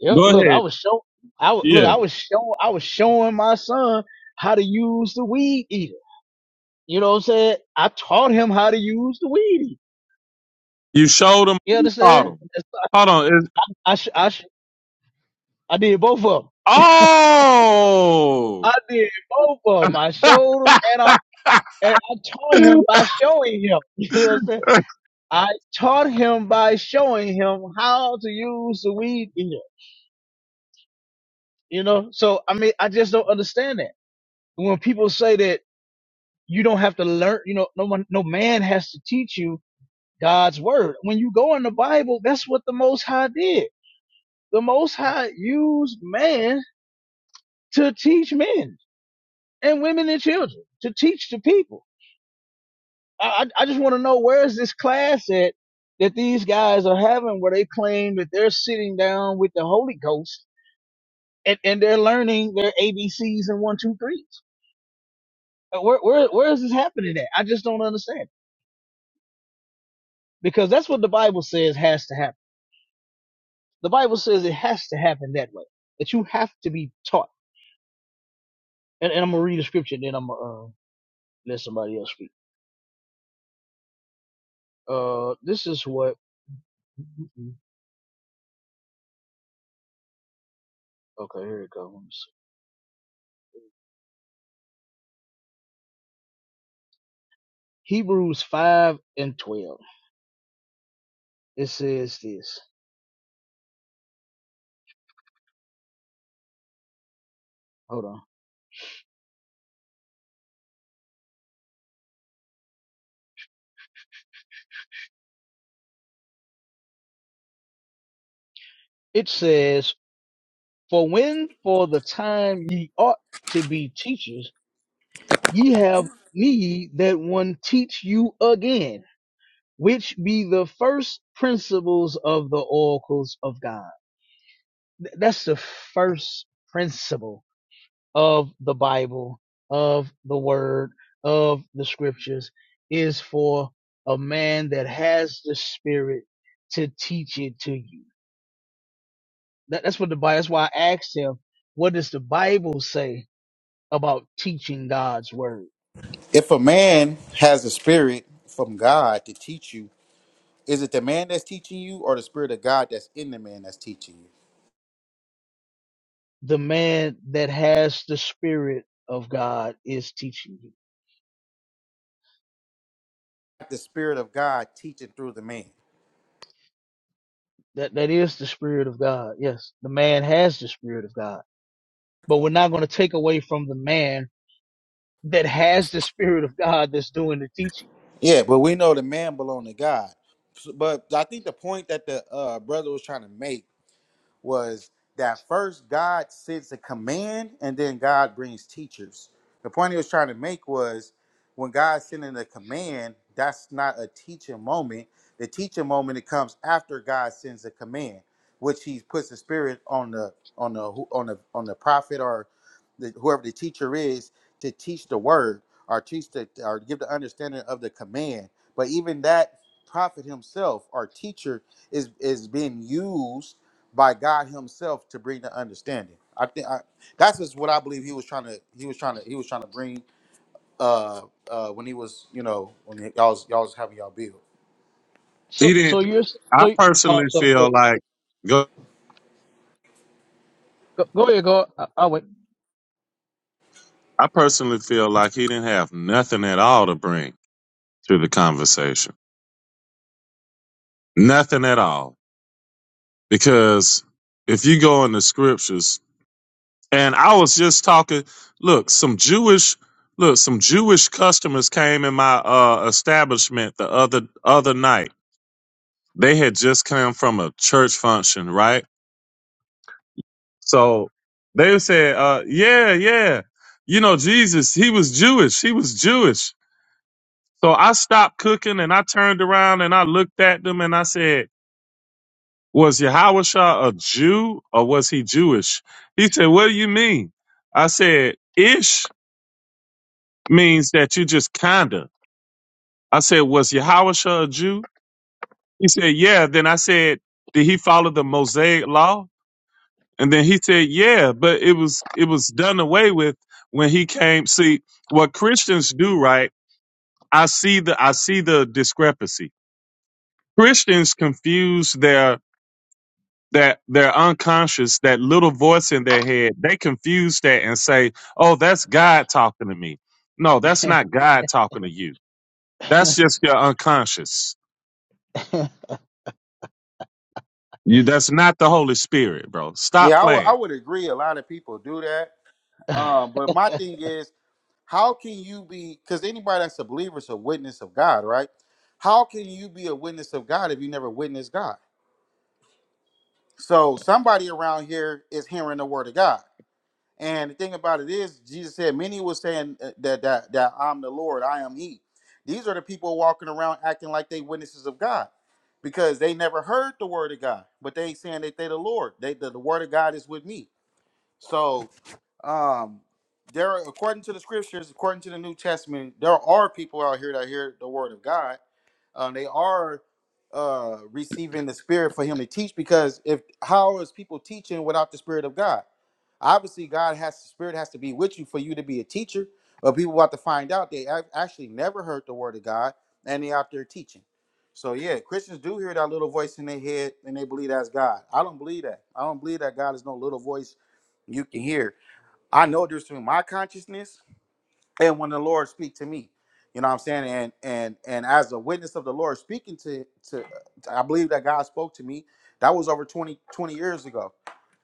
S8: Yep.
S9: Go
S8: Look, I
S9: ahead.
S8: was show. I wa- look.
S9: Yeah.
S8: I was show. I was showing my son how to use the weed eater. You know what I'm saying? I taught him how to use the weed eater.
S9: You showed him,
S8: You
S9: you taught
S8: understand?
S9: him.
S8: It's-
S9: Hold on. It's,
S8: I I sh- I, sh- I did both of them.
S9: oh.
S8: I did both of them. I showed him and I and I taught him by showing him. You know what I'm saying? I taught him by showing him how to use the weed eater. You know? So I mean, I just don't understand that when people say that. you don't have to learn, you know, no one, no man has to teach you God's word. When you go in the Bible, that's what the Most High did. The Most High used man to teach men and women and children to teach the people. I, I just want to know where is this class at that these guys are having where they claim that they're sitting down with the Holy Ghost and, and they're learning their ABCs and one, two, threes. Uh, Where, where, where is this happening at? I just don't understand because that's what the Bible says has to happen. The Bible says it has to happen that way. That you have to be taught. And, and I'm gonna read the scripture, and then I'm gonna uh, let somebody else speak. Uh, this is what. Okay, here it goes. Hebrews five and twelve. It says this. Hold on. It says, "For when for the time ye ought to be teachers, ye have need that one teach you again, which be the first principles of the oracles of God." Th- That's the first principle of the Bible, of the word, of the scriptures is for a man that has the spirit to teach it to you. That, that's what the Bible, that's why I asked him, what does the Bible say about teaching God's word?
S6: If a man has a spirit from God to teach you, is it the man that's teaching you, or the spirit of God that's in the man that's teaching you?
S8: The man that has the spirit of God is teaching you.
S6: Spirit of God teaching through the man.
S8: That, that is the spirit of God. Yes. The man has the spirit of God, but we're not going to take away from the man that has the spirit of God that's doing the teaching.
S6: Yeah, but we know the man belong to God. So- But I think the point that the uh, brother was trying to make was that first God sends a command and then God brings teachers. The point he was trying to make was when God sending a command, that's not a teaching moment. The teaching moment it comes after God sends a command, which he puts the spirit on the on the on the on the prophet or the, whoever the teacher is to teach the word or teach the or give the understanding of the command. But even that prophet himself or teacher is is being used by God Himself to bring the understanding. I think I, that's just what I believe He was trying to He was trying to He was trying to bring uh uh when He was you know when he- y'all was, y'all was having y'all build.
S9: he
S8: So, so
S9: didn't.
S8: you're
S9: I
S8: so. Oh,
S9: personally
S8: so go
S9: feel
S8: ahead.
S9: like, go,
S8: Go, go ahead. Go. I, I'll wait.
S9: I personally feel like he didn't have nothing at all to bring to the conversation. Nothing at all. Because if you go in the scriptures, And I was just talking. Look, some Jewish, look, some Jewish customers came in my uh, establishment the other other night. They had just come from a church function, right? So they said, uh, "Yeah, yeah, you know Jesus, he was Jewish. He was Jewish." So I stopped cooking and I turned around and I looked at them and I said, "Was Yahushua a Jew or was he Jewish?" He said, "What do you mean?" I said, "Ish." means that you just kinda. I said, was Yahusha a Jew? He said, yeah. Then I said, did he follow the Mosaic law? And then he said, yeah, but it was, it was done away with when he came. See, what Christians do, right? I see the, I see the discrepancy. Christians confuse their, that their their unconscious, that little voice in their head, they confuse that and say, oh, that's God talking to me. No, that's not God talking to you. That's just your unconscious You, that's not the Holy Spirit, bro. Stop
S6: Yeah, I would I
S9: playing.
S6: would agree. A lot of people do that. Um, but my thing is, how can you be? Because anybody that's a believer is a witness of God, right? How can you be a witness of God if you never witnessed God? So somebody around here is hearing the word of God. And the thing about it is, Jesus said, many was saying uh, that that that I'm the Lord, I am He. These are the people walking around acting like they witnesses of God, because they never heard the word of God, but they saying that they the Lord. They the, the word of God is with me. So. Um, there, are, according to the scriptures, according to the New Testament, there are people out here that hear the word of God. Um, they are uh, receiving the Spirit for Him to teach. Because if how is people teaching without the Spirit of God? Obviously, God has the Spirit has to be with you for you to be a teacher. But people about to find out they ac- actually never heard the word of God, and they out there teaching. So yeah, Christians do hear that little voice in their head, and they believe that's God. I don't believe that. I don't believe that God is no little voice you can hear. I know there's through my consciousness and when the Lord speak to me. You know what I'm saying? And and and as a witness of the Lord speaking to to I believe that God spoke to me. That was over 20 20 years ago.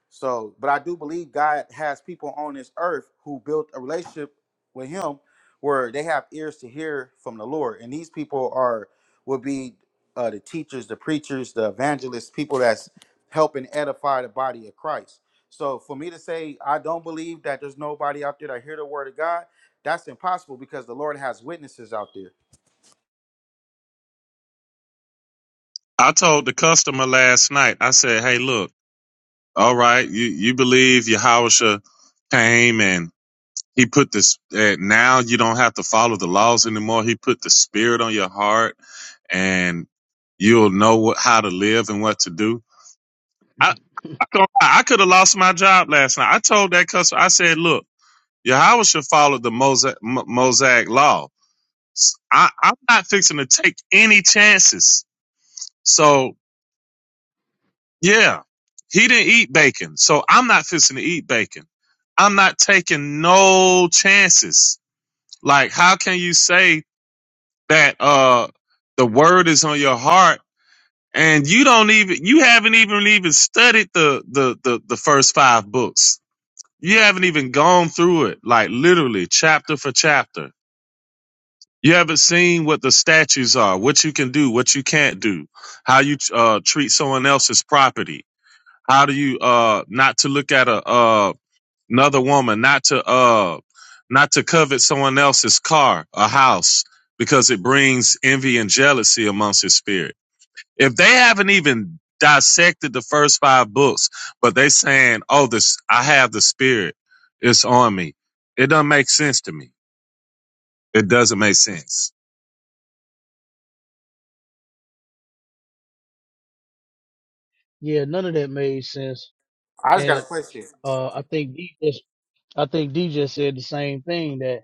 S6: So, but I do believe God has people on this earth who built a relationship with Him, where they have ears to hear from the Lord, and these people are will be uh, the teachers, the preachers, the evangelists, people that's helping edify the body of Christ. So, for me to say I don't believe that there's nobody out there that hear the word of God, that's impossible because the Lord has witnesses out there.
S9: I told the customer last night. I said, "Hey, look, all right, you you believe Yahusha came and he put this. Uh, now you don't have to follow the laws anymore. He put the Spirit on your heart, and you'll know what, how to live and what to do." I I, don't- I could have lost my job last night. I told that customer. I said, "Look, Yahusha followed the Mosaic, Mosaic law. S- I, I'm not fixing to take any chances." So yeah, he didn't eat bacon. So I'm not fixing to eat bacon. I'm not taking no chances. Like, how can you say that uh the word is on your heart and you don't even you haven't even even studied the the the, the first five books. You haven't even gone through it, like literally chapter for chapter. You haven't seen what the statutes are, what you can do, what you can't do, how you uh, treat someone else's property How do you uh not to look at a uh another woman, not to uh not to covet someone else's car, a house, because it brings envy and jealousy amongst his spirit. If they haven't even dissected the first five books, but they saying, "Oh, this I have the spirit, it's on me," it doesn't make sense to me. It doesn't make sense.
S8: yeah, none of that made sense.
S6: I just got a
S8: And
S6: question.
S8: uh, I think D just, I think D just said the same thing that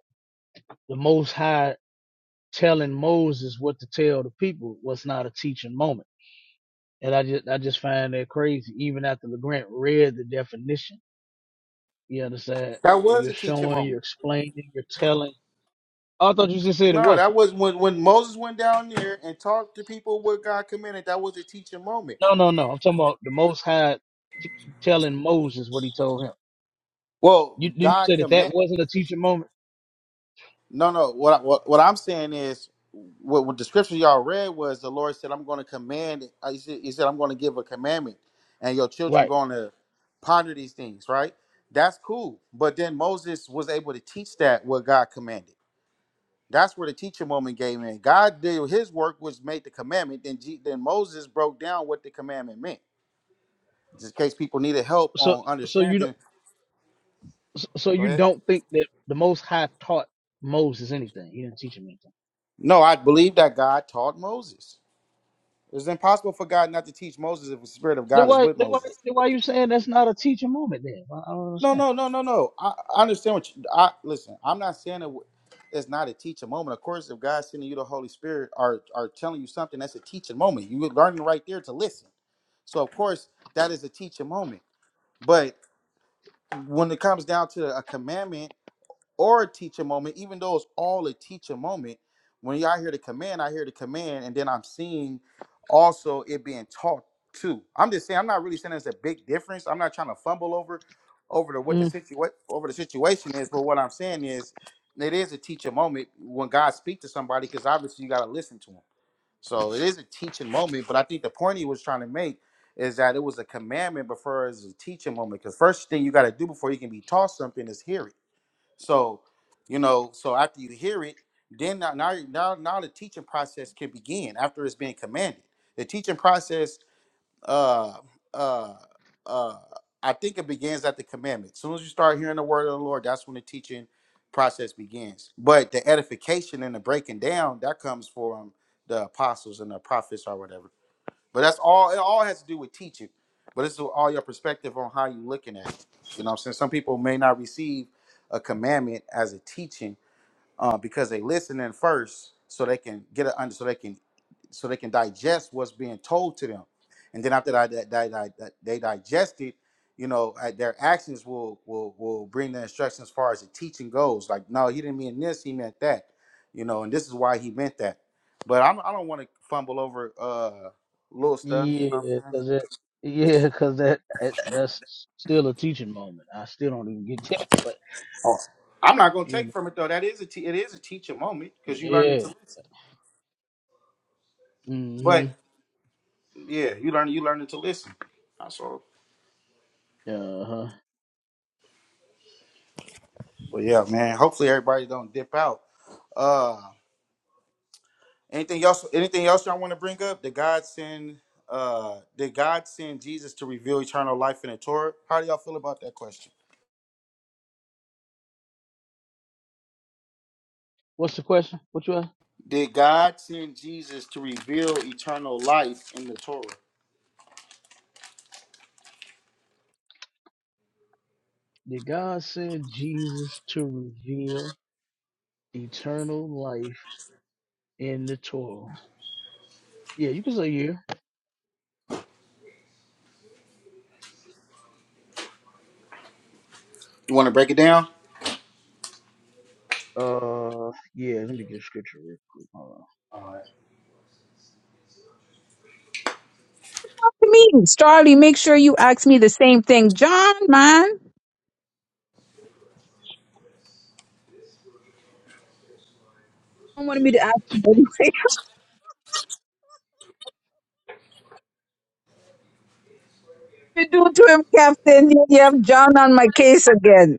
S8: the Most High telling Moses what to tell the people was not a teaching moment. And I just I just find that crazy. Even after LeGrant read the definition, you understand?
S6: That was
S8: You're
S6: a teaching
S8: showing,
S6: moment.
S8: you're explaining, you're telling. Oh, I thought you just said it
S6: No,
S8: wasn't.
S6: that was when when Moses went down there and talked to people what God commanded. That was a teaching moment.
S8: No, no, no. I'm talking about the Most High t- telling Moses what he told him.
S6: Well,
S8: You didn't you
S6: God
S8: say that that
S6: command.
S8: wasn't a teaching moment,
S6: No, no. What I- what what I'm saying is, what, what the scripture y'all read was the Lord said, "I'm going to command." uh, He said, he said "I'm going to give a commandment, and your children
S8: right?
S6: going to ponder these things." Right? That's cool. But then Moses was able to teach that what God commanded. That's where the teacher moment came in. God did His work, which made the commandment. Then G, then Moses broke down what the commandment meant. just in case people needed help
S8: So,
S6: on
S8: so you don't,
S6: understanding.
S8: so so
S6: Go
S8: you
S6: ahead.
S8: don't think that the Most High taught Moses anything? He didn't teach him anything.
S6: No, I believe that God taught Moses. It's impossible for God not to teach Moses if the Spirit of
S8: Then
S6: God is
S8: why,
S6: with
S8: then why,
S6: Moses.
S8: then why you saying that's not a teaching moment? Then I I don't
S6: No,
S8: understand.
S6: no, no, no, no. I, I understand what you. I listen. I'm not saying it, it's not a teaching moment. Of course, if God's sending you the Holy Spirit or are telling you something, that's a teaching moment. You were learning right there to listen. So of course, that is a teaching moment. But when it comes down to a commandment or a teacher moment, even though it's all a teacher moment, when y'all hear the command, I hear the command, and then I'm seeing also it being taught too. I'm just saying, I'm not really saying there's a big difference. I'm not trying to fumble over over to what the
S8: Mm,
S6: situa- over the situation is, but what I'm saying is it is a teaching moment when God speaks to somebody, because obviously you gotta listen to him. So it is a teaching moment, but I think the point he was trying to make is that it was a commandment before it was a teaching moment. Because first thing you gotta do before you can be taught something is hear it so, you know, so after you hear it, then now now now, now the teaching process can begin after it's been commanded. The teaching process, uh, uh, uh, I think it begins at the commandment. As soon as you start hearing the word of the Lord, that's when the teaching process begins. But the edification and the breaking down that comes from the apostles and the prophets or whatever. But that's all. It all has to do with teaching. But it's all your perspective on how you're looking at it. You know what I'm saying? Some people may not receive a commandment as a teaching uh, because they listening first so they can get a under so they can so they can digest what's being told to them and then after that, that, that, that, that they digest it you know uh, their actions will will will bring the instruction as far as the teaching goes like no he didn't mean this he meant that you know and this is why he meant that but I'm, i don't want to fumble over uh little stuff you know what
S8: yeah,
S6: i'm saying
S8: because it, yeah, because that, that that's still a teaching moment. I still don't even get that, but
S6: Oh, i'm not going to
S8: you
S6: take
S8: know,
S6: from it though that is a te- it is a teaching moment because you learning
S8: yeah,
S6: to listen
S8: mm-hmm,
S6: but yeah you learn you learning to listen that's all
S8: uh huh.
S6: But yeah, man. Hopefully everybody don't dip out. Uh, anything else? Anything else y'all want to bring up? Did God send? Uh, did God send Jesus to reveal eternal life in the Torah? How do y'all feel about that question?
S8: What's the question? What you ask?
S6: Did God send Jesus to reveal eternal life in the Torah?
S8: Did God send Jesus to reveal eternal life in the Torah? Yeah, you can say yeah.
S6: You want to break it down?
S8: Uh, yeah. Let me get a scripture real quick. Hold on.
S1: Me, Starly, make sure you ask me the same thing. John, man. I wanted me to ask him. What you do to him, Captain? You you have John on my case again.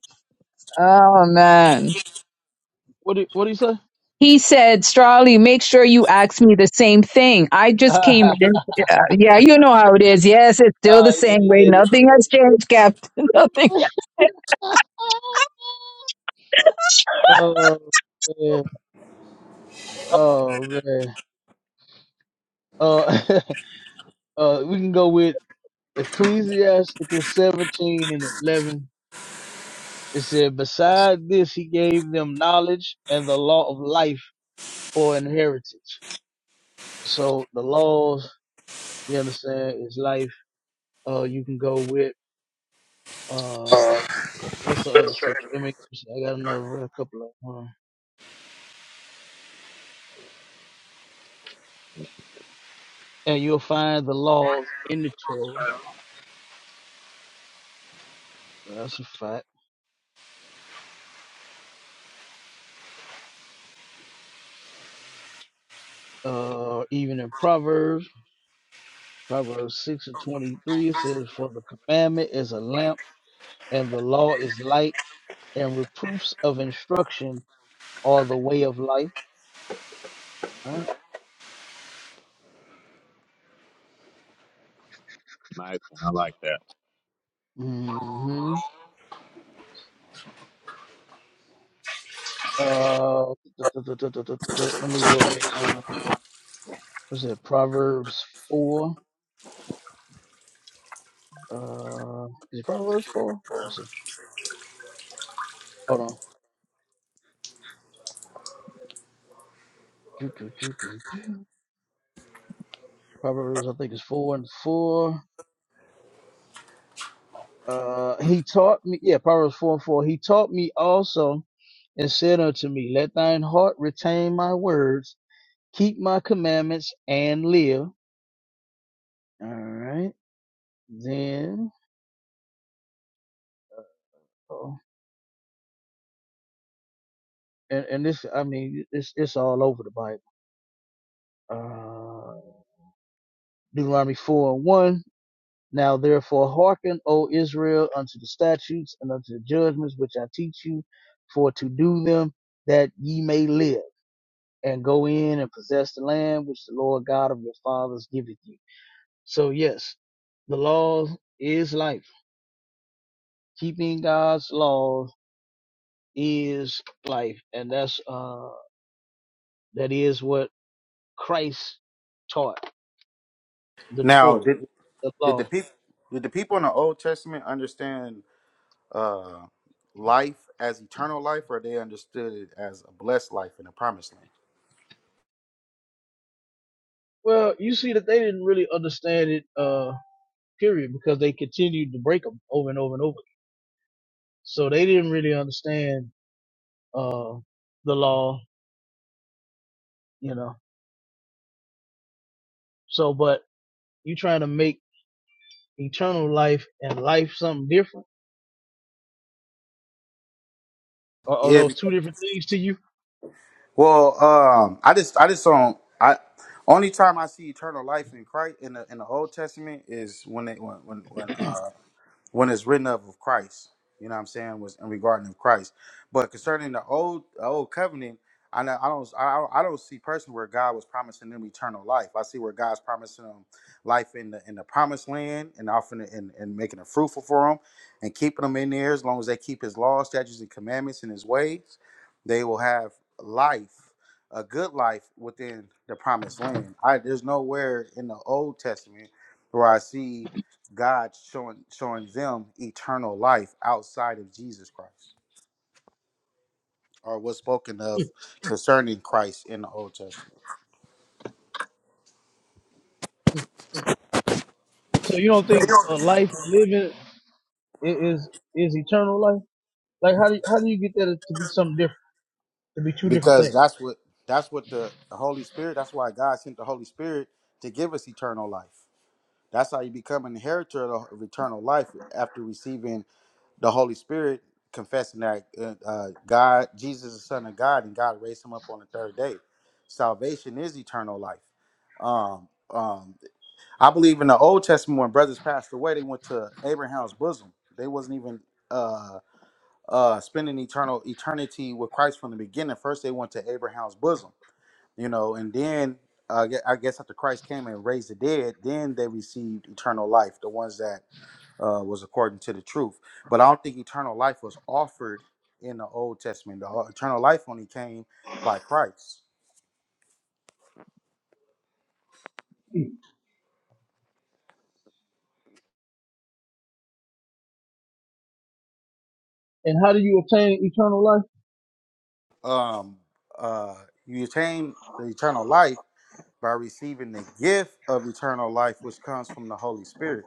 S1: Oh, man.
S8: What do What do you say?
S1: He said, Strawley, make sure you ask me the same thing. I just came.
S8: uh,
S1: Yeah, yeah, you know how it is. Yes, it's still the
S8: yeah,
S1: same way.
S8: yeah,
S1: Nothing has changed, Captain. Nothing.
S8: yeah. oh man. Oh man. Uh, uh, we can go with Ecclesiasticus 17 and 11. It said, "Beside this, he gave them knowledge and the law of life for inheritance." So the laws, you understand, is life. Uh, you can go with uh, what's the other scripture? Let me. I got another a couple of. Hold And you'll find the laws in the Torah. That's a fact. Uh, even in Proverbs, Proverbs six and twenty-three, it says, "For the commandment is a lamp, and the law is light, and reproofs of instruction are the way of life." All right.
S9: Nice one, I like that.
S8: Mm-hmm. Uh, let me go to. uh, was it Proverbs four? Uh, is it Proverbs four? Let Let's see. Hold on. Do, do, do, do, do. Proverbs, I think it's four and four. Uh, he taught me. Yeah, Proverbs four and four. He taught me also, and said unto me, Let thine heart retain my words, keep my commandments, and live. All right. Then, oh, and and this, I mean, it's it's all over the Bible. Uh, Deuteronomy four and one. Now therefore hearken, O Israel, unto the statutes and unto the judgments which I teach you, for to do them that ye may live, and go in and possess the land which the Lord God of your fathers giveth you. So yes, the law is life. Keeping God's laws is life, and that's uh that is what Christ taught the
S6: Now, did
S8: Torah, the
S6: did the
S8: law.
S6: people did the people in the Old Testament understand uh, life as eternal life, or they understood it as a blessed life in the Promised Land?
S8: Well, you see that they didn't really understand it. Uh, period, because they continued to break them over and over and over. again. So they didn't really understand uh, the law, you know. So, but you trying to make eternal life and life something different, or, or
S6: Yeah,
S8: those two different things to you?
S6: Well, um, I just I just don't I only time I see eternal life in Christ in the in the Old Testament is when they when when when uh when it's written of of Christ. You know what I'm saying? Was in regarding of Christ. But concerning the old the old covenant, I know I don't I don't, I don't see personally where God was promising them eternal life. I see where God's promising them life in the in the promised land and offering it and, and making it fruitful for them and keeping them in there as long as they keep his law, statutes, and commandments and his ways, they will have life, a good life within the promised land. I there's nowhere in the old testament where I see God showing showing them eternal life outside of Jesus Christ, or what's spoken of concerning Christ in the Old Testament,
S8: So you don't think uh, life and living i- is is eternal life? Like how do you, how do you get that to be something different, to be two different
S6: because
S8: things?
S6: that's what that's what the, the Holy Spirit. That's why God sent the Holy Spirit to give us eternal life. That's how you become an inheritor of the- of eternal life after receiving the Holy Spirit, confessing that uh, uh, God, Jesus, is the Son of God, and God raised Him up on the third day. Salvation is eternal life. Um, um, I believe in the Old Testament when brothers passed away, they went to Abraham's bosom. They wasn't even uh uh spending eternal eternity with Christ from the beginning. First, they went to Abraham's bosom, you know, and then uh, I gue- I guess after Christ came and raised the dead, then they received eternal life, the ones that uh, was according to the truth. But I don't think eternal life was offered in the Old Testament. The o- eternal life only came by Christ.
S8: And how do you attain eternal life?
S6: Um, uh, you attain the eternal life by receiving the gift of eternal life, which comes from the Holy Spirit,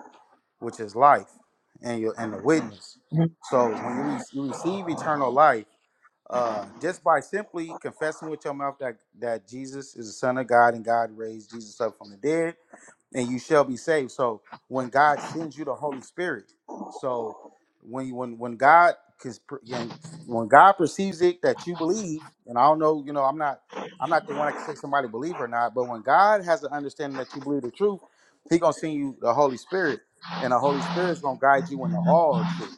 S6: which is life and your and the witness.
S8: Mhm,
S6: So when you, re- you receive eternal life, uh, just by simply confessing with your mouth that, that Jesus is the Son of God and God raised Jesus up from the dead, and you shall be saved. So when God sends you the Holy Spirit, so when you, when when God cause and when God perceives it that you believe, and I don't know, you know, I'm not I'm not the one that can say somebody believe or not, but when God has an understanding that you believe the truth, He gonna send you the Holy Spirit, and the Holy Spirit's gonna guide you into all truth.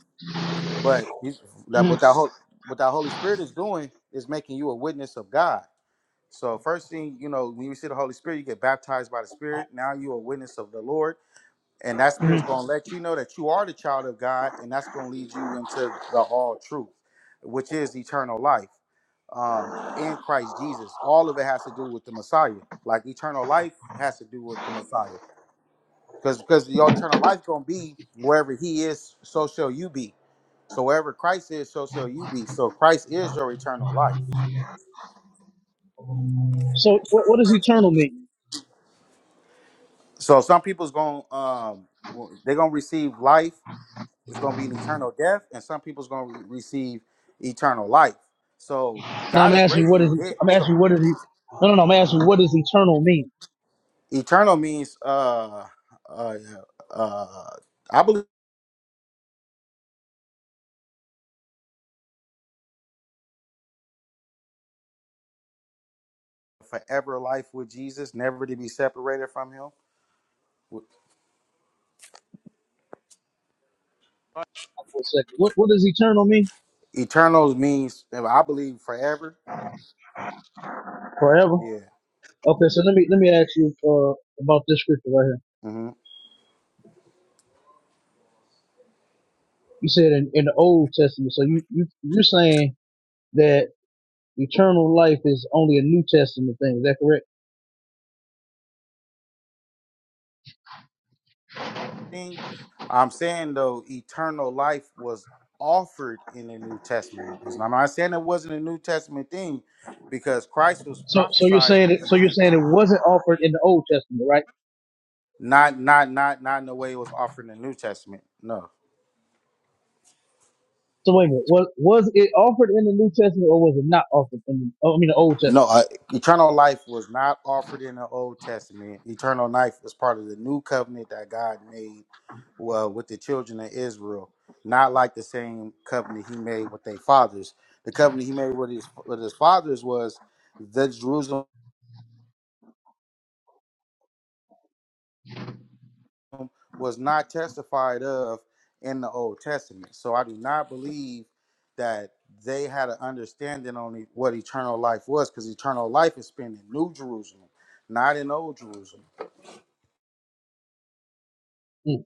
S6: But he's that what
S8: mhm,
S6: that whole what that Holy Spirit is doing is making you a witness of God. So first thing, you know, when you see the Holy Spirit, you get baptized by the Spirit. Now you're a witness of the Lord. And that spirit's
S8: mhm.
S6: gonna let you know that you are the child of God, and that's gonna lead you into the all truth, which is eternal life um, in Christ Jesus. All of it has to do with the Messiah. Like eternal life has to do with the Messiah because because your eternal life gonna be wherever He is, so shall you be. So wherever Christ is, so shall you be. So Christ is your eternal life.
S8: So what, what does eternal mean?
S6: So some people's gonna um w- they're gonna receive life. It's gonna be an eternal death, and some people's gonna re- receive eternal life. So
S8: No,
S6: God
S8: I'm
S6: is
S8: asking you
S6: raising
S8: what
S6: the
S8: is
S6: dead.
S8: I'm
S6: So
S8: asking you what is he no no no I'm asking you what does eternal mean?
S6: eternal means uh uh uh I believe forever life with Jesus, never to be separated from Him.
S8: For a second. What what does eternal mean?
S6: Eternal means I believe forever.
S8: Forever.
S6: Yeah.
S8: Okay, so let me let me ask you uh about this scripture right here.
S6: hmm
S8: You said in, in the old testament, so you, you you're saying that eternal life is only a New Testament thing, is that correct?
S6: Thing I'm saying though, eternal life was offered in the New Testament. It's not- I'm not saying it wasn't a New Testament thing, because Christ was
S8: So so you're
S6: prophesied,
S8: saying it
S6: uh,
S8: so
S6: the-
S8: you're
S6: and
S8: saying it wasn't offered in the old testament, right?
S6: not not not not in the way it was offered in the New Testament. No.
S8: So wait a minute, was was it offered in the New Testament or was it not offered in the, oh, I mean the old testament?
S6: No, uh, eternal life was not offered in the Old Testament. Eternal life was part of the new covenant that God made uh, with the children of Israel, not like the same covenant He made with their fathers. The covenant He made with His with His fathers was that Jerusalem was not testified of in the Old Testament. So I do not believe that they had an understanding on e- what eternal life was, because eternal life is spent in New Jerusalem, not in Old Jerusalem.
S8: Hmm.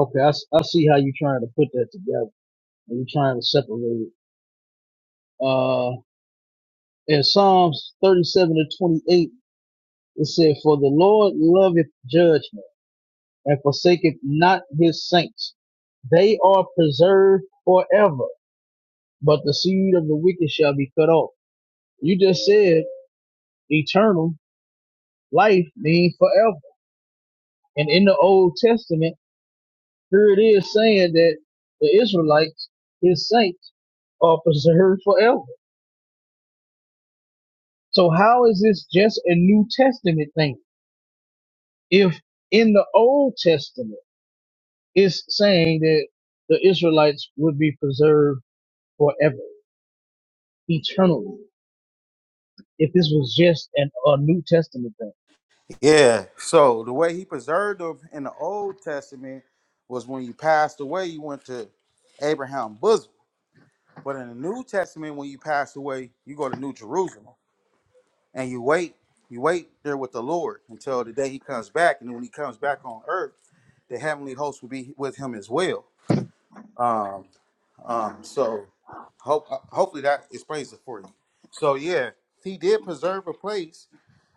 S8: Okay, I, s- I see how you're trying to put that together. i are trying to separate it. Uh, in Psalms 37 to 28, it said, For the Lord loveth judgment and forsaketh not his saints. They are preserved forever, but the seed of the wicked shall be cut off. You just said eternal life means forever. And in the Old Testament, here it is saying that the Israelites, his saints, are preserved forever. So how is this just a New Testament thing? if in the Old Testament it's saying that the Israelites would be preserved forever, eternally, if this was just an, a New Testament thing.
S6: Yeah. So the way he preserved them in the Old Testament was when you passed away, you went to Abraham's bosom. But in the New Testament, when you pass away, you go to New Jerusalem and you wait. You wait there with the Lord until the day he comes back. And when he comes back on earth, the heavenly host will be with him as well. Um, um, so hope, uh, hopefully that explains it for you. So yeah, he did preserve a place,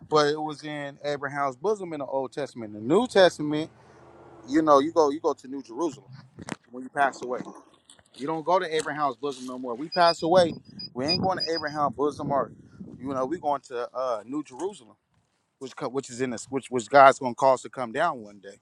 S6: but it was in Abraham's bosom in the Old Testament. The New Testament you know, you go you go to New Jerusalem when you pass away. You don't go to Abraham's bosom no more. We pass away. We ain't going to Abraham's bosom or you know, we going to uh New Jerusalem, which co- which is in this which which God's gonna cause to come down one day.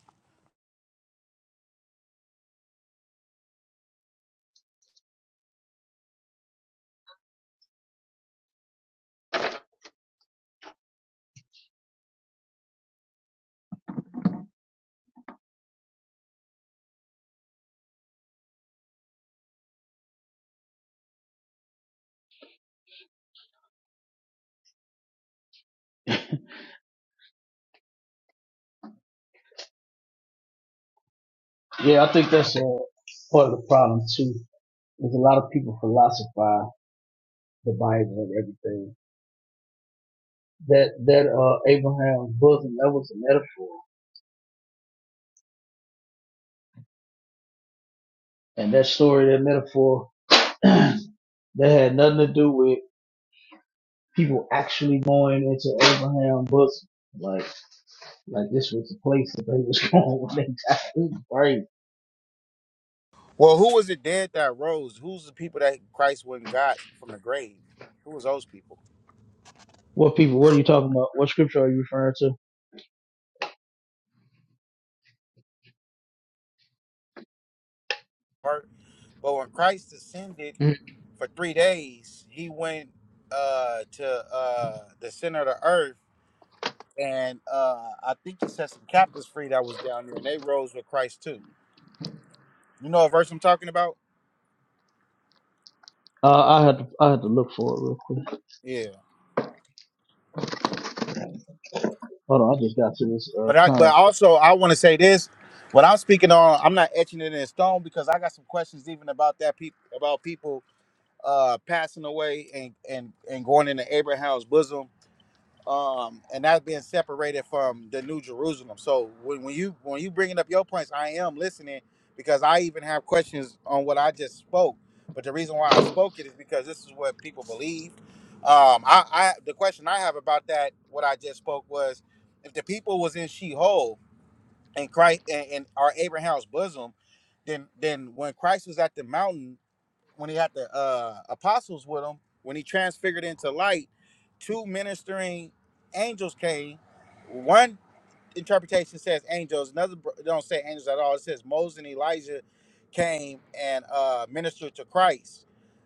S8: Yeah, I think that's uh, part of the problem too. There's a lot of people philosophize the Bible and everything. That that uh, Abraham's bosom that was a metaphor, and that story, that metaphor, that had nothing to do with people actually going into Abraham's bosom. like. Like this was the place that they was going when they died. It was crazy.
S6: Well, who was it dead that rose? Who's the people that Christ went and got from the grave? Who was those people?
S8: What people? What are you talking about? What scripture are you referring to?
S6: Right? But when Christ ascended
S8: Mm.
S6: for three days, he went uh to uh the center of the earth and uh, I think he set some captives free that was down there, and they rose with Christ too. You know what verse I'm talking about?
S8: Uh, I had to I had to look for it real quick.
S6: Yeah.
S8: Hold on, I just got to this uh,
S6: But I but
S8: contract.
S6: also I want to say this. What I'm speaking on, I'm not etching it in stone because I got some questions even about that people about people uh passing away and and and going into Abraham's bosom. um, and that's being separated from the New Jerusalem. So when, when you when you bringing up your points, I am listening because I even have questions on what I just spoke. But the reason why I spoke it is because this is what people believe. Um, I, I the question I have about that what I just spoke was if the people was in Sheol and Christ and, and are Abraham's bosom, then then when Christ was at the mountain when he had the uh, apostles with him, when he transfigured into light, two ministering angels came. One interpretation says angels. Another br- don't say angels at all. It says Moses and Elijah came and uh, ministered to Christ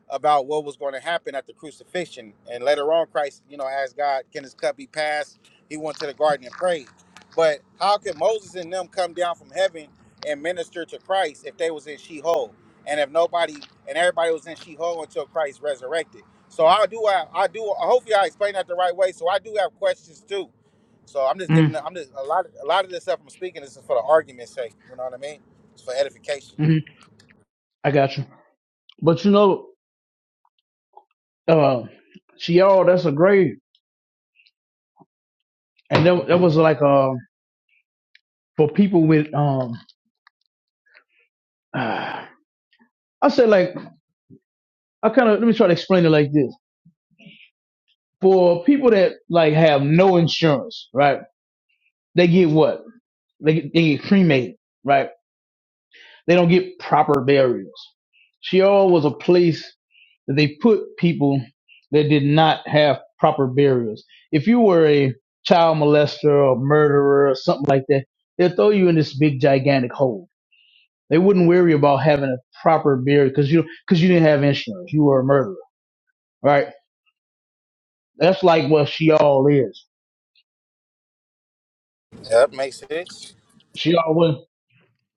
S6: about what was going to happen at the crucifixion. And later on, Christ, you know, asked God, "Can this cup be passed?" He went to the garden and prayed. But how could Moses and them come down from heaven and minister to Christ if they was in Sheol and if nobody and everybody was in Sheol until Christ resurrected? So I do have, I do. Hopefully, I explained that the right way. So I do have questions too so I'm just giving.
S8: Mm,
S6: I'm just a lot. Of, a lot of this stuff I'm speaking is for the argument's sake. You know what I mean? It's for edification.
S8: mm, I got you. But you know, uh, see, y'all, that's a grave, and that that was like uh, for people with um, Uh, I said like I kind of let me try to explain it like this. For people that like have no insurance, right? They get what? They get, they get cremated, right? They don't get proper burials. Sheol was a place that they put people that did not have proper burials. If you were a child molester or murderer or something like that, they'll throw you in this big gigantic hole. They wouldn't worry about having a proper burial because you because you didn't have insurance. You were a murderer, right? That's like what Sheol is.
S6: Yeah, that makes sense.
S8: Sheol wasn't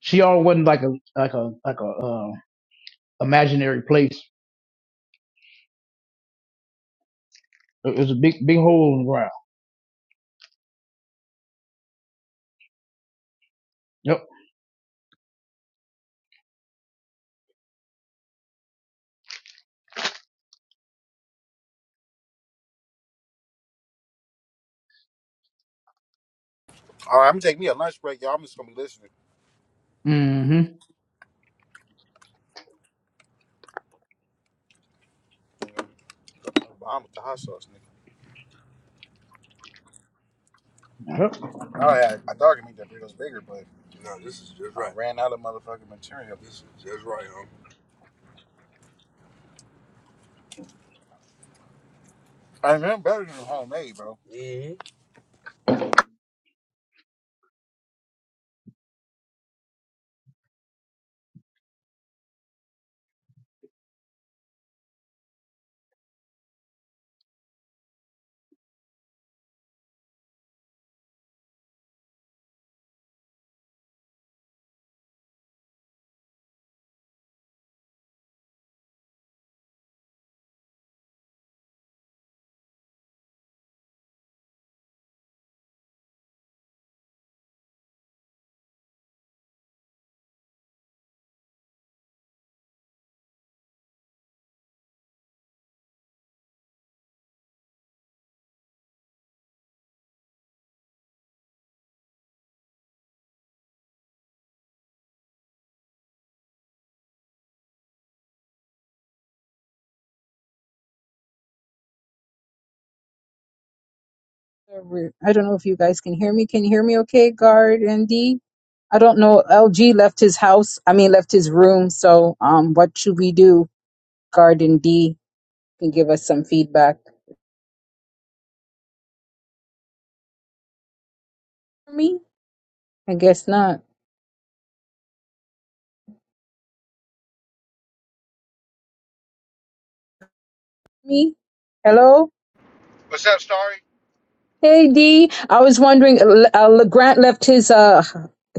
S8: Sheol wasn't like a like a like a uh, imaginary place. It was a big big hole in the ground. Yep.
S6: All right, I'm gonna take me a lunch break, y'all. I'm just gonna be listening.
S8: Mm-hmm.
S6: I'm with the hot sauce, nigga.
S8: Yep.
S6: All right, I thought I could make that burritos bigger, but I Right. ran out of motherfucking material. I mean, I'm better than homemade, bro.
S1: I don't know if you guys can hear me. Can you hear me okay, Guard and D? I don't know. LG left his house. I mean, left his room. So, um, what should we do? Guard and D can give us some feedback. Me? I guess not. Me? Hello?
S6: What's up, Starry?
S1: Hey D, I was wondering. Uh, uh, Grant left his uh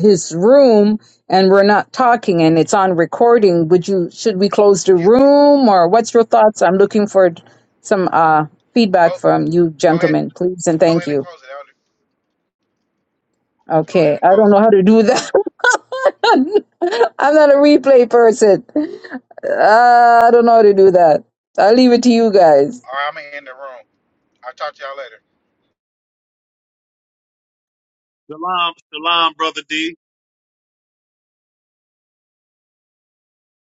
S1: his room, and we're not talking, and it's on recording. Would you should we close the
S6: Yeah,
S1: room, or what's your thoughts? I'm looking for some uh feedback
S6: go
S1: from you
S6: go ahead,
S1: gentlemen, please, and
S6: go
S1: thank
S6: ahead and
S1: you.
S6: close it, Elder. Go ahead
S1: Okay,
S6: and
S1: I don't
S6: close
S1: know
S6: it.
S1: how to do
S6: All
S1: that.
S6: right,
S1: I'm not a replay person. Uh, I don't know how to do that. I'll leave it to you guys.
S6: all right. I'm gonna end the room. I'll talk to y'all later.
S9: Shalom, shalom, brother D.